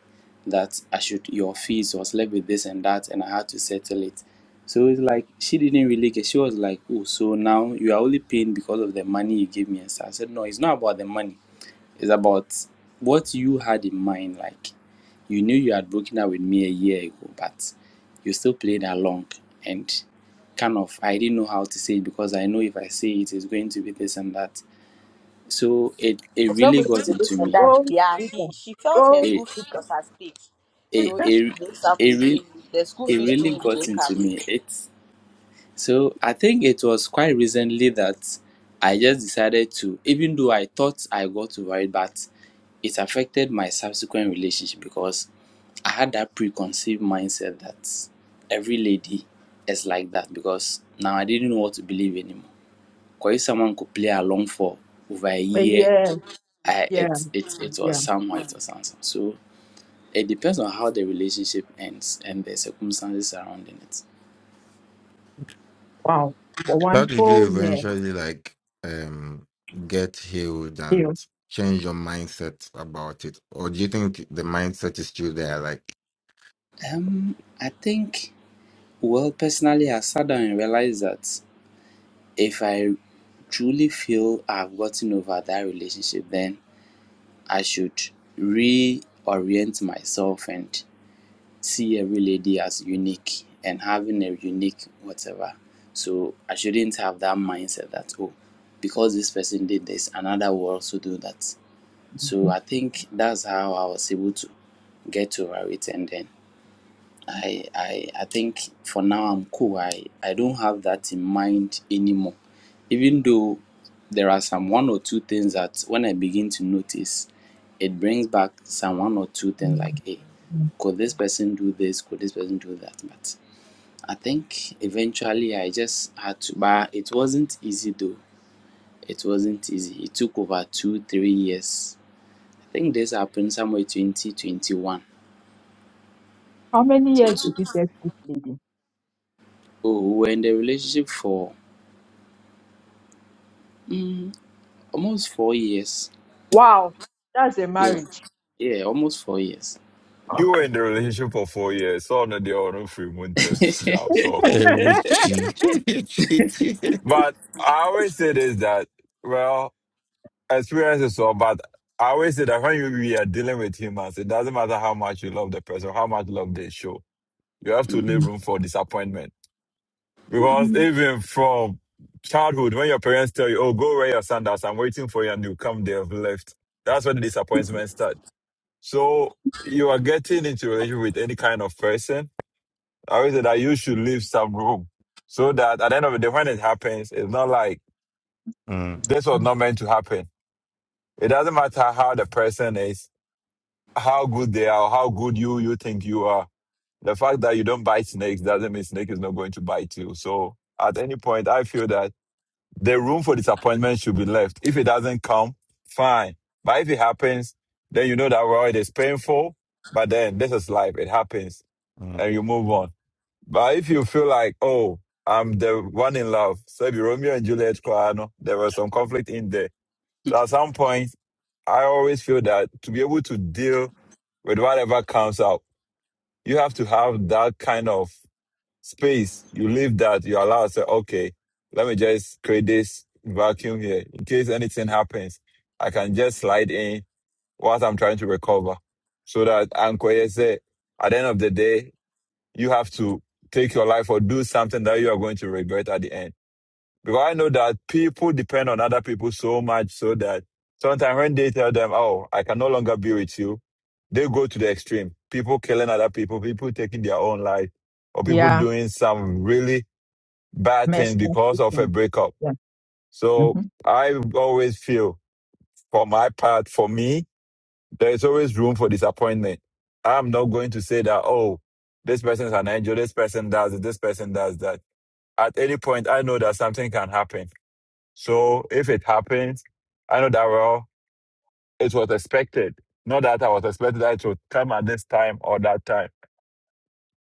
[SPEAKER 14] that I should your fees was left with this and that and I had to settle it? So it's like she didn't really get she was like, Oh, so now you are only paying because of the money you gave me and so I said, No, it's not about the money. It's about what you had in mind. Like you knew you had broken up with me a year ago, but you still played along and kind of I didn't know how to say it because I know if I say it, it's going to be this and that. So it it
[SPEAKER 1] It's not
[SPEAKER 14] really
[SPEAKER 1] going to
[SPEAKER 14] got
[SPEAKER 1] be
[SPEAKER 14] into
[SPEAKER 1] different.
[SPEAKER 14] me.
[SPEAKER 1] That
[SPEAKER 3] Go
[SPEAKER 1] yeah,
[SPEAKER 3] bigger.
[SPEAKER 1] she she felt her
[SPEAKER 3] Go
[SPEAKER 14] It
[SPEAKER 1] school fees
[SPEAKER 3] bigger.
[SPEAKER 1] was at stake.
[SPEAKER 14] it
[SPEAKER 1] So if
[SPEAKER 14] it it, re-
[SPEAKER 1] she breaks up
[SPEAKER 14] it
[SPEAKER 1] with
[SPEAKER 14] really
[SPEAKER 1] you, the school
[SPEAKER 14] it
[SPEAKER 1] fees too
[SPEAKER 14] really
[SPEAKER 1] will
[SPEAKER 14] got
[SPEAKER 1] break up.
[SPEAKER 14] into me. It So I think it was quite recently that I just decided to, even though I thought I got over it, but it affected my subsequent relationship because I had that preconceived mindset that every lady is like that because now I didn't know what to believe anymore. Because if someone could play along for over a
[SPEAKER 3] A
[SPEAKER 14] year,
[SPEAKER 3] year.
[SPEAKER 14] I,
[SPEAKER 3] Yeah.
[SPEAKER 14] it, it, it was
[SPEAKER 3] Yeah.
[SPEAKER 14] somehow, it was something. So it depends on how the relationship ends and the circumstances surrounding it.
[SPEAKER 3] Wow. For
[SPEAKER 6] How
[SPEAKER 3] one
[SPEAKER 6] did you
[SPEAKER 3] whole year.
[SPEAKER 6] eventually like um get healed
[SPEAKER 3] Still.
[SPEAKER 6] and change your mindset about it? Or do you think the mindset is still there? Like
[SPEAKER 14] Um, I think Well, personally, I sat down and realized that if I truly feel I've gotten over that relationship, then I should reorient myself and see every lady as unique and having a unique whatever. So I shouldn't have that mindset that, oh, because this person did this, another will also do that. So
[SPEAKER 3] Mhm.
[SPEAKER 14] I think that's how I was able to get over it and then I, I I think for now I'm cool. I, I don't have that in mind anymore. Even though there are some one or two things that when I begin to notice, it brings back some one or two things like, hey,
[SPEAKER 3] Mhm.
[SPEAKER 14] could this person do this? Could this person do that? But I think eventually I just had to. But it wasn't easy though. It wasn't easy. It took over two, three years. I think this happened somewhere 2021.
[SPEAKER 3] How many years
[SPEAKER 14] 22.
[SPEAKER 3] did you take this lady?
[SPEAKER 14] Oh, we were in the relationship for Almost four years.
[SPEAKER 3] Wow. That's a
[SPEAKER 14] Yeah.
[SPEAKER 3] marriage.
[SPEAKER 14] Yeah, almost four years.
[SPEAKER 13] You were
[SPEAKER 3] Okay.
[SPEAKER 13] in the relationship for four years, so no, they are no free winter job. So,
[SPEAKER 6] hey, Richie. Richie.
[SPEAKER 13] but I always say this that well, experience is all, but I always say that when you we are dealing with humans, it doesn't matter how much you love the person, how much love they show. You have to leave
[SPEAKER 3] Mhm.
[SPEAKER 13] room for disappointment Because
[SPEAKER 3] Mhm.
[SPEAKER 13] even from childhood, when your parents tell you, oh, go wear your sandals, I'm waiting for you, and you come, they have left. That's where the disappointment starts. So you are getting into a relationship with any kind of person. I always say that you should leave some room so that at the end of the day, when it happens, it's not like
[SPEAKER 6] Mm,
[SPEAKER 13] this was not meant to happen. It doesn't matter how the person is, how good they are, or how good you you think you are. The fact that you don't bite snakes doesn't mean snake is not going to bite you. So at any point, I feel that The room for disappointment should be left. If it doesn't come, fine. But if it happens, then you know that well, it is painful. But then this is life. It happens,
[SPEAKER 6] mm.
[SPEAKER 13] and you move on. But if you feel like, oh, I'm the one in love, so be Romeo and Juliet, Koano, there was some conflict in there. So at some point, I always feel that to be able to deal with whatever comes out, you have to have that kind of space. You leave that. You allow say, okay, let me just create this vacuum here in case anything happens. I can just slide in whilst I'm trying to recover, so that Ankoye say, at the end of the day, you have to take your life or do something that you are going to regret at the end. Because I know that people depend on other people so much so that sometimes when they tell them, oh, I can no longer be with you, they go to the extreme. People killing other people, people taking their own life, or people
[SPEAKER 3] yeah.
[SPEAKER 13] doing some really bad
[SPEAKER 3] mess
[SPEAKER 13] things
[SPEAKER 3] isn't
[SPEAKER 13] because of a breakup.
[SPEAKER 3] Yeah.
[SPEAKER 13] So
[SPEAKER 3] hmm
[SPEAKER 13] I always feel, for my part, for me, there is always room for disappointment. I'm not going to say that, oh, this person is an angel, this person does it, this person does that. At any point, I know that something can happen so if it happens, I know that well, it was expected. Not that I was expected that it would come at this time or that time,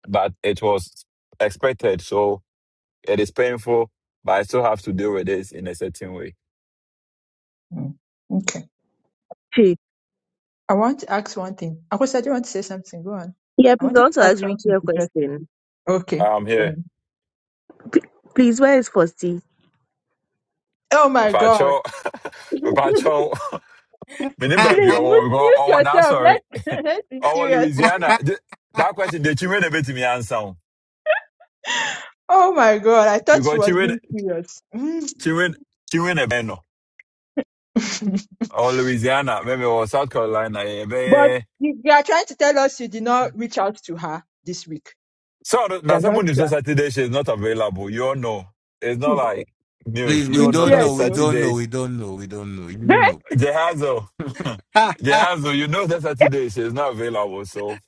[SPEAKER 13] but it was expected. So it is painful, but I still have to deal with this in a certain way.
[SPEAKER 3] Okay.
[SPEAKER 7] Hey.
[SPEAKER 3] I want to ask one thing. Akosha, do you want to say something? Go on.
[SPEAKER 7] Yeah,
[SPEAKER 3] I
[SPEAKER 7] please I
[SPEAKER 3] wanted
[SPEAKER 7] want
[SPEAKER 3] to
[SPEAKER 7] to
[SPEAKER 3] ask
[SPEAKER 7] ask Richie
[SPEAKER 3] something
[SPEAKER 7] a
[SPEAKER 3] to
[SPEAKER 7] question.
[SPEAKER 3] Okay.
[SPEAKER 13] I'm
[SPEAKER 3] go
[SPEAKER 13] here.
[SPEAKER 3] on.
[SPEAKER 7] P- please, where is Fosti?
[SPEAKER 3] Oh my
[SPEAKER 13] If I
[SPEAKER 3] God.
[SPEAKER 13] show, if I show, remember, we
[SPEAKER 3] Please
[SPEAKER 13] go,
[SPEAKER 3] mute, mute
[SPEAKER 13] oh, now
[SPEAKER 3] yourself.
[SPEAKER 13] sorry.
[SPEAKER 3] Let's, let's be
[SPEAKER 13] Oh,
[SPEAKER 3] serious.
[SPEAKER 13] Louisiana. Th- That question, the children a bit to me answer. o.
[SPEAKER 3] Oh my God. I thought she
[SPEAKER 13] Because
[SPEAKER 3] was
[SPEAKER 13] children,
[SPEAKER 3] being serious. Mm.
[SPEAKER 13] children, children a bit no. Oh, Louisiana, maybe or South
[SPEAKER 3] but
[SPEAKER 13] Carolina,
[SPEAKER 3] you, you are trying to tell us you did not reach out to her this week.
[SPEAKER 13] So the-
[SPEAKER 3] You
[SPEAKER 13] now
[SPEAKER 3] are not
[SPEAKER 13] seven news
[SPEAKER 3] sure.
[SPEAKER 13] Saturday she is not available. You all know. It's not like news.
[SPEAKER 6] Please, we
[SPEAKER 13] You all
[SPEAKER 3] She's
[SPEAKER 13] know
[SPEAKER 6] don't
[SPEAKER 13] that
[SPEAKER 3] here
[SPEAKER 6] know, we
[SPEAKER 3] Then?
[SPEAKER 6] don't know,
[SPEAKER 13] Saturday
[SPEAKER 6] we don't know, we don't know. You know.
[SPEAKER 13] Jehazo. Jehazo, you know that Saturday she is not available. So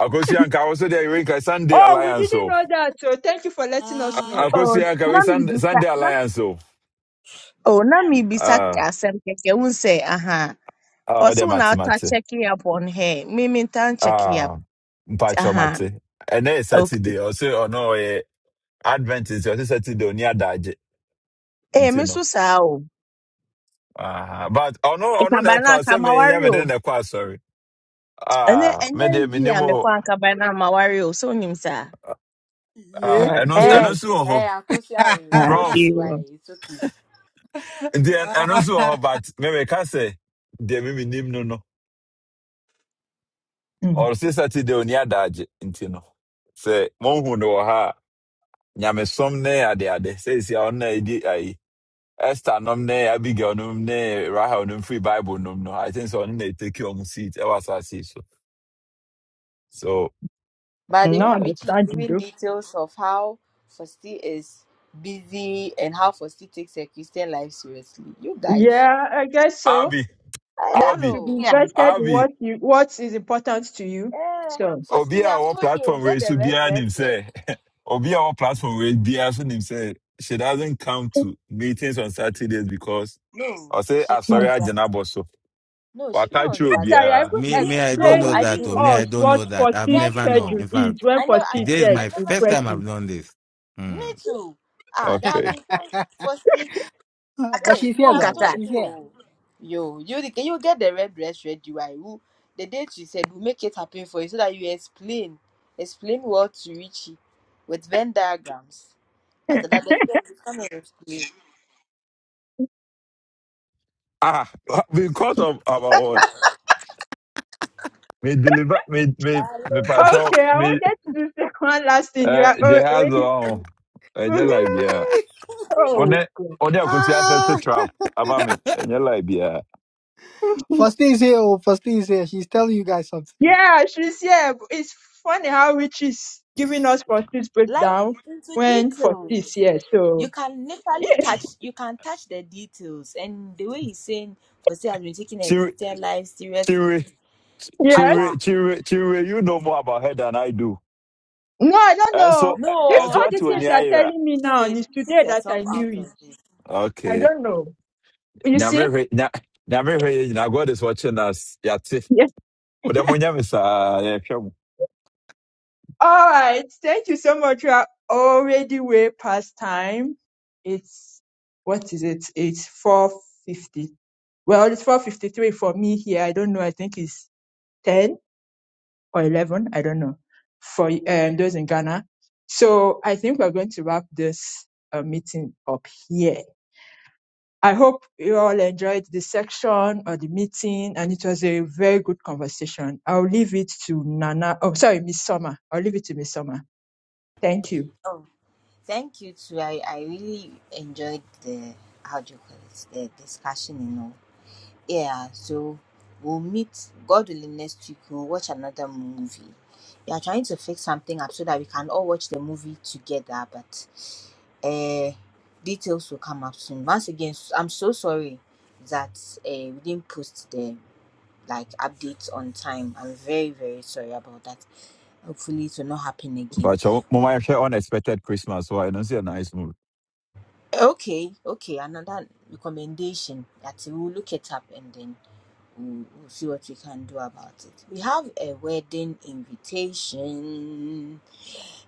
[SPEAKER 13] Akosianka also there we can Sunday
[SPEAKER 3] oh, we
[SPEAKER 13] Alliance.
[SPEAKER 3] didn't
[SPEAKER 13] So
[SPEAKER 3] know that. So thank you for letting
[SPEAKER 13] A-
[SPEAKER 3] us know.
[SPEAKER 7] Oh,
[SPEAKER 13] Akosianka we
[SPEAKER 7] na
[SPEAKER 13] Sunday,
[SPEAKER 7] bisa
[SPEAKER 13] Sunday
[SPEAKER 7] na
[SPEAKER 13] Alliance. So
[SPEAKER 7] oh na mibisa ki
[SPEAKER 13] ah
[SPEAKER 7] asem keke un say aha.
[SPEAKER 13] ah the
[SPEAKER 7] Also
[SPEAKER 13] mate
[SPEAKER 7] now start
[SPEAKER 13] mate.
[SPEAKER 7] checking up on her. Me tan checking up.
[SPEAKER 13] Ah mpacho
[SPEAKER 7] Aha.
[SPEAKER 13] mate. And then
[SPEAKER 7] Okay.
[SPEAKER 13] Saturday also or no eh, Advent is also Saturday near Daje.
[SPEAKER 7] Eh
[SPEAKER 13] You
[SPEAKER 7] me
[SPEAKER 13] know.
[SPEAKER 7] so sa o.
[SPEAKER 13] Ah, but oh no,
[SPEAKER 7] E
[SPEAKER 13] oh
[SPEAKER 7] ka
[SPEAKER 13] no, I
[SPEAKER 7] ba na
[SPEAKER 13] can't say
[SPEAKER 7] ka
[SPEAKER 13] me. I'm
[SPEAKER 7] mawari
[SPEAKER 13] in the choir. Sorry. Ah, me de
[SPEAKER 7] me
[SPEAKER 13] minimo
[SPEAKER 7] kwa ka ba So nimsa.
[SPEAKER 12] Yeah,
[SPEAKER 13] ah
[SPEAKER 3] Right.
[SPEAKER 13] ɛno
[SPEAKER 12] yeah.
[SPEAKER 13] ɛno
[SPEAKER 3] right.
[SPEAKER 1] Hey,
[SPEAKER 13] nso wɔ hɔ
[SPEAKER 1] hey, Uncle Sharon, it's
[SPEAKER 7] Ah,
[SPEAKER 13] prof
[SPEAKER 1] okay, why?
[SPEAKER 7] iyo.
[SPEAKER 1] It's okay.
[SPEAKER 13] nti ɛn- ɛno nso
[SPEAKER 12] Ah,
[SPEAKER 13] but me meka sɛ deɛ me minim no no
[SPEAKER 3] Mm.
[SPEAKER 13] ɔse saturday oni adagye nti no sɛ mohu no wɔ ha Nyame nyamesom ne adeade seesia ɔno na ɛdi ayi esther nom ne abigail nom ne rahel nom free bible nom no i think sɛ ɔno na ɛtaki ɔmo seat ɛwɔ asase so so
[SPEAKER 1] By the way,
[SPEAKER 3] No
[SPEAKER 1] Richie is
[SPEAKER 3] understanding
[SPEAKER 1] giving
[SPEAKER 3] though.
[SPEAKER 1] details of how Fosti is busy and how Fosti takes her Christian life seriously. You guys,
[SPEAKER 3] Yeah, I guess so.
[SPEAKER 13] abi
[SPEAKER 1] I
[SPEAKER 3] You
[SPEAKER 7] Yeah,
[SPEAKER 1] don't
[SPEAKER 3] have
[SPEAKER 13] abi
[SPEAKER 3] to be
[SPEAKER 1] know.
[SPEAKER 7] yeah.
[SPEAKER 3] invested in
[SPEAKER 13] abi
[SPEAKER 3] what you what is important to you.
[SPEAKER 1] Eh,
[SPEAKER 3] So.
[SPEAKER 1] Fosti,
[SPEAKER 13] obi
[SPEAKER 1] me,
[SPEAKER 13] a
[SPEAKER 1] I've
[SPEAKER 13] ɔwɔ
[SPEAKER 1] told you,
[SPEAKER 13] platform
[SPEAKER 1] get
[SPEAKER 13] wei
[SPEAKER 1] the
[SPEAKER 13] so
[SPEAKER 1] red
[SPEAKER 13] biara
[SPEAKER 1] dress
[SPEAKER 13] nim
[SPEAKER 1] red.
[SPEAKER 13] sɛ obi a our platform wei biara so him say she doesn't come to meetings on Saturdays because
[SPEAKER 1] No,
[SPEAKER 13] I I say
[SPEAKER 1] she
[SPEAKER 13] I'm
[SPEAKER 3] hmm.
[SPEAKER 13] sorry
[SPEAKER 1] counts,
[SPEAKER 13] I
[SPEAKER 1] but
[SPEAKER 13] didn't bɔ so
[SPEAKER 1] no, she
[SPEAKER 13] But waka
[SPEAKER 1] counts,
[SPEAKER 13] kyerɛ
[SPEAKER 1] but
[SPEAKER 3] that you're
[SPEAKER 13] obiara
[SPEAKER 1] you
[SPEAKER 6] Me
[SPEAKER 3] even
[SPEAKER 6] me,
[SPEAKER 1] didn't.
[SPEAKER 6] I don't
[SPEAKER 1] No,
[SPEAKER 6] know
[SPEAKER 1] I
[SPEAKER 3] explaining
[SPEAKER 6] that
[SPEAKER 1] didn't
[SPEAKER 3] to
[SPEAKER 6] or me,
[SPEAKER 1] know.
[SPEAKER 6] I
[SPEAKER 3] us
[SPEAKER 6] don't
[SPEAKER 3] what
[SPEAKER 6] know that. I've
[SPEAKER 1] Yeah,
[SPEAKER 3] 40
[SPEAKER 1] I
[SPEAKER 6] never
[SPEAKER 1] didn't know.
[SPEAKER 6] known.
[SPEAKER 3] schedule
[SPEAKER 6] In
[SPEAKER 3] is
[SPEAKER 6] fact,
[SPEAKER 3] when
[SPEAKER 1] I never,
[SPEAKER 3] 40
[SPEAKER 1] I,
[SPEAKER 3] is
[SPEAKER 6] today is
[SPEAKER 3] yes,
[SPEAKER 1] I
[SPEAKER 6] my
[SPEAKER 1] never
[SPEAKER 6] first time
[SPEAKER 1] knew.
[SPEAKER 6] I've
[SPEAKER 3] impressive.
[SPEAKER 6] known this.
[SPEAKER 1] Me
[SPEAKER 6] Hmm.
[SPEAKER 1] too. Ah, there have
[SPEAKER 13] okay
[SPEAKER 1] been times, Fosti.
[SPEAKER 12] but
[SPEAKER 1] Hey,
[SPEAKER 12] she's
[SPEAKER 1] me,
[SPEAKER 12] here
[SPEAKER 7] Akafunga
[SPEAKER 1] I've
[SPEAKER 12] though.
[SPEAKER 7] ta.
[SPEAKER 1] told
[SPEAKER 12] She's
[SPEAKER 1] you.
[SPEAKER 12] here.
[SPEAKER 1] oh. Yo, you the- can you get the red dress ready? Why? Who the date you said we make it happen for you so that you explain, explain what to Richie with Venn diagrams. After that, the friend will come and explain.
[SPEAKER 13] ah because of our what me deliver me me me patrɔ
[SPEAKER 3] Okay, I
[SPEAKER 13] me
[SPEAKER 3] wanted to do the one last thing. You are
[SPEAKER 13] ɛɛ
[SPEAKER 3] al-
[SPEAKER 13] jehaz
[SPEAKER 3] already.
[SPEAKER 13] ɔn ɛnyɛ lai biara
[SPEAKER 3] oh,
[SPEAKER 13] ɔne
[SPEAKER 3] God.
[SPEAKER 13] I akosi to
[SPEAKER 12] Ah,
[SPEAKER 13] trap about me ɛnyɛ lai biara
[SPEAKER 12] First thing is here. Oh, first thing is here. She's telling you guys something.
[SPEAKER 3] Yeah, she's here. but It's funny how Rich is giving us 40's
[SPEAKER 1] Like
[SPEAKER 3] breakdown
[SPEAKER 1] into
[SPEAKER 3] when 40 is
[SPEAKER 1] details.
[SPEAKER 3] here. So,
[SPEAKER 1] You can literally touch. You can touch the details, and the way he's saying, Jose has been taking a
[SPEAKER 13] chiri
[SPEAKER 1] Christian life seriously.
[SPEAKER 13] chiri
[SPEAKER 3] yes.
[SPEAKER 13] chiri
[SPEAKER 1] After
[SPEAKER 13] chiri chiri you know more about her than I do.
[SPEAKER 3] No, I don't know.
[SPEAKER 13] ɛnso
[SPEAKER 3] This
[SPEAKER 13] ɛnso
[SPEAKER 3] all
[SPEAKER 1] no,
[SPEAKER 3] the
[SPEAKER 13] wate
[SPEAKER 1] this one,
[SPEAKER 3] things
[SPEAKER 13] w'ani
[SPEAKER 3] you're
[SPEAKER 13] ayera
[SPEAKER 3] telling me
[SPEAKER 1] she
[SPEAKER 3] now
[SPEAKER 1] will
[SPEAKER 3] and It's
[SPEAKER 1] take
[SPEAKER 3] today that I
[SPEAKER 1] yourself out
[SPEAKER 3] knew it.
[SPEAKER 1] of this.
[SPEAKER 3] I
[SPEAKER 13] okay
[SPEAKER 3] don't know. You
[SPEAKER 13] nyame
[SPEAKER 3] see?
[SPEAKER 13] hwɛ nya nyame hwɛ yɛ god is watching us yɛate wode monyɛ me saa yɛhwɛ mo
[SPEAKER 3] All right. Thank you so much. We are already way past time. It's what is it? It's four fifty. Well, it's four fifty three for me here. I don't know. I think it's ten or eleven. I don't know. For um, those in Ghana. So I think we're going to wrap this uh, meeting up here. I hope you all enjoyed the section or the meeting, and it was a very good conversation. I'll leave it to Nana. Oh, sorry, Miss Summer. I'll leave it to Miss Summer. Thank you.
[SPEAKER 1] Thank you too. I, I really enjoyed the how do you call it the discussion and all. Yeah, so we'll meet God willing next week. We'll watch another movie. We are trying to fix something up so that we can all watch the movie together, but uh details will come up soon. Once again, s- I'm so sorry that uh, we didn't post the like updates on time. I'm very, very sorry about that. Hopefully it will not happen again.
[SPEAKER 13] mpakyɛ moma yɛhwɛ unexpected christmas so hɔ a, ɛno nso yɛ nice move
[SPEAKER 1] Okay, okay, another recommendation that we'll look it up and then we'll, we'll see what we can do about it. We have a wedding invitation.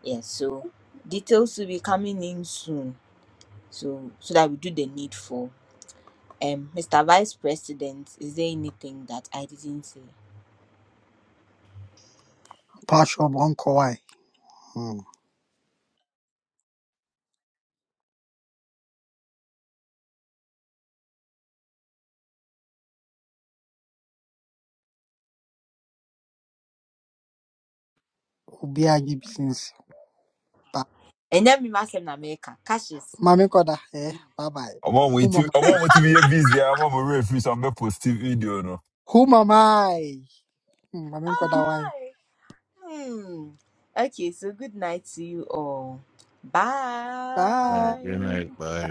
[SPEAKER 1] Yes, so details will be coming in soon. So so that we do the needful. Um, Mr. Vice President, is there anything that I didn't say?
[SPEAKER 12] Passion one kawaii. Hmm. Obi agi business. Ba-
[SPEAKER 1] And then we must have America. Cashes.
[SPEAKER 12] Mami koda. Eh. Bye bye.
[SPEAKER 13] ɔma ɔmo
[SPEAKER 12] Who
[SPEAKER 13] ti
[SPEAKER 12] am I?
[SPEAKER 13] ɔma ɔmo ti bi yɛ busy a ɔma ɔmo werɛ firi sɛ ɔmo bɛ post video no
[SPEAKER 12] Who am I? Hmm, Mami koda why?
[SPEAKER 1] Hi. Hmm. Okay, so good night to you all.
[SPEAKER 12] Bye.
[SPEAKER 6] Like, good
[SPEAKER 1] Bye.
[SPEAKER 6] night, bye.